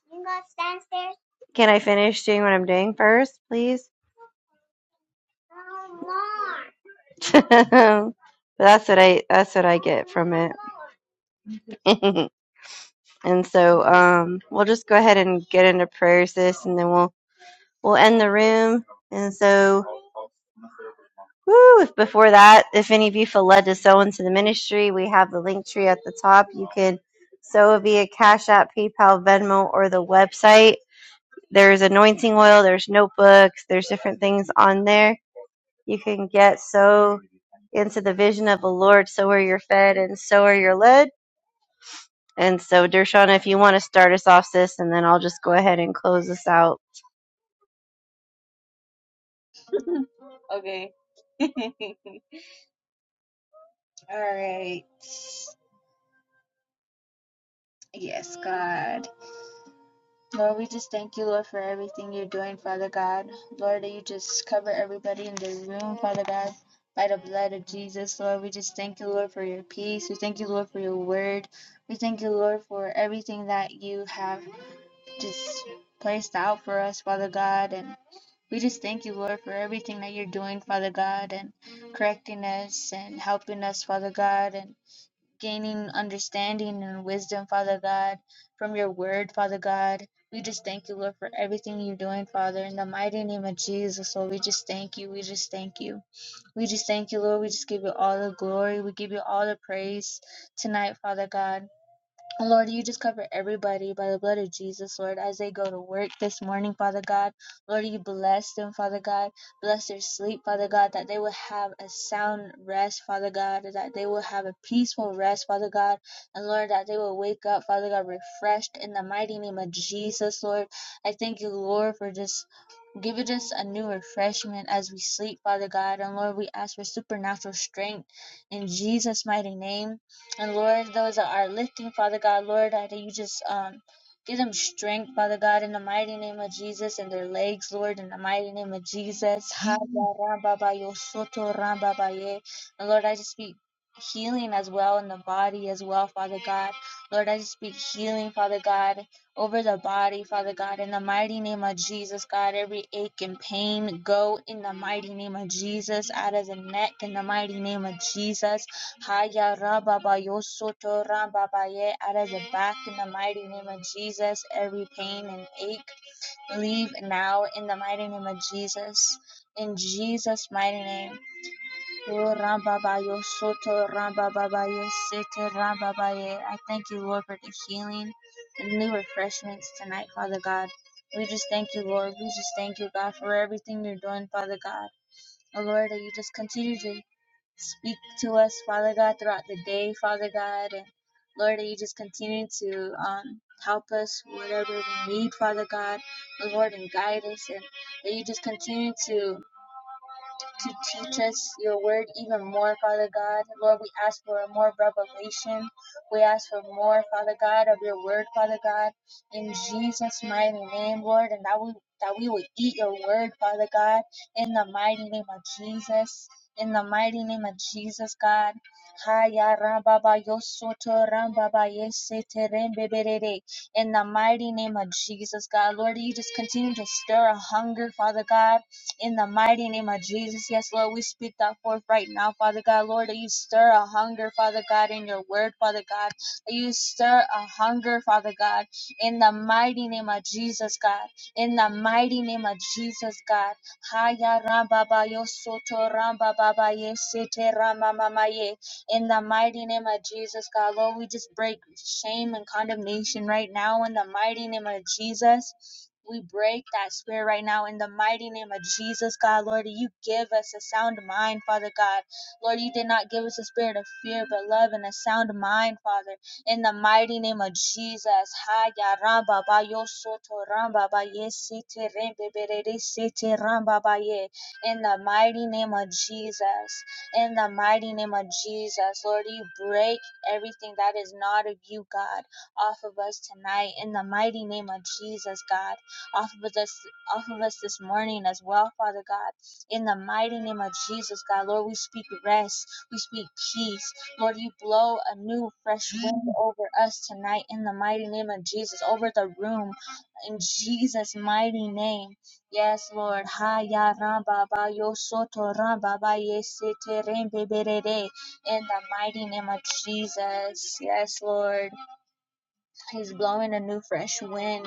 can I finish doing what I'm doing first, please? *laughs* that's what I, that's what I get from it. *laughs* And so um, we'll just go ahead and get into prayer, sis, and then we'll we'll end the room. And so, woo, if before that, if any of you feel led to sow into the ministry, we have the link tree at the top. You can sow via Cash App, PayPal, Venmo, or the website. There's anointing oil, there's notebooks, there's different things on there. You can get so into the vision of the Lord, so are you're fed and so are you're led. And so, Dershana, if you want to start us off, sis, and then I'll just go ahead and close us out.
Okay. *laughs* All right. Yes, God. Lord, we just thank you, Lord, for everything you're doing, Father God. Lord, that you just cover everybody in the room, Father God, by the blood of Jesus. Lord, we just thank you, Lord, for your peace. We thank you, Lord, for your word. We thank you, Lord, for everything that you have just placed out for us, Father God. And we just thank you, Lord, for everything that you're doing, Father God, and correcting us and helping us, Father God. and gaining understanding and wisdom, Father God, from your word, Father God. We just thank you, Lord, for everything you're doing, Father, in the mighty name of Jesus. Lord, we just thank you. We just thank you. We just thank you, Lord. We just give you all the glory. We give you all the praise tonight, Father God. And Lord, you just cover everybody by the blood of Jesus, Lord, as they go to work this morning, Father God. Lord, you bless them, Father God. Bless their sleep, Father God, that they will have a sound rest, Father God, that they will have a peaceful rest, Father God. And Lord, that they will wake up, Father God, refreshed in the mighty name of Jesus, Lord. I thank you, Lord, for just Give us a new refreshment as we sleep, Father God. And Lord, we ask for supernatural strength in Jesus' mighty name. And Lord, those that are lifting, Father God, Lord, that you just um give them strength, Father God, in the mighty name of Jesus, and their legs, Lord, in the mighty name of Jesus. *laughs* And Lord, I just speak healing as well in the body as well, Father God. Lord, I just speak healing, Father God over the body, Father God, in the mighty name of Jesus, God, every ache and pain go in the mighty name of Jesus, out of the neck, in the mighty name of Jesus, Haya raba ba out of the back, in the mighty name of Jesus, every pain and ache, leave now, in the mighty name of Jesus, in Jesus' mighty name. Oh, Rambabayo Soto Rambababayo Sete Rambabaye. I thank you, Lord, for the healing and new refreshments tonight, Father God. We just thank you, Lord. We just thank you, God, for everything you're doing, Father God. Oh, Lord, that you just continue to speak to us, Father God, throughout the day, Father God. And Lord, that you just continue to um, help us, whatever we need, Father God. Oh, Lord, and guide us. And that you just continue to to teach us your word even more, Father God. Lord, we ask for more revelation. We ask for more, Father God, of your word, Father God, in Jesus' mighty name, Lord, and that we that we will eat your word, Father God, in the mighty name of Jesus. In the mighty name of Jesus, God. Haya rababa yosoto rambaba yesete rembeberere. In the mighty name of Jesus, God. Lord, you just continue to stir a hunger, Father God in the mighty name of Jesus, yes, Lord, we speak that forth right now, Father God. Lord, that you stir a hunger, Father God, in your word, Father God. That you stir a hunger, Father God, in the mighty name of Jesus, God. In the mighty name of Jesus, God. Haya ramba ba yo soto ramba ba ba ye sete rama mama ye. In the mighty name of Jesus, God, Lord, we just break shame and condemnation right now. In the mighty name of Jesus, we break that spirit right now. In the mighty name of Jesus, God, Lord, you give us a sound mind, Father God. Lord, you did not give us a spirit of fear, but love and a sound mind, Father. In the mighty name of Jesus. Ha ya ramba ba yo soto ramba ba ye siti rembe berere siti ramba ba ye. In the mighty name of Jesus in the mighty name of Jesus. Lord, you break everything that is not of you, God, off of us tonight in the mighty name of Jesus, God, off of us, off of us this morning as well, Father God, in the mighty name of Jesus, God. Lord, we speak rest, we speak peace. Lord, you blow a new, fresh wind over us tonight in the mighty name of Jesus, over the room, in Jesus' mighty name. Yes, Lord. Haya Rambaba Yosoto Rambaba Yesete Rembeberere. In the mighty name of Jesus. Yes, Lord. He's blowing a new fresh wind.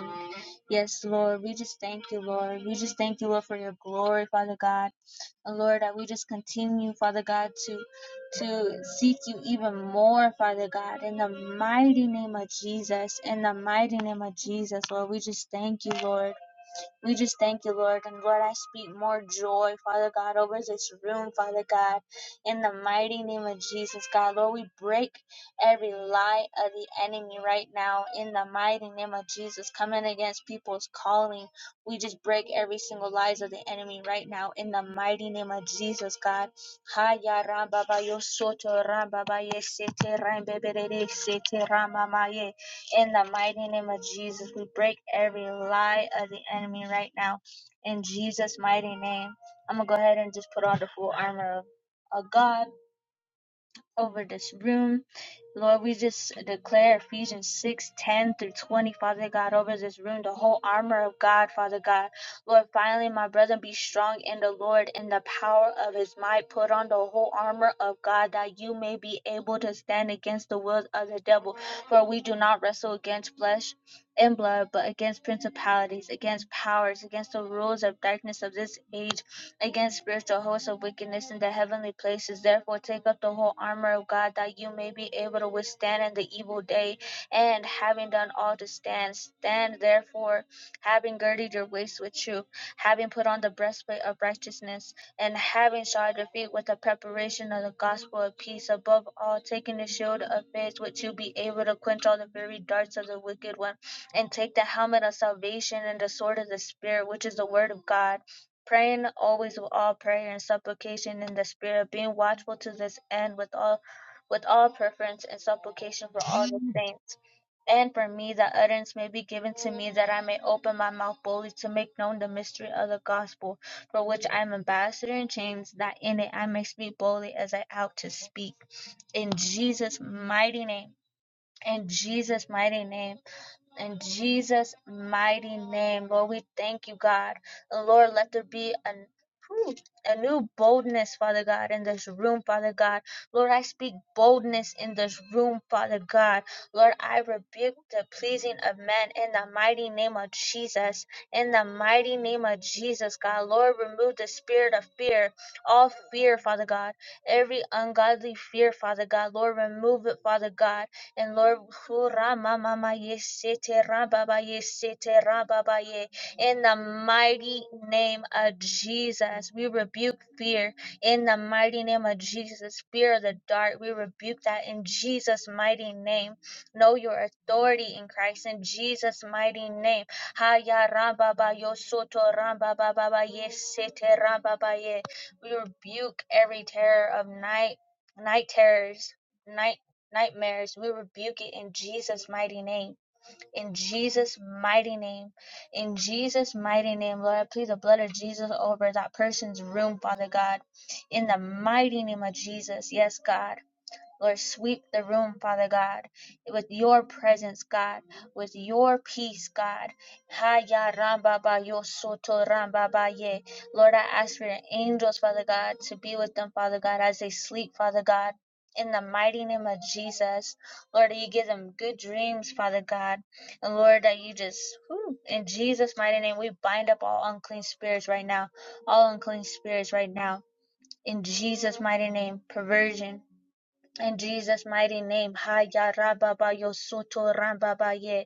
Yes, Lord. We just thank you, Lord. We just thank you, Lord, for your glory, Father God. And Lord, that we just continue, Father God, to to seek you even more, Father God, in the mighty name of Jesus. In the mighty name of Jesus, Lord, we just thank you, Lord. We just thank you, Lord. And Lord, I speak more joy, Father God, over this room, Father God, in the mighty name of Jesus, God. Lord, we break every lie of the enemy right now in the mighty name of Jesus, coming against people's calling. We just break every single lies of the enemy right now in the mighty name of Jesus, God. Ha ya ra ba ba yo so ra ba ba ye se te ra be be de de se te ra ma ma ye. In the mighty name of Jesus, we break every lie of the enemy right now. In Jesus' mighty name, I'm going to go ahead and just put on the full armor of, of God over this room. Lord, we just declare Ephesians 6 10 through 20, Father God, over this room, the whole armor of God, Father God. Lord, finally, my brethren, be strong in the Lord and the power of his might. Put on the whole armor of God that you may be able to stand against the wills of the devil. For we do not wrestle against flesh and blood, but against principalities, against powers, against the rules of darkness of this age against spiritual hosts of wickedness in the heavenly places. Therefore, take up the whole armor of God that you may be able to withstand in the evil day. And having done all to stand, stand therefore, having girded your waist with truth, having put on the breastplate of righteousness, and having shod your feet with the preparation of the gospel of peace. Above all, taking the shield of faith, which you'll be able to quench all the very darts of the wicked one, and take the helmet of salvation and the sword of the Spirit, which is the word of God praying always with all prayer and supplication in the spirit, being watchful to this end with all with all preference and supplication for all the saints. And for me that utterance may be given to me that I may open my mouth boldly to make known the mystery of the gospel, for which I am ambassador in chains, that in it I may speak boldly as I ought to speak. In Jesus' mighty name. In Jesus' mighty name. In Jesus' mighty name, Lord, we thank you, God. And Lord, let there be an a new boldness, Father God, in this room, Father God. Lord, I speak boldness in this room, Father God. Lord, I rebuke the pleasing of men in the mighty name of Jesus. In the mighty name of Jesus, God. Lord, remove the spirit of fear, all fear, Father God. Every ungodly fear, Father God. Lord, remove it, Father God and Lord, Kurama mama yesete rababa yesete rababa ye. in the mighty name of Jesus, we rebuke fear. In the mighty name of Jesus, fear of the dark, we rebuke that in Jesus' mighty name. Know your authority in Christ in Jesus' mighty name. Haya rababa yosoto rababa baba We rebuke every terror of night, night terrors. night nightmares, we rebuke it in Jesus' mighty name. In Jesus' mighty name. In Jesus' mighty name, Lord, I plead the blood of Jesus over that person's room, Father God. In the mighty name of Jesus. Yes, God. Lord, sweep the room, Father God, with your presence, God, with your peace, God. Haya ramba ba yo soto ramba ba ye. Lord, I ask for your angels, Father God, to be with them, Father God, as they sleep, Father God. In the mighty name of Jesus, Lord, that you give them good dreams, Father God. And Lord, that you just, whew, in Jesus' mighty name, we bind up all unclean spirits right now, all unclean spirits right now. In Jesus' mighty name, perversion, in Jesus' mighty name, Ha Ya Haya Rababa Yosoto Rambabaye.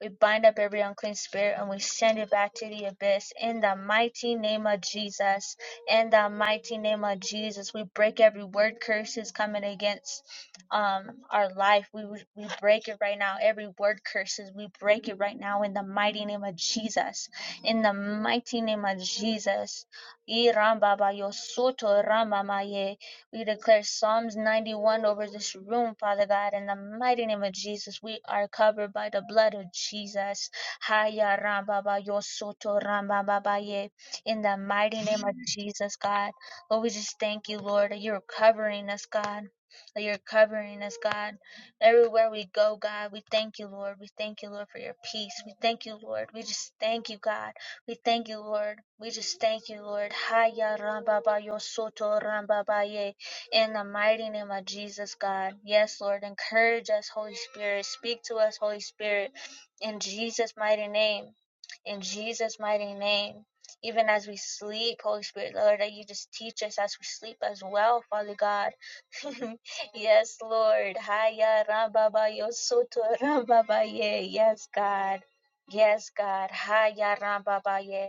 We bind up every unclean spirit and we send it back to the abyss in the mighty name of Jesus. In the mighty name of Jesus, we break every word curses coming against um our life. We we break it right now. Every word curses, we break it right now in the mighty name of Jesus. In the mighty name of Jesus. I Rambaba Yosoto Rambamaye. We declare Psalms 91 over this room, Father God. In the mighty name of Jesus, we are covered by the blood of Jesus. Haya ramba yo soto ramba ye. In the mighty name of Jesus, God. Lord, we just thank you, Lord, that you're covering us, God. That you're covering us, God. Everywhere we go, God, we thank you, Lord. We thank you, Lord, for your peace. We thank you, Lord. We just thank you, God. We thank you, Lord. We just thank you, Lord. Haya ramba yo soto ramba ye. In the mighty name of Jesus, God. Yes, Lord. Encourage us, Holy Spirit. Speak to us, Holy Spirit. In Jesus' mighty name. In Jesus' mighty name. Even as we sleep, Holy Spirit, Lord, that you just teach us as we sleep as well, Father God. *laughs* yes, Lord. Haya Rambaba Yosoto Rambabaye. Yes, God. Yes, God. Haya Rambabaye.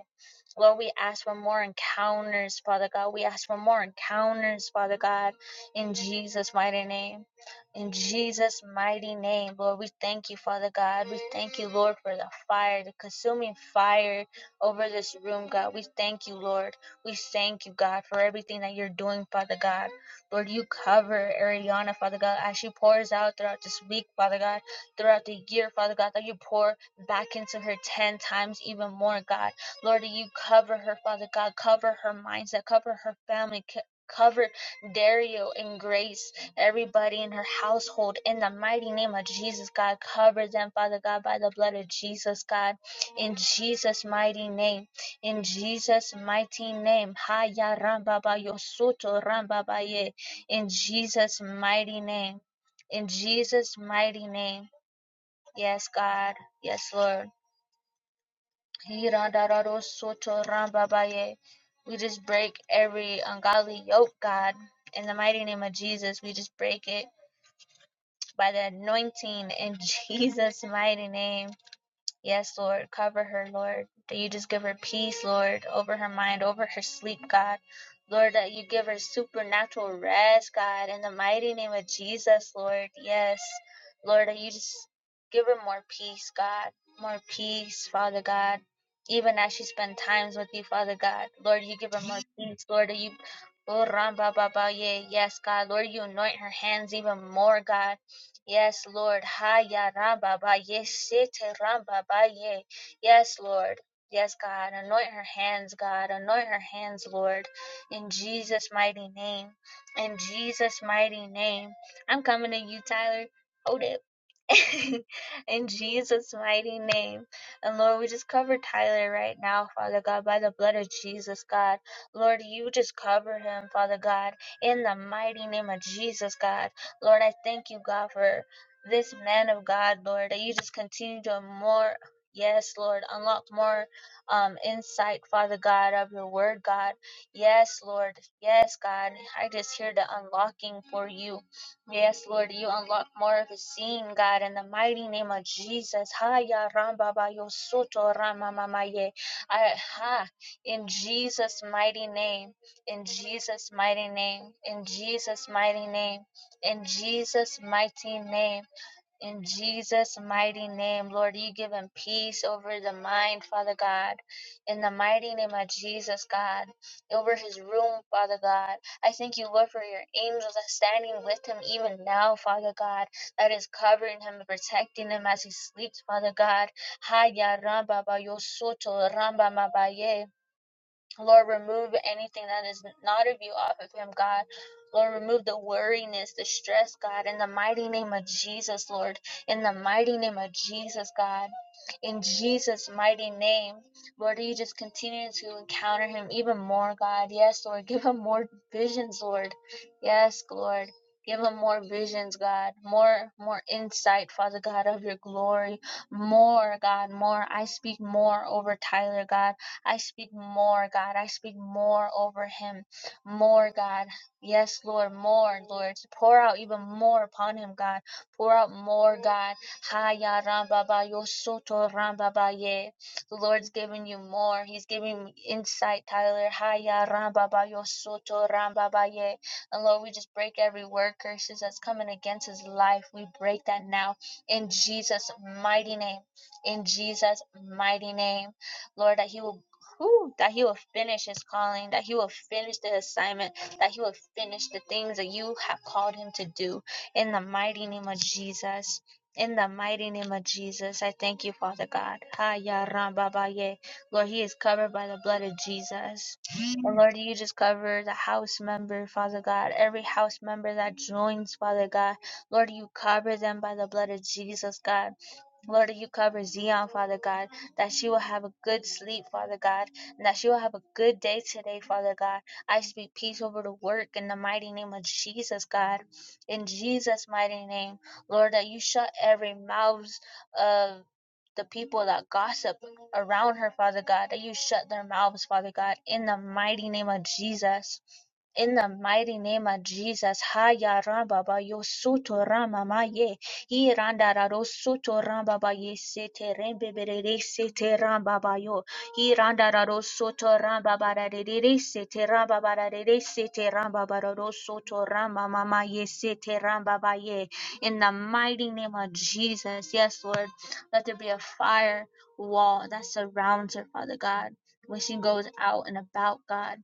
Lord, we ask for more encounters, Father God. We ask for more encounters, Father God, in Jesus' mighty name. In Jesus' mighty name, Lord, we thank you, Father God. We thank you, Lord, for the fire, the consuming fire over this room, God. We thank you, Lord. We thank you, God, for everything that you're doing, Father God. Lord, you cover Ariana, Father God, as she pours out throughout this week, Father God, throughout the year, Father God, that you pour back into her 10 times even more, God. Lord, you cover her, Father God. Cover her mindset. Cover her family. c- Cover Dario and Grace, everybody in her household, in the mighty name of Jesus, God. Cover them, Father God, by the blood of Jesus, God. In Jesus' mighty name. In Jesus' mighty name. Haya rambaba yosuto rambaba ye. In Jesus' mighty name. In Jesus' mighty name. Yes, God. Yes, Lord hirandararo We just break every ungodly yoke, God. In the mighty name of Jesus, we just break it by the anointing in *laughs* Jesus' mighty name. Yes, Lord. Cover her, Lord. That you just give her peace, Lord, over her mind, over her sleep, God. Lord, that you give her supernatural rest, God, in the mighty name of Jesus, Lord. Yes. Lord, that you just give her more peace, God. More peace, Father God. Even as she spend times with you, Father God. Lord, you give her more peace. Lord, that you Oh, Ram, ba, ba, ba, yeah. Yes, God. Lord, you anoint her hands even more, God. Yes, Lord. Haya ramba ba ye sete ramba ba ye. Yes, Lord. Yes, God. Anoint her hands, God. Anoint her hands, Lord. In Jesus' mighty name. In Jesus' mighty name. I'm coming to you, Tyler. Hold it. *laughs* in Jesus' mighty name. And Lord, we just cover Tyler right now, Father God, by the blood of Jesus, God. Lord, you just cover him, Father God, in the mighty name of Jesus, God. Lord, I thank you, God, for this man of God, Lord, that you just continue to more. Yes, Lord, unlock more um, insight, Father God, of your word, God. Yes, Lord. Yes, God. I just hear the unlocking for you. Yes, Lord, you unlock more of his seeing, God, in the mighty name of Jesus. Haya ramba ba yo soto rama mama ye. I- Ha. In Jesus' mighty name. In Jesus' mighty name. In Jesus' mighty name in Jesus' mighty name. In Jesus' mighty name, Lord, you give him peace over the mind, Father God. In the mighty name of Jesus, God, over his room, Father God. I thank you, Lord, for your angels that's standing with him even now, Father God, that is covering him and protecting him as he sleeps, Father God. Haya ramba ba yo soto ramba mabaye. Lord, remove anything that is not of you off of him, God. Lord, remove the worriness, the stress, God, in the mighty name of Jesus, Lord. In the mighty name of Jesus, God. In Jesus' mighty name, Lord, you just continue to encounter him even more, God. Yes, Lord. *laughs* Give him more visions, Lord. Yes, Lord. Give him more visions, God. More, more insight, Father God, of your glory. More, God, more. I speak more over Tyler, God I speak more, God. I speak more over him. More, God. Yes, Lord, more, Lord. Pour out even more upon him, God. Pour out more, God. Haya rambaba yosoto rambaba ye. The Lord's giving you more. He's giving me insight, Tyler. Haya rambaba yosoto rambaba ye. And Lord, we just break every word curses that's coming against his life. We break that now in Jesus' mighty name. In Jesus' mighty name. Lord, that he will whew, that he will finish his calling, that he will finish the assignment, that he will finish the things that you have called him to do. In the mighty name of Jesus. In the mighty name of Jesus, I thank you, Father God. Ha ya ram ba Lord, he is covered by the blood of Jesus. And Lord, you just cover the house member, Father God, every house member that joins, Father God. Lord, you cover them by the blood of Jesus, God. Lord, that you cover Zion, Father God, that she will have a good sleep, Father God, and that she will have a good day today, Father God. I speak peace over the work in the mighty name of Jesus, God. In Jesus' mighty name, Lord, that you shut every mouths of the people that gossip around her, Father God, that you shut their mouths, Father God, in the mighty name of Jesus. In the mighty name of Jesus, Haya Rambaba Yosuto Ramamaye, Irandaro Suto Rambaba Yesete Rembebere Sete Rambabayo, Irandaro Suto Rambabara de Sete Rambabara de Sete Rambabaro Suto Ramamama Yesete Rambabaye. In the mighty name of Jesus, yes, Lord, let there be a fire wall that surrounds her, Father God, when she goes out and about, God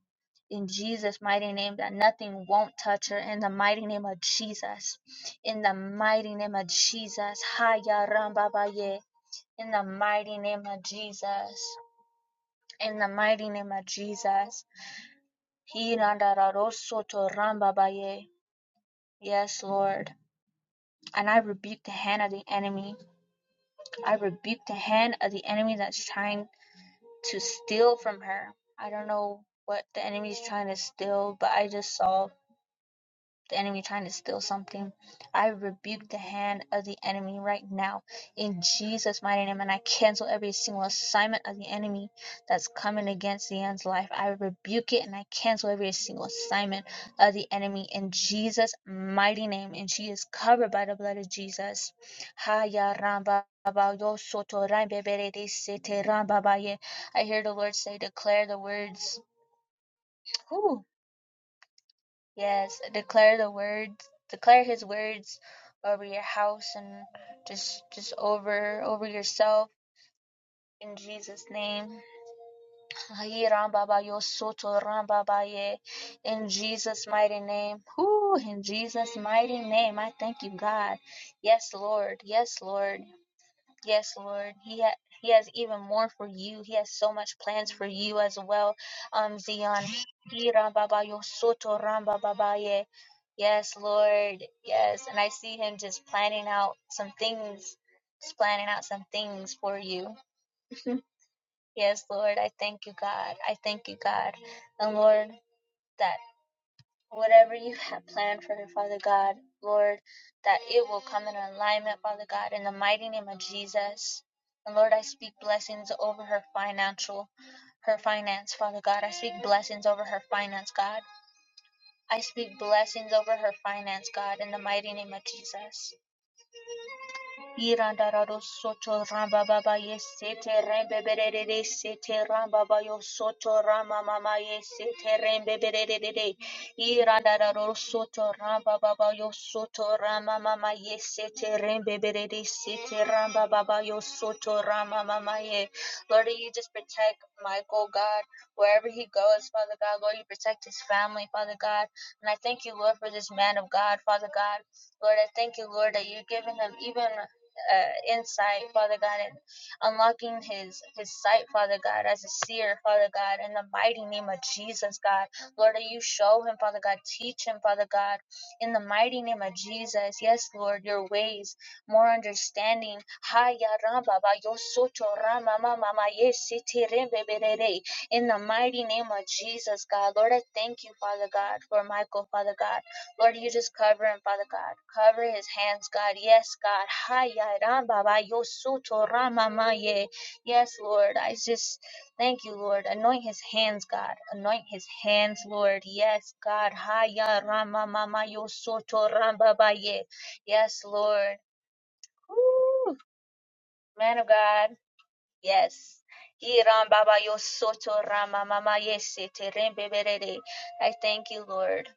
in Jesus' mighty name that nothing won't touch her in the mighty name of Jesus. In the mighty name of Jesus. Haya Ramba Baye. In the mighty name of Jesus. In the mighty name of Jesus. Hiranda Raroso to Ramba Baye. Yes, Lord. And I rebuke the hand of the enemy. I rebuke the hand of the enemy that's trying to steal from her. I don't know what the enemy is trying to steal, but I just saw the enemy trying to steal something. I rebuke the hand of the enemy right now in Jesus' mighty name, and I cancel every single assignment of the enemy that's coming against the end's life. I rebuke it and I cancel every single assignment of the enemy in Jesus' mighty name, and she is covered by the blood of Jesus. Haya ramba I hear the Lord say, declare the words. Whew, Yes, declare the words, declare His words over your house and just just over over yourself in Jesus' name. Ayi ram baba yo soto ram baba ye. In Jesus' mighty name. Whoo, in Jesus' mighty name. I thank you, God. Yes, Lord. Yes, Lord. Yes, Lord. He ha- He has even more for you. He has so much plans for you as well, um, Zion. He rambaba yo soto rambaba ye. Yes, Lord. Yes, and I see him just planning out some things, just planning out some things for you. *laughs* Yes, Lord. I thank you, God. I thank you, God, and Lord. that whatever you have planned for her, Father God, Lord, that it will come in alignment, Father God, in the mighty name of Jesus. And Lord, I speak blessings over her financial, her finance, Father God. I speak blessings over her finance, God. I speak blessings over her finance, God, in the mighty name of Jesus. Irandarado soto ramba baba yesete rembe berere sete ramba bayo soto rama mama yesete rembe berere Irandarado soto ramba baba yo soto rama mama yesete rembe berere sete ramba baba yo soto rama mama ye Lord you just protect Michael God wherever he goes Father God Lord you protect his family Father God and I thank you Lord for this man of God Father God Lord, I thank you, Lord, that you're giving him even uh, insight, Father God, and unlocking his his sight, Father God, as a seer, Father God, in the mighty name of Jesus, God. Lord, that you show him, Father God, teach him, Father God, in the mighty name of Jesus. Yes, Lord, your ways, more understanding. Haya ramba ba yo soto rama ma ma ma ye siti rembe berere. In the mighty name of Jesus, God. Lord, I thank you, Father God, for Michael, Father God. Lord, you just cover him, Father God. Cover his hands, God. Yes, God. Hi, ya, ram, ba, ba, yo, so, Yes, Lord. I just thank you, Lord. Anoint his hands, God. Anoint his hands, Lord. Yes, God. Hi, ya, ram, ma, ma, ma, yo, so, Yes, Lord. Whew. Man of God. Yes. Hi, ram, ba, ba, yo, so, to, ra, I thank you, Lord.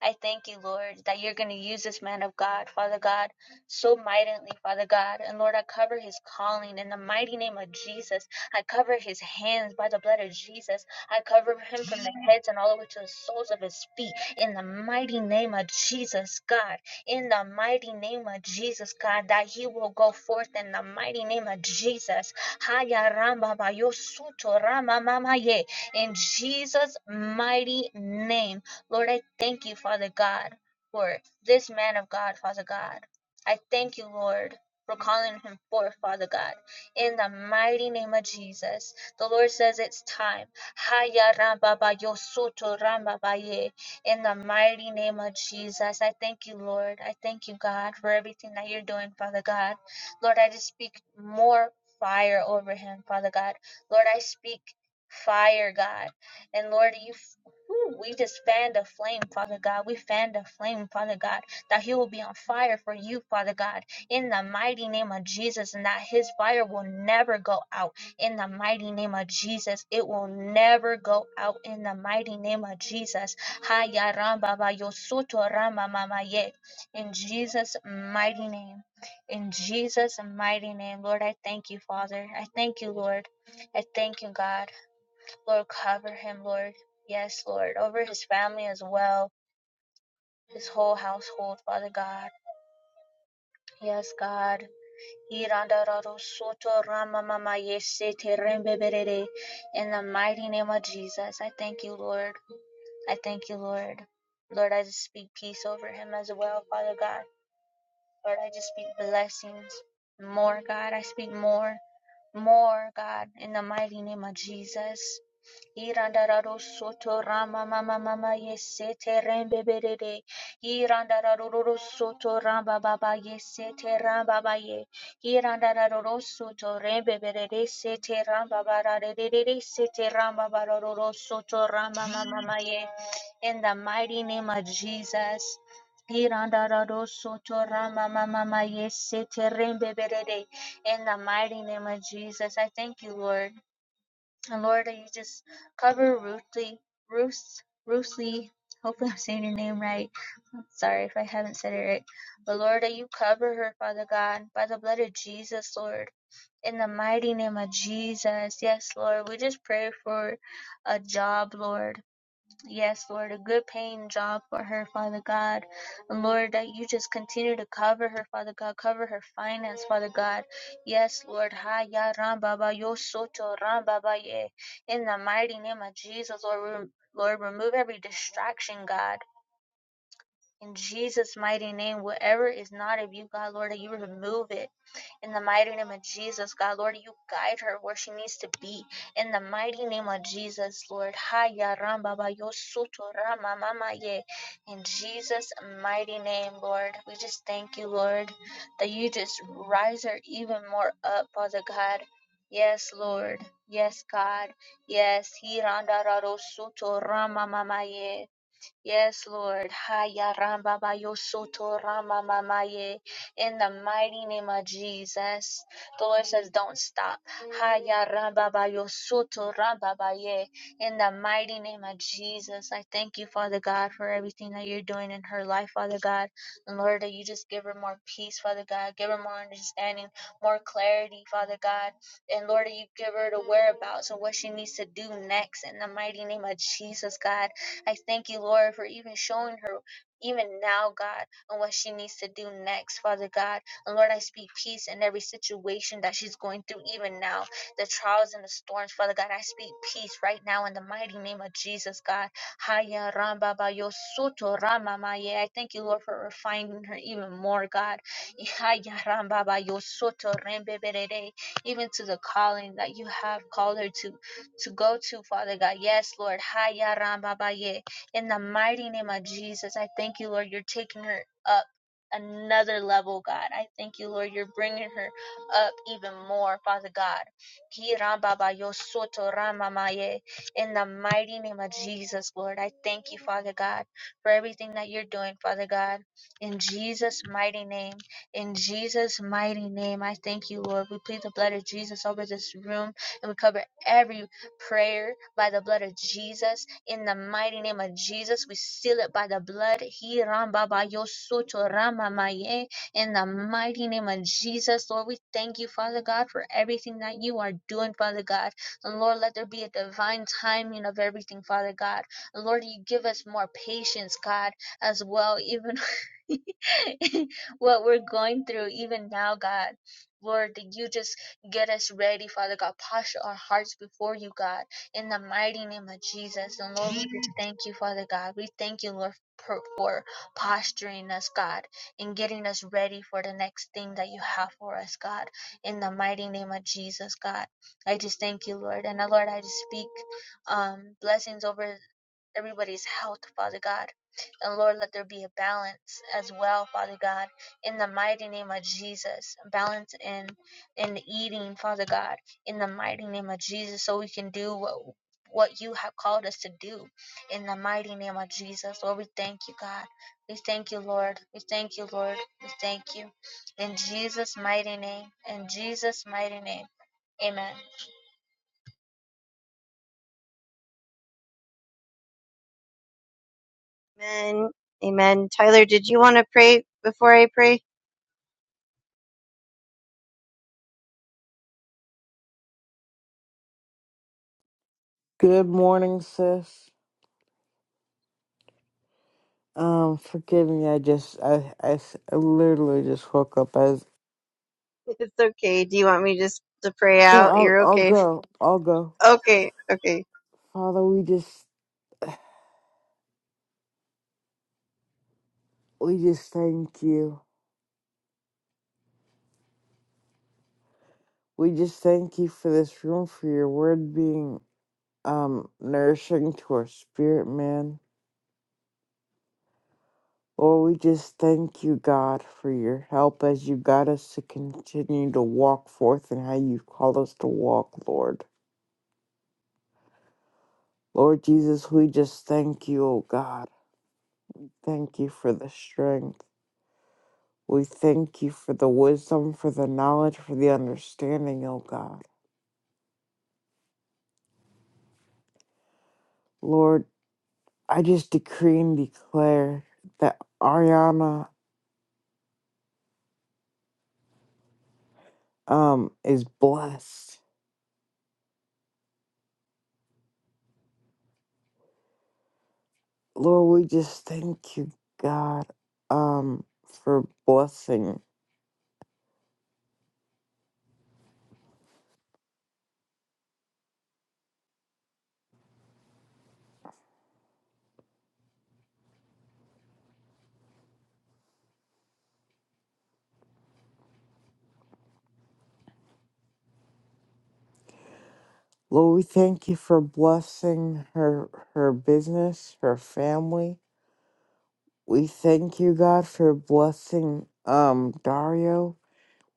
I thank you, Lord, that you're going to use this man of God, Father God, so mightily, Father God. And Lord, I cover his calling in the mighty name of Jesus. I cover his hands by the blood of Jesus. I cover him from the heads and all the way to the soles of his feet in the mighty name of Jesus, God. In the mighty name of Jesus, God, that he will go forth in the mighty name of Jesus. Haya ramba ba yo suto rama mama ye. In Jesus' mighty name. Lord, I thank you, Father God, for this man of God, Father God. I thank you, Lord, for calling him forth, Father God. In the mighty name of Jesus, the Lord says it's time. Haya rambaba yo soto rambaba ye. In the mighty name of Jesus, I thank you, Lord. I thank you, God, for everything that you're doing, Father God. Lord, I just speak more fire over him, Father God. Lord, I speak fire, God. And Lord, you Ooh, we just fan the flame, Father God. We fan the flame, Father God, that He will be on fire for you, Father God, in the mighty name of Jesus, and that His fire will never go out. In the mighty name of Jesus, it will never go out. In the mighty name of Jesus, Haya ramba ba yo soto rama mama ye. in Jesus' mighty name. In Jesus' mighty name, Lord, I thank you, Father. I thank you, Lord. I thank you, God. Lord, cover him, Lord. Yes, Lord, over his family as well, his whole household, Father God. Yes, God. In the mighty name of Jesus, I thank you, Lord. I thank you, Lord. Lord, I just speak peace over him as well, Father God. Lord, I just speak blessings. More, God. I speak more. More, God. In the mighty name of Jesus. Irandararo soto rama mama mama yesete rembe berere. Irandararo soto ramba baba yesete ramba baye. Irandararo soto rembe berere sete ramba bararere sete ramba bararoro soto rama mama mama ye. In the mighty name of Jesus. Irandararo soto rama mama mama yesete rembe berere. In the mighty name of Jesus, I thank you, Lord. And Lord, that you just cover Ruthie, Ruth, Ruthie. Hopefully, I'm saying your name right. I'm sorry if I haven't said it right. But Lord, that you cover her, Father God, by the blood of Jesus, Lord. In the mighty name of Jesus. Yes, Lord. We just pray for a job, Lord. Yes, Lord, a good paying job for her, Father God. And Lord, that you just continue to cover her, Father God. Cover her finance, Father God. Yes, Lord. Ha ya ram baba yo soto ram baba ye. In the mighty name of Jesus, Lord, rem- Lord, remove every distraction, God. In Jesus' mighty name, whatever is not of you, God, Lord, that you remove it. In the mighty name of Jesus, God, Lord, you guide her where she needs to be. In the mighty name of Jesus, Lord. Haya ramba ba yo soto rama mama ye. In Jesus' mighty name, Lord. We just thank you, Lord, that you just rise her even more up, Father God. Yes, Lord. Yes, God. Yes. Hiranda raro soto rama mama ye. Yes, Lord. Haya ramba ba yo soto rama mama In the mighty name of Jesus. The Lord says, don't stop. Haya ramba ba yo soto ramba ba ye. In the mighty name of Jesus. I thank you, Father God, for everything that you're doing in her life, Father God. And Lord, that you just give her more peace, Father God. Give her more understanding, more clarity, Father God. And Lord, that you give her the whereabouts and what she needs to do next. In the mighty name of Jesus, God. I thank you, Lord, for even showing her even now, God, on what she needs to do next, Father God. And Lord, I speak peace in every situation that she's going through even now, the trials and the storms, Father God. I speak peace right now in the mighty name of Jesus, God. Haya ramba ba yo soto rama ma ye. I thank you, Lord, for refining her even more, God. Haya ramba ba yo soto rembe berere. Even to the calling that you have called her to, to go to, Father God. Yes, Lord. Haya Ramba Baye. In the mighty name of Jesus, I thank you, Lord. You're taking her up another level, God. I thank you, Lord. You're bringing her up even more, Father God. Ki Ramba Bayo Soto Ramba Maye. In the mighty name of Jesus, Lord, I thank you, Father God, for everything that you're doing, Father God. In Jesus' mighty name. In Jesus' mighty name, I thank you, Lord. We plead the blood of Jesus over this room and we cover every prayer by the blood of Jesus. In the mighty name of Jesus, we seal it by the blood. He ramba ba yo rama ma In the mighty name of Jesus, Lord, we thank you, Father God, for everything that you are doing, Father God. And Lord, let there be a divine timing of everything, Father God. And Lord, you give us more patience, God, as well, even *laughs* what we're going through, even now, God. Lord, that you just Get us ready, Father God. Posture our hearts before you, God. In the mighty name of Jesus. And Lord, we just thank you, Father God. We thank you, Lord, for, for posturing us, God, and getting us ready for the next thing that you have for us, God. In the mighty name of Jesus, God. I just thank you, Lord. And uh, Lord, I just speak um, blessings over everybody's health, Father God. And Lord, let there be a balance as well, Father God, in the mighty name of Jesus. Balance in in the eating, Father God, in the mighty name of Jesus, so we can do what what you have called us to do in the mighty name of Jesus. Lord, we thank you, God. We thank you, Lord. We thank you, Lord. We thank you. In Jesus' mighty name. In Jesus' mighty name. Amen.
Amen. Amen. Tyler, did you want to pray before I pray? *laughs*
Good morning, sis. Um, forgive me. I just I I, s- I literally just woke up as
It's okay. Do you want me just to pray
No,
out?
I'll
You're
I'll
okay.
go. I'll go.
Okay. Okay.
Father, we just we just thank you. We just thank you for this room for your word being um, nourishing to our spirit, man. Lord, we just thank you, God, for your help as you guide us to continue to walk forth and how you call us to walk, Lord. Lord Jesus, we just thank you, oh God. Thank you for the strength. We thank you for the wisdom, for the knowledge, for the understanding, oh God. Lord, I just decree and declare that Ariana um is blessed Lord, we just thank you, God, um, for blessing. Lord, we thank you for blessing her her business, her family. We thank you, God, for blessing um Dario.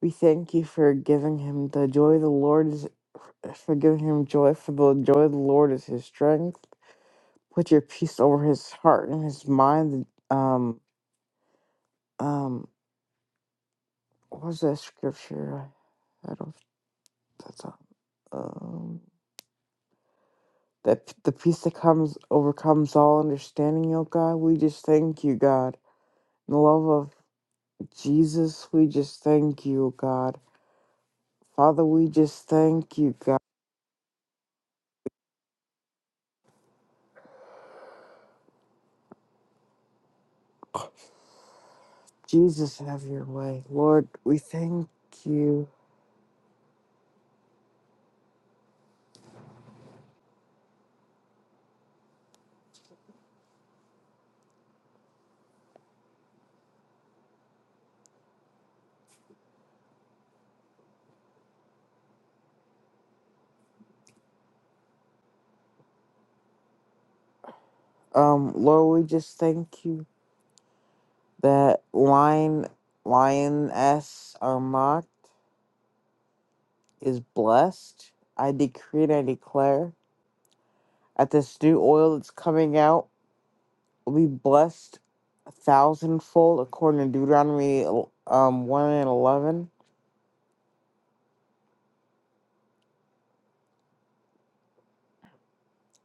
We thank you for giving him the joy of the Lord is for giving him joy, for the joy of the Lord is his strength. Put your peace over his heart and his mind. Um, um, what was that scripture? I, I don't. That's all. that p- the peace that comes overcomes all understanding, O God. We just thank you, God. In the love of Jesus, we just thank you, O God. Father, we just thank you, God. Jesus, have your way. Lord, we thank you. Um, Lord, we just thank you that Lion Lioness Armat is blessed. I decree and I declare at this new oil that's coming out. will be blessed a thousandfold according to Deuteronomy um one and eleven.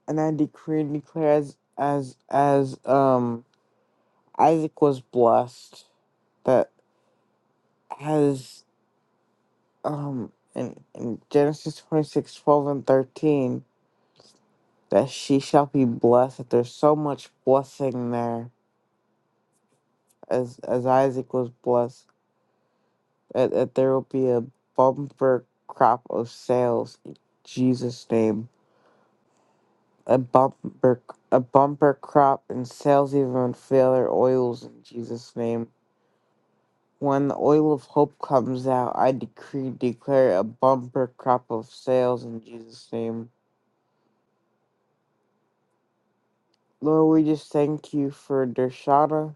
And I decree and declare as as as um Isaac was blessed that has um in, in Genesis 26 12 and thirteen that she shall be blessed, that there's so much blessing there as as Isaac was blessed, that, that there will be a bumper crop of sales in Jesus' name. a bumper a bumper crop and sales even fail their oils in Jesus' name. When the oil of hope comes out, I decree and declare a bumper crop of sales in Jesus' name. Lord, we just thank you for Dershana.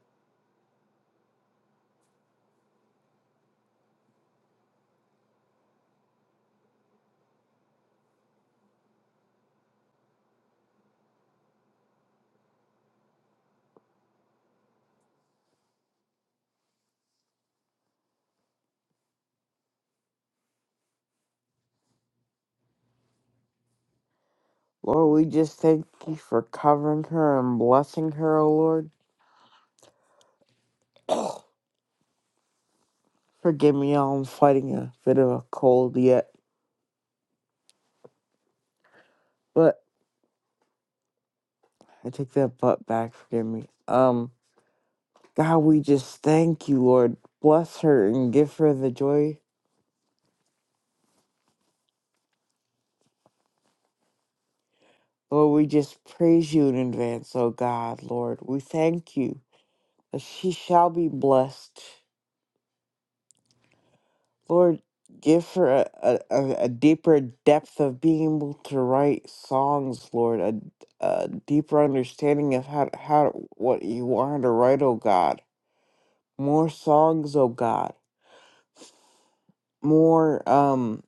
Lord, we just thank you for covering her and blessing her, O Lord. Forgive me, y'all. I'm fighting a bit of a cold yet, but I take that butt back. Forgive me. Um. God, we just thank you, Lord. Bless her and give her the joy. Lord, we just praise you in advance, oh God, Lord. We thank you that she shall be blessed. Lord, give her a, a, a a deeper depth of being able to write songs, Lord, a, a deeper understanding of how, how what you want her to write, oh God. More songs, oh God. More um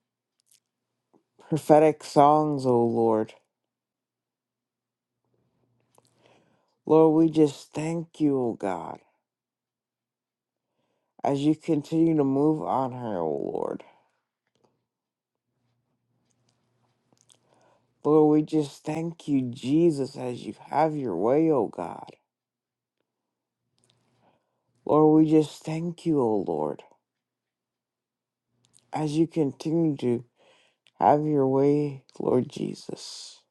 prophetic songs, oh Lord. Lord, we just thank you, oh God. as you continue to move on her, O Lord. Lord, we just thank you, Jesus, as you have your way, O God. Lord, we just thank you, O Lord, as you continue to have your way, Lord Jesus.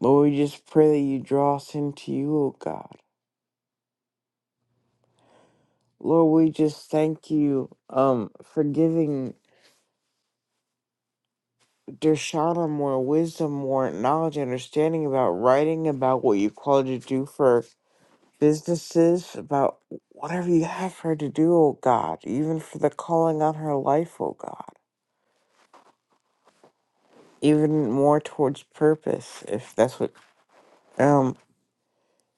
Lord, we just pray that you draw us into you, O God. Lord, we just thank you um, for giving Dershana more wisdom, more knowledge, understanding about writing, about what you called you to do for businesses, about whatever you have her to do, oh God, even for the calling on her life, oh God. Even more towards purpose, if that's what um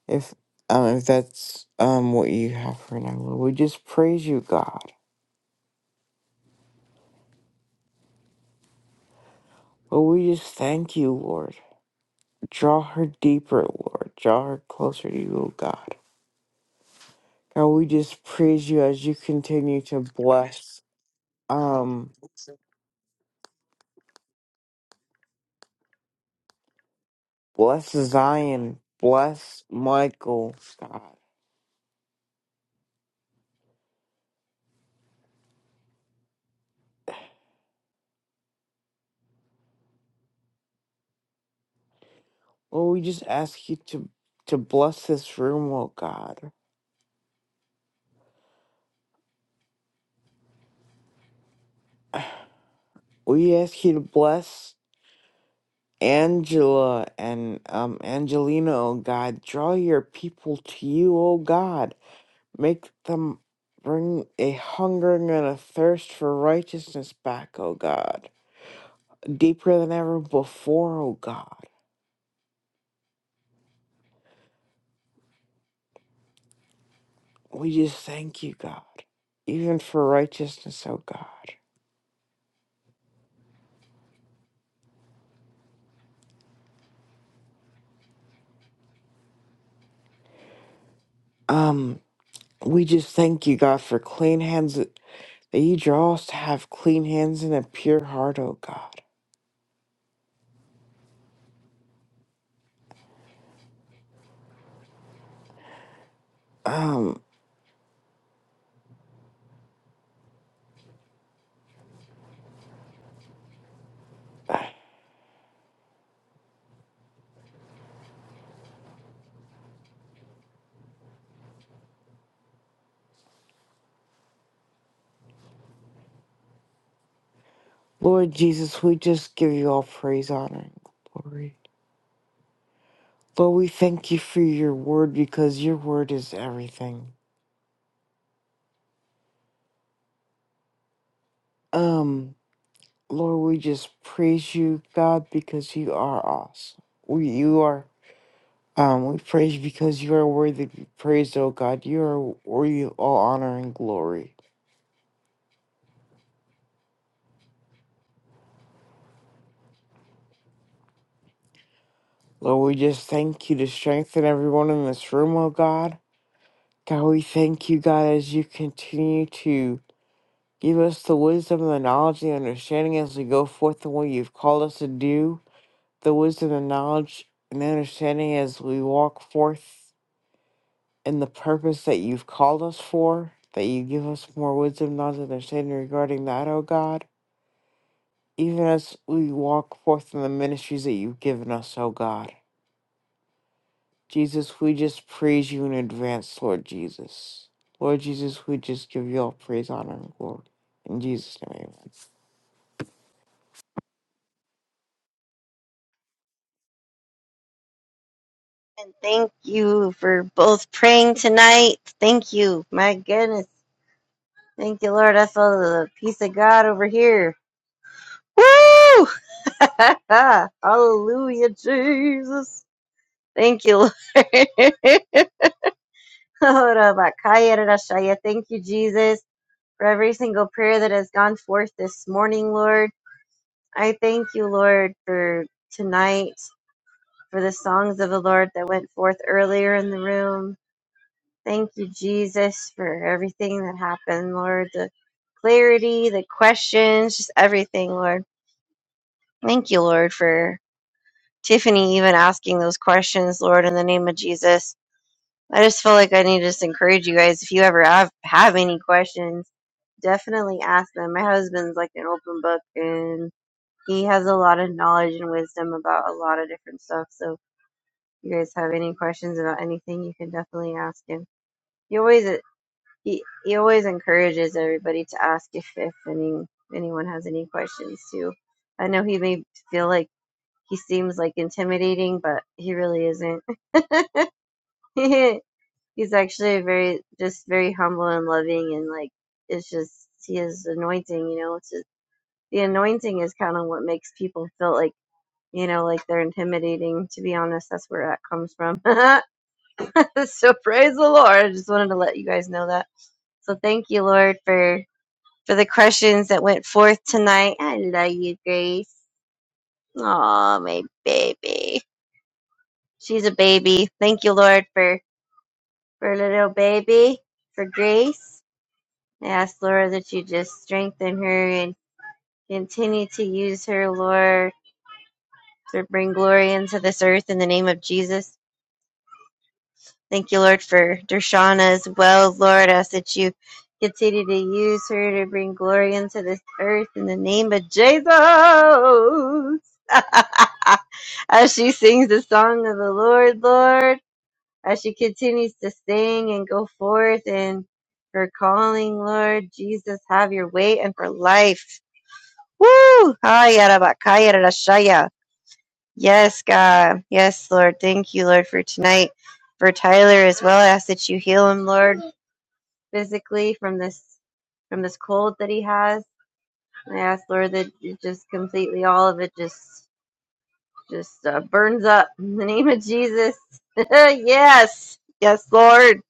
if um if that's um what you have for now, Lord. We just praise you, God. Lord, we just thank you, Lord. Draw her deeper, Lord. Draw her closer to you, oh God. God, we just praise you as you continue to bless um bless Zion. Bless Michael, God. Lord, we just ask you to to bless this room, oh God. We ask you to bless Angela and um Angelina, oh God. Draw your people to you, oh God. Make them bring a hungering and a thirst for righteousness back, oh God. Deeper than ever before, oh God. We just thank you, God. Even for righteousness, oh God. Um, we just thank you, God, for clean hands that you draw us to have clean hands and a pure heart, O God. Um, Lord Jesus, we just give you all praise, honor, and glory. Lord, we thank you for your word because your word is everything. Um, Lord, we just praise you, God, because you are awesome. We, you are, um, we praise you because you are worthy to be praised, O God. You are worthy of all honor and glory. Lord, we just thank you to strengthen everyone in this room, O God. God, we thank you, God, as you continue to give us the wisdom, the knowledge, the understanding as we go forth in what you've called us to do, the wisdom, the knowledge, and the understanding as we walk forth in the purpose that you've called us for, that you give us more wisdom, knowledge, and understanding regarding that, O God, even as we walk forth in the ministries that you've given us, O God. Jesus, we just praise you in advance, Lord Jesus. Lord Jesus, we just give you all praise, honor, and glory. In Jesus' name, amen.
And thank you for both praying tonight. Thank you. My goodness. Thank you, Lord. I feel the peace of God over here. Woo! *laughs* Hallelujah, Jesus. Thank you, Lord. *laughs* Ora bakaya rarashaya. Thank you, Jesus, for every single prayer that has gone forth this morning, Lord. I thank you, Lord, for tonight, for the songs of the Lord that went forth earlier in the room. Thank you, Jesus, for everything that happened, Lord. The clarity, the questions, just everything, Lord. Thank you, Lord, for Tiffany even asking those questions, Lord, in the name of Jesus. I just feel like I need to just encourage you guys. If you ever have, have any questions, definitely ask them. My husband's like an open book and he has a lot of knowledge and wisdom about a lot of different stuff. So if you guys have any questions about anything, you can definitely ask him. He always he, he always encourages everybody to ask if, if any anyone has any questions too. I know he may feel like he seems like intimidating, but he really isn't. *laughs* He's actually very, just very humble and loving, and like it's just he is anointing. You know, it's just, the anointing is kind of what makes people feel like you know, like they're intimidating. To be honest, that's where that comes from. *laughs* so praise the Lord. I just wanted to let you guys know that. So thank you, Lord, for for the questions that went forth tonight. I love you, Grace. Oh, my baby. She's a baby. Thank you, Lord, for for little baby, for Grace. I ask, Lord, that you just strengthen her and continue to use her, Lord, to bring glory into this earth in the name of Jesus. Thank you, Lord, for Dershana as well, Lord. I ask that you continue to use her to bring glory into this earth in the name of Jesus. *laughs* as she sings the song of the Lord, Lord, as she continues to sing and go forth in her calling, Lord Jesus, have your way and for life. Woo! Ay, arabakaya, rarashaya. Yes, God. Yes, Lord. Thank you, Lord, for tonight, for Tyler as well. I ask that you heal him, Lord, physically from this from this cold that he has. I ask, Lord, that you just completely all of it just just uh, burns up in the name of Jesus. *laughs* yes, yes, Lord.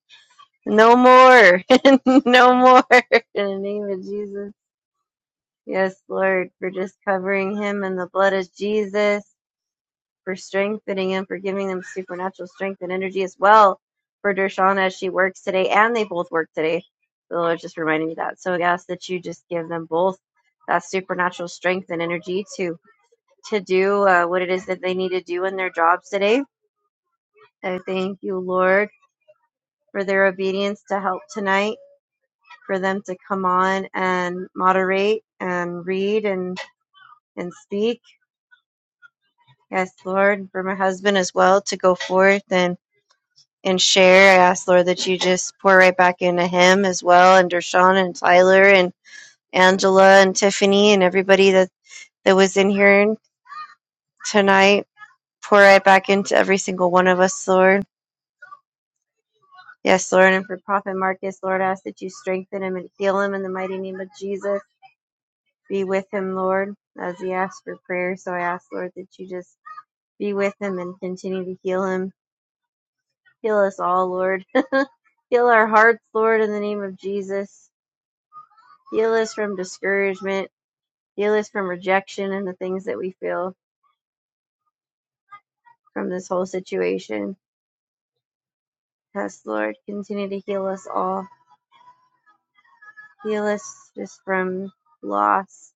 No more, *laughs* no more. *laughs* In the name of Jesus. Yes, Lord, for just covering him in the blood of Jesus. for strengthening and for giving them supernatural strength and energy as well for Dershawn as she works today. And they both work today. The Lord just reminded me that. So I ask that you just give them both that supernatural strength and energy to to do uh, what it is that they need to do in their jobs today. I thank you, Lord, for their obedience to help tonight, for them to come on and moderate and read and and speak. Yes, Lord, for my husband as well to go forth and and share. I ask, Lord, that you just pour right back into him as well, and Dershawn and Tyler and Angela and Tiffany and everybody that, that was in here tonight. Pour right back into every single one of us, Lord. Yes, Lord. And for Prophet Marcus, Lord, I ask that you strengthen him and heal him in the mighty name of Jesus. Be with him, Lord, as he asks for prayer. So I ask, Lord, that you just be with him and continue to heal him. Heal us all, Lord. *laughs* heal our hearts, Lord, in the name of Jesus. Heal us from discouragement. Heal us from rejection and the things that we feel from this whole situation. Yes, Lord, continue to heal us all. Heal us just from loss,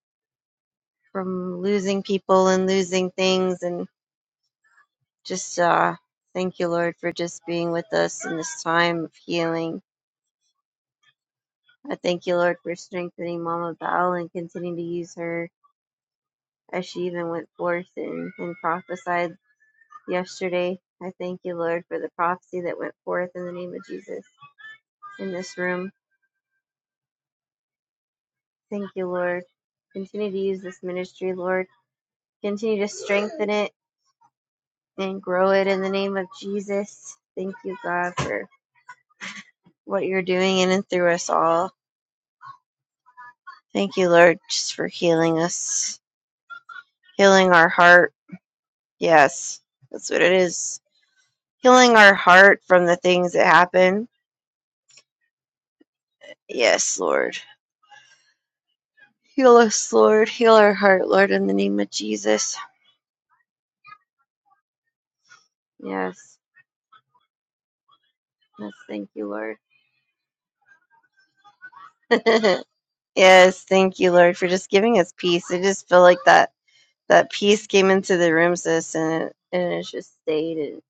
from losing people and losing things. And just uh, thank you, Lord, for just being with us in this time of healing. I thank you, Lord, for strengthening Mama Val and continuing to use her as she even went forth and, and prophesied yesterday. I thank you, Lord, for the prophecy that went forth in the name of Jesus in this room. Thank you, Lord. Continue to use this ministry, Lord. Continue to strengthen it and grow it in the name of Jesus. Thank you, God, for what you're doing in and through us all. Thank you, Lord, just for healing us, healing our heart. Yes, that's what it is. Healing our heart from the things that happen. Yes, Lord. Heal us, Lord. Heal our heart, Lord, in the name of Jesus. Yes. Yes. Thank you, Lord. *laughs* yes. Thank you, Lord, for just giving us peace. I just feel like that that peace came into the room, sis, and it, and it just stayed and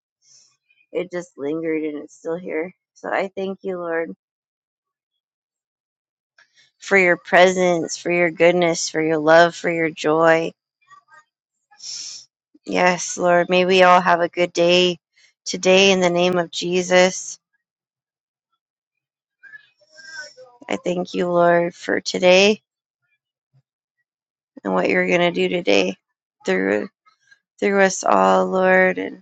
it just lingered and it's still here. So I thank you, Lord, for your presence, for your goodness, for your love, for your joy. Yes, Lord. May we all have a good day today in the name of Jesus. I thank you, Lord, for today and what you're going to do today through through us all, Lord. And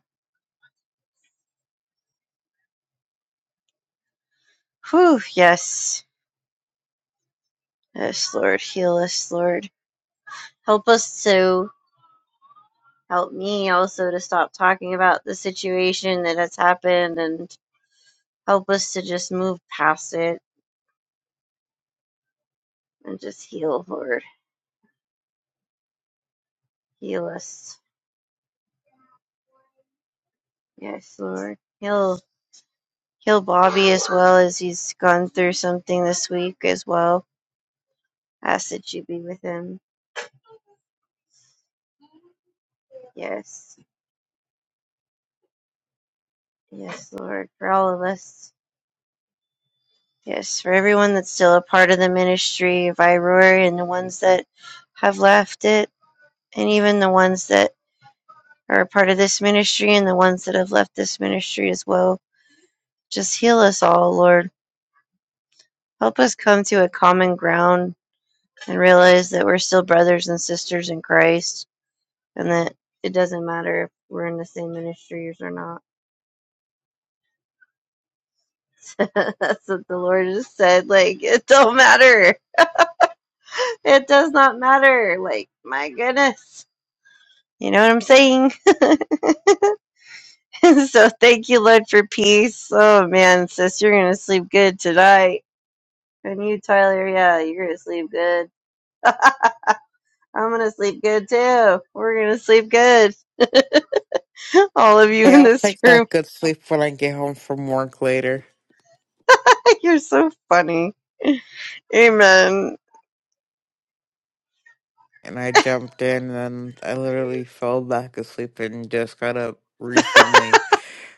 whew, yes, yes, Lord, heal us, Lord. Help us to help me also to stop talking about the situation that has happened and help us to just move past it and just heal, Lord. Heal us. Yes, Lord. Heal heal Bobby as well as he's gone through something this week as well. Ask that you be with him. Yes. Yes, Lord. For all of us. Yes, for everyone that's still a part of the ministry of iRoar and the ones that have left it, and even the ones that are a part of this ministry and the ones that have left this ministry as well. Just heal us all, Lord. Help us come to a common ground and realize that we're still brothers and sisters in Christ and that it doesn't matter if we're in the same ministries or not. *laughs* That's what the Lord just said. Like, it don't matter. It does not matter. Like, my goodness. You know what I'm saying? *laughs* so thank you, Lord, for peace. Oh man, sis, you're gonna sleep good tonight. And you, Tyler, yeah, you're gonna sleep good. I'm gonna sleep good too. We're gonna sleep good. *laughs* All of you
Hey,
in
I'll
this
take
room.
that good sleep when I get home from work later.
*laughs* you're so funny. Amen.
And I jumped in and I literally fell back asleep and just got up recently.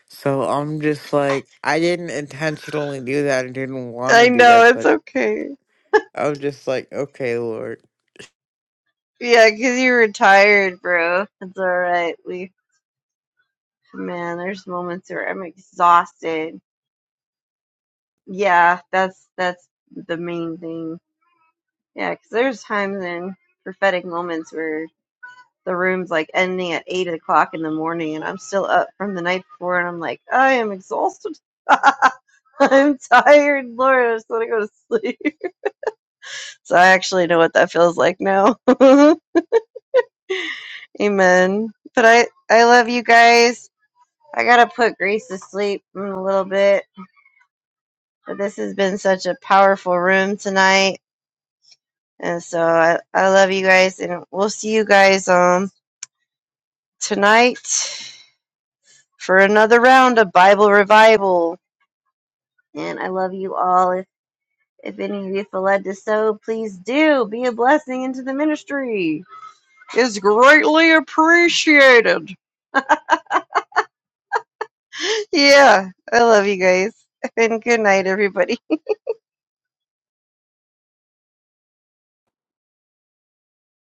So I'm just like, I didn't intentionally do that. I didn't want to
I
do
know,
that,
it's
but
okay.
I was just like, okay, Lord.
Yeah, 'cause you're retired, bro. It's alright. We man, there's moments where I'm exhausted. Yeah, that's that's the main thing Yeah, because there's times in prophetic moments where the room's like ending at eight o'clock in the morning, and I'm still up from the night before, and I'm like, I am exhausted. *laughs* I'm tired, Lord. I just want to go to sleep. *laughs* So I actually know what that feels like now. *laughs* Amen. But I, I love you guys. I gotta put Grace to sleep in a little bit. But this has been such a powerful room tonight, and so I, I love you guys, and we'll see you guys um tonight. for another round of Bible revival. And I love you all. If, if any of you feel led to sow, please do be a blessing into the ministry. It's greatly appreciated. Yeah, I love you guys. *laughs* And good night, everybody.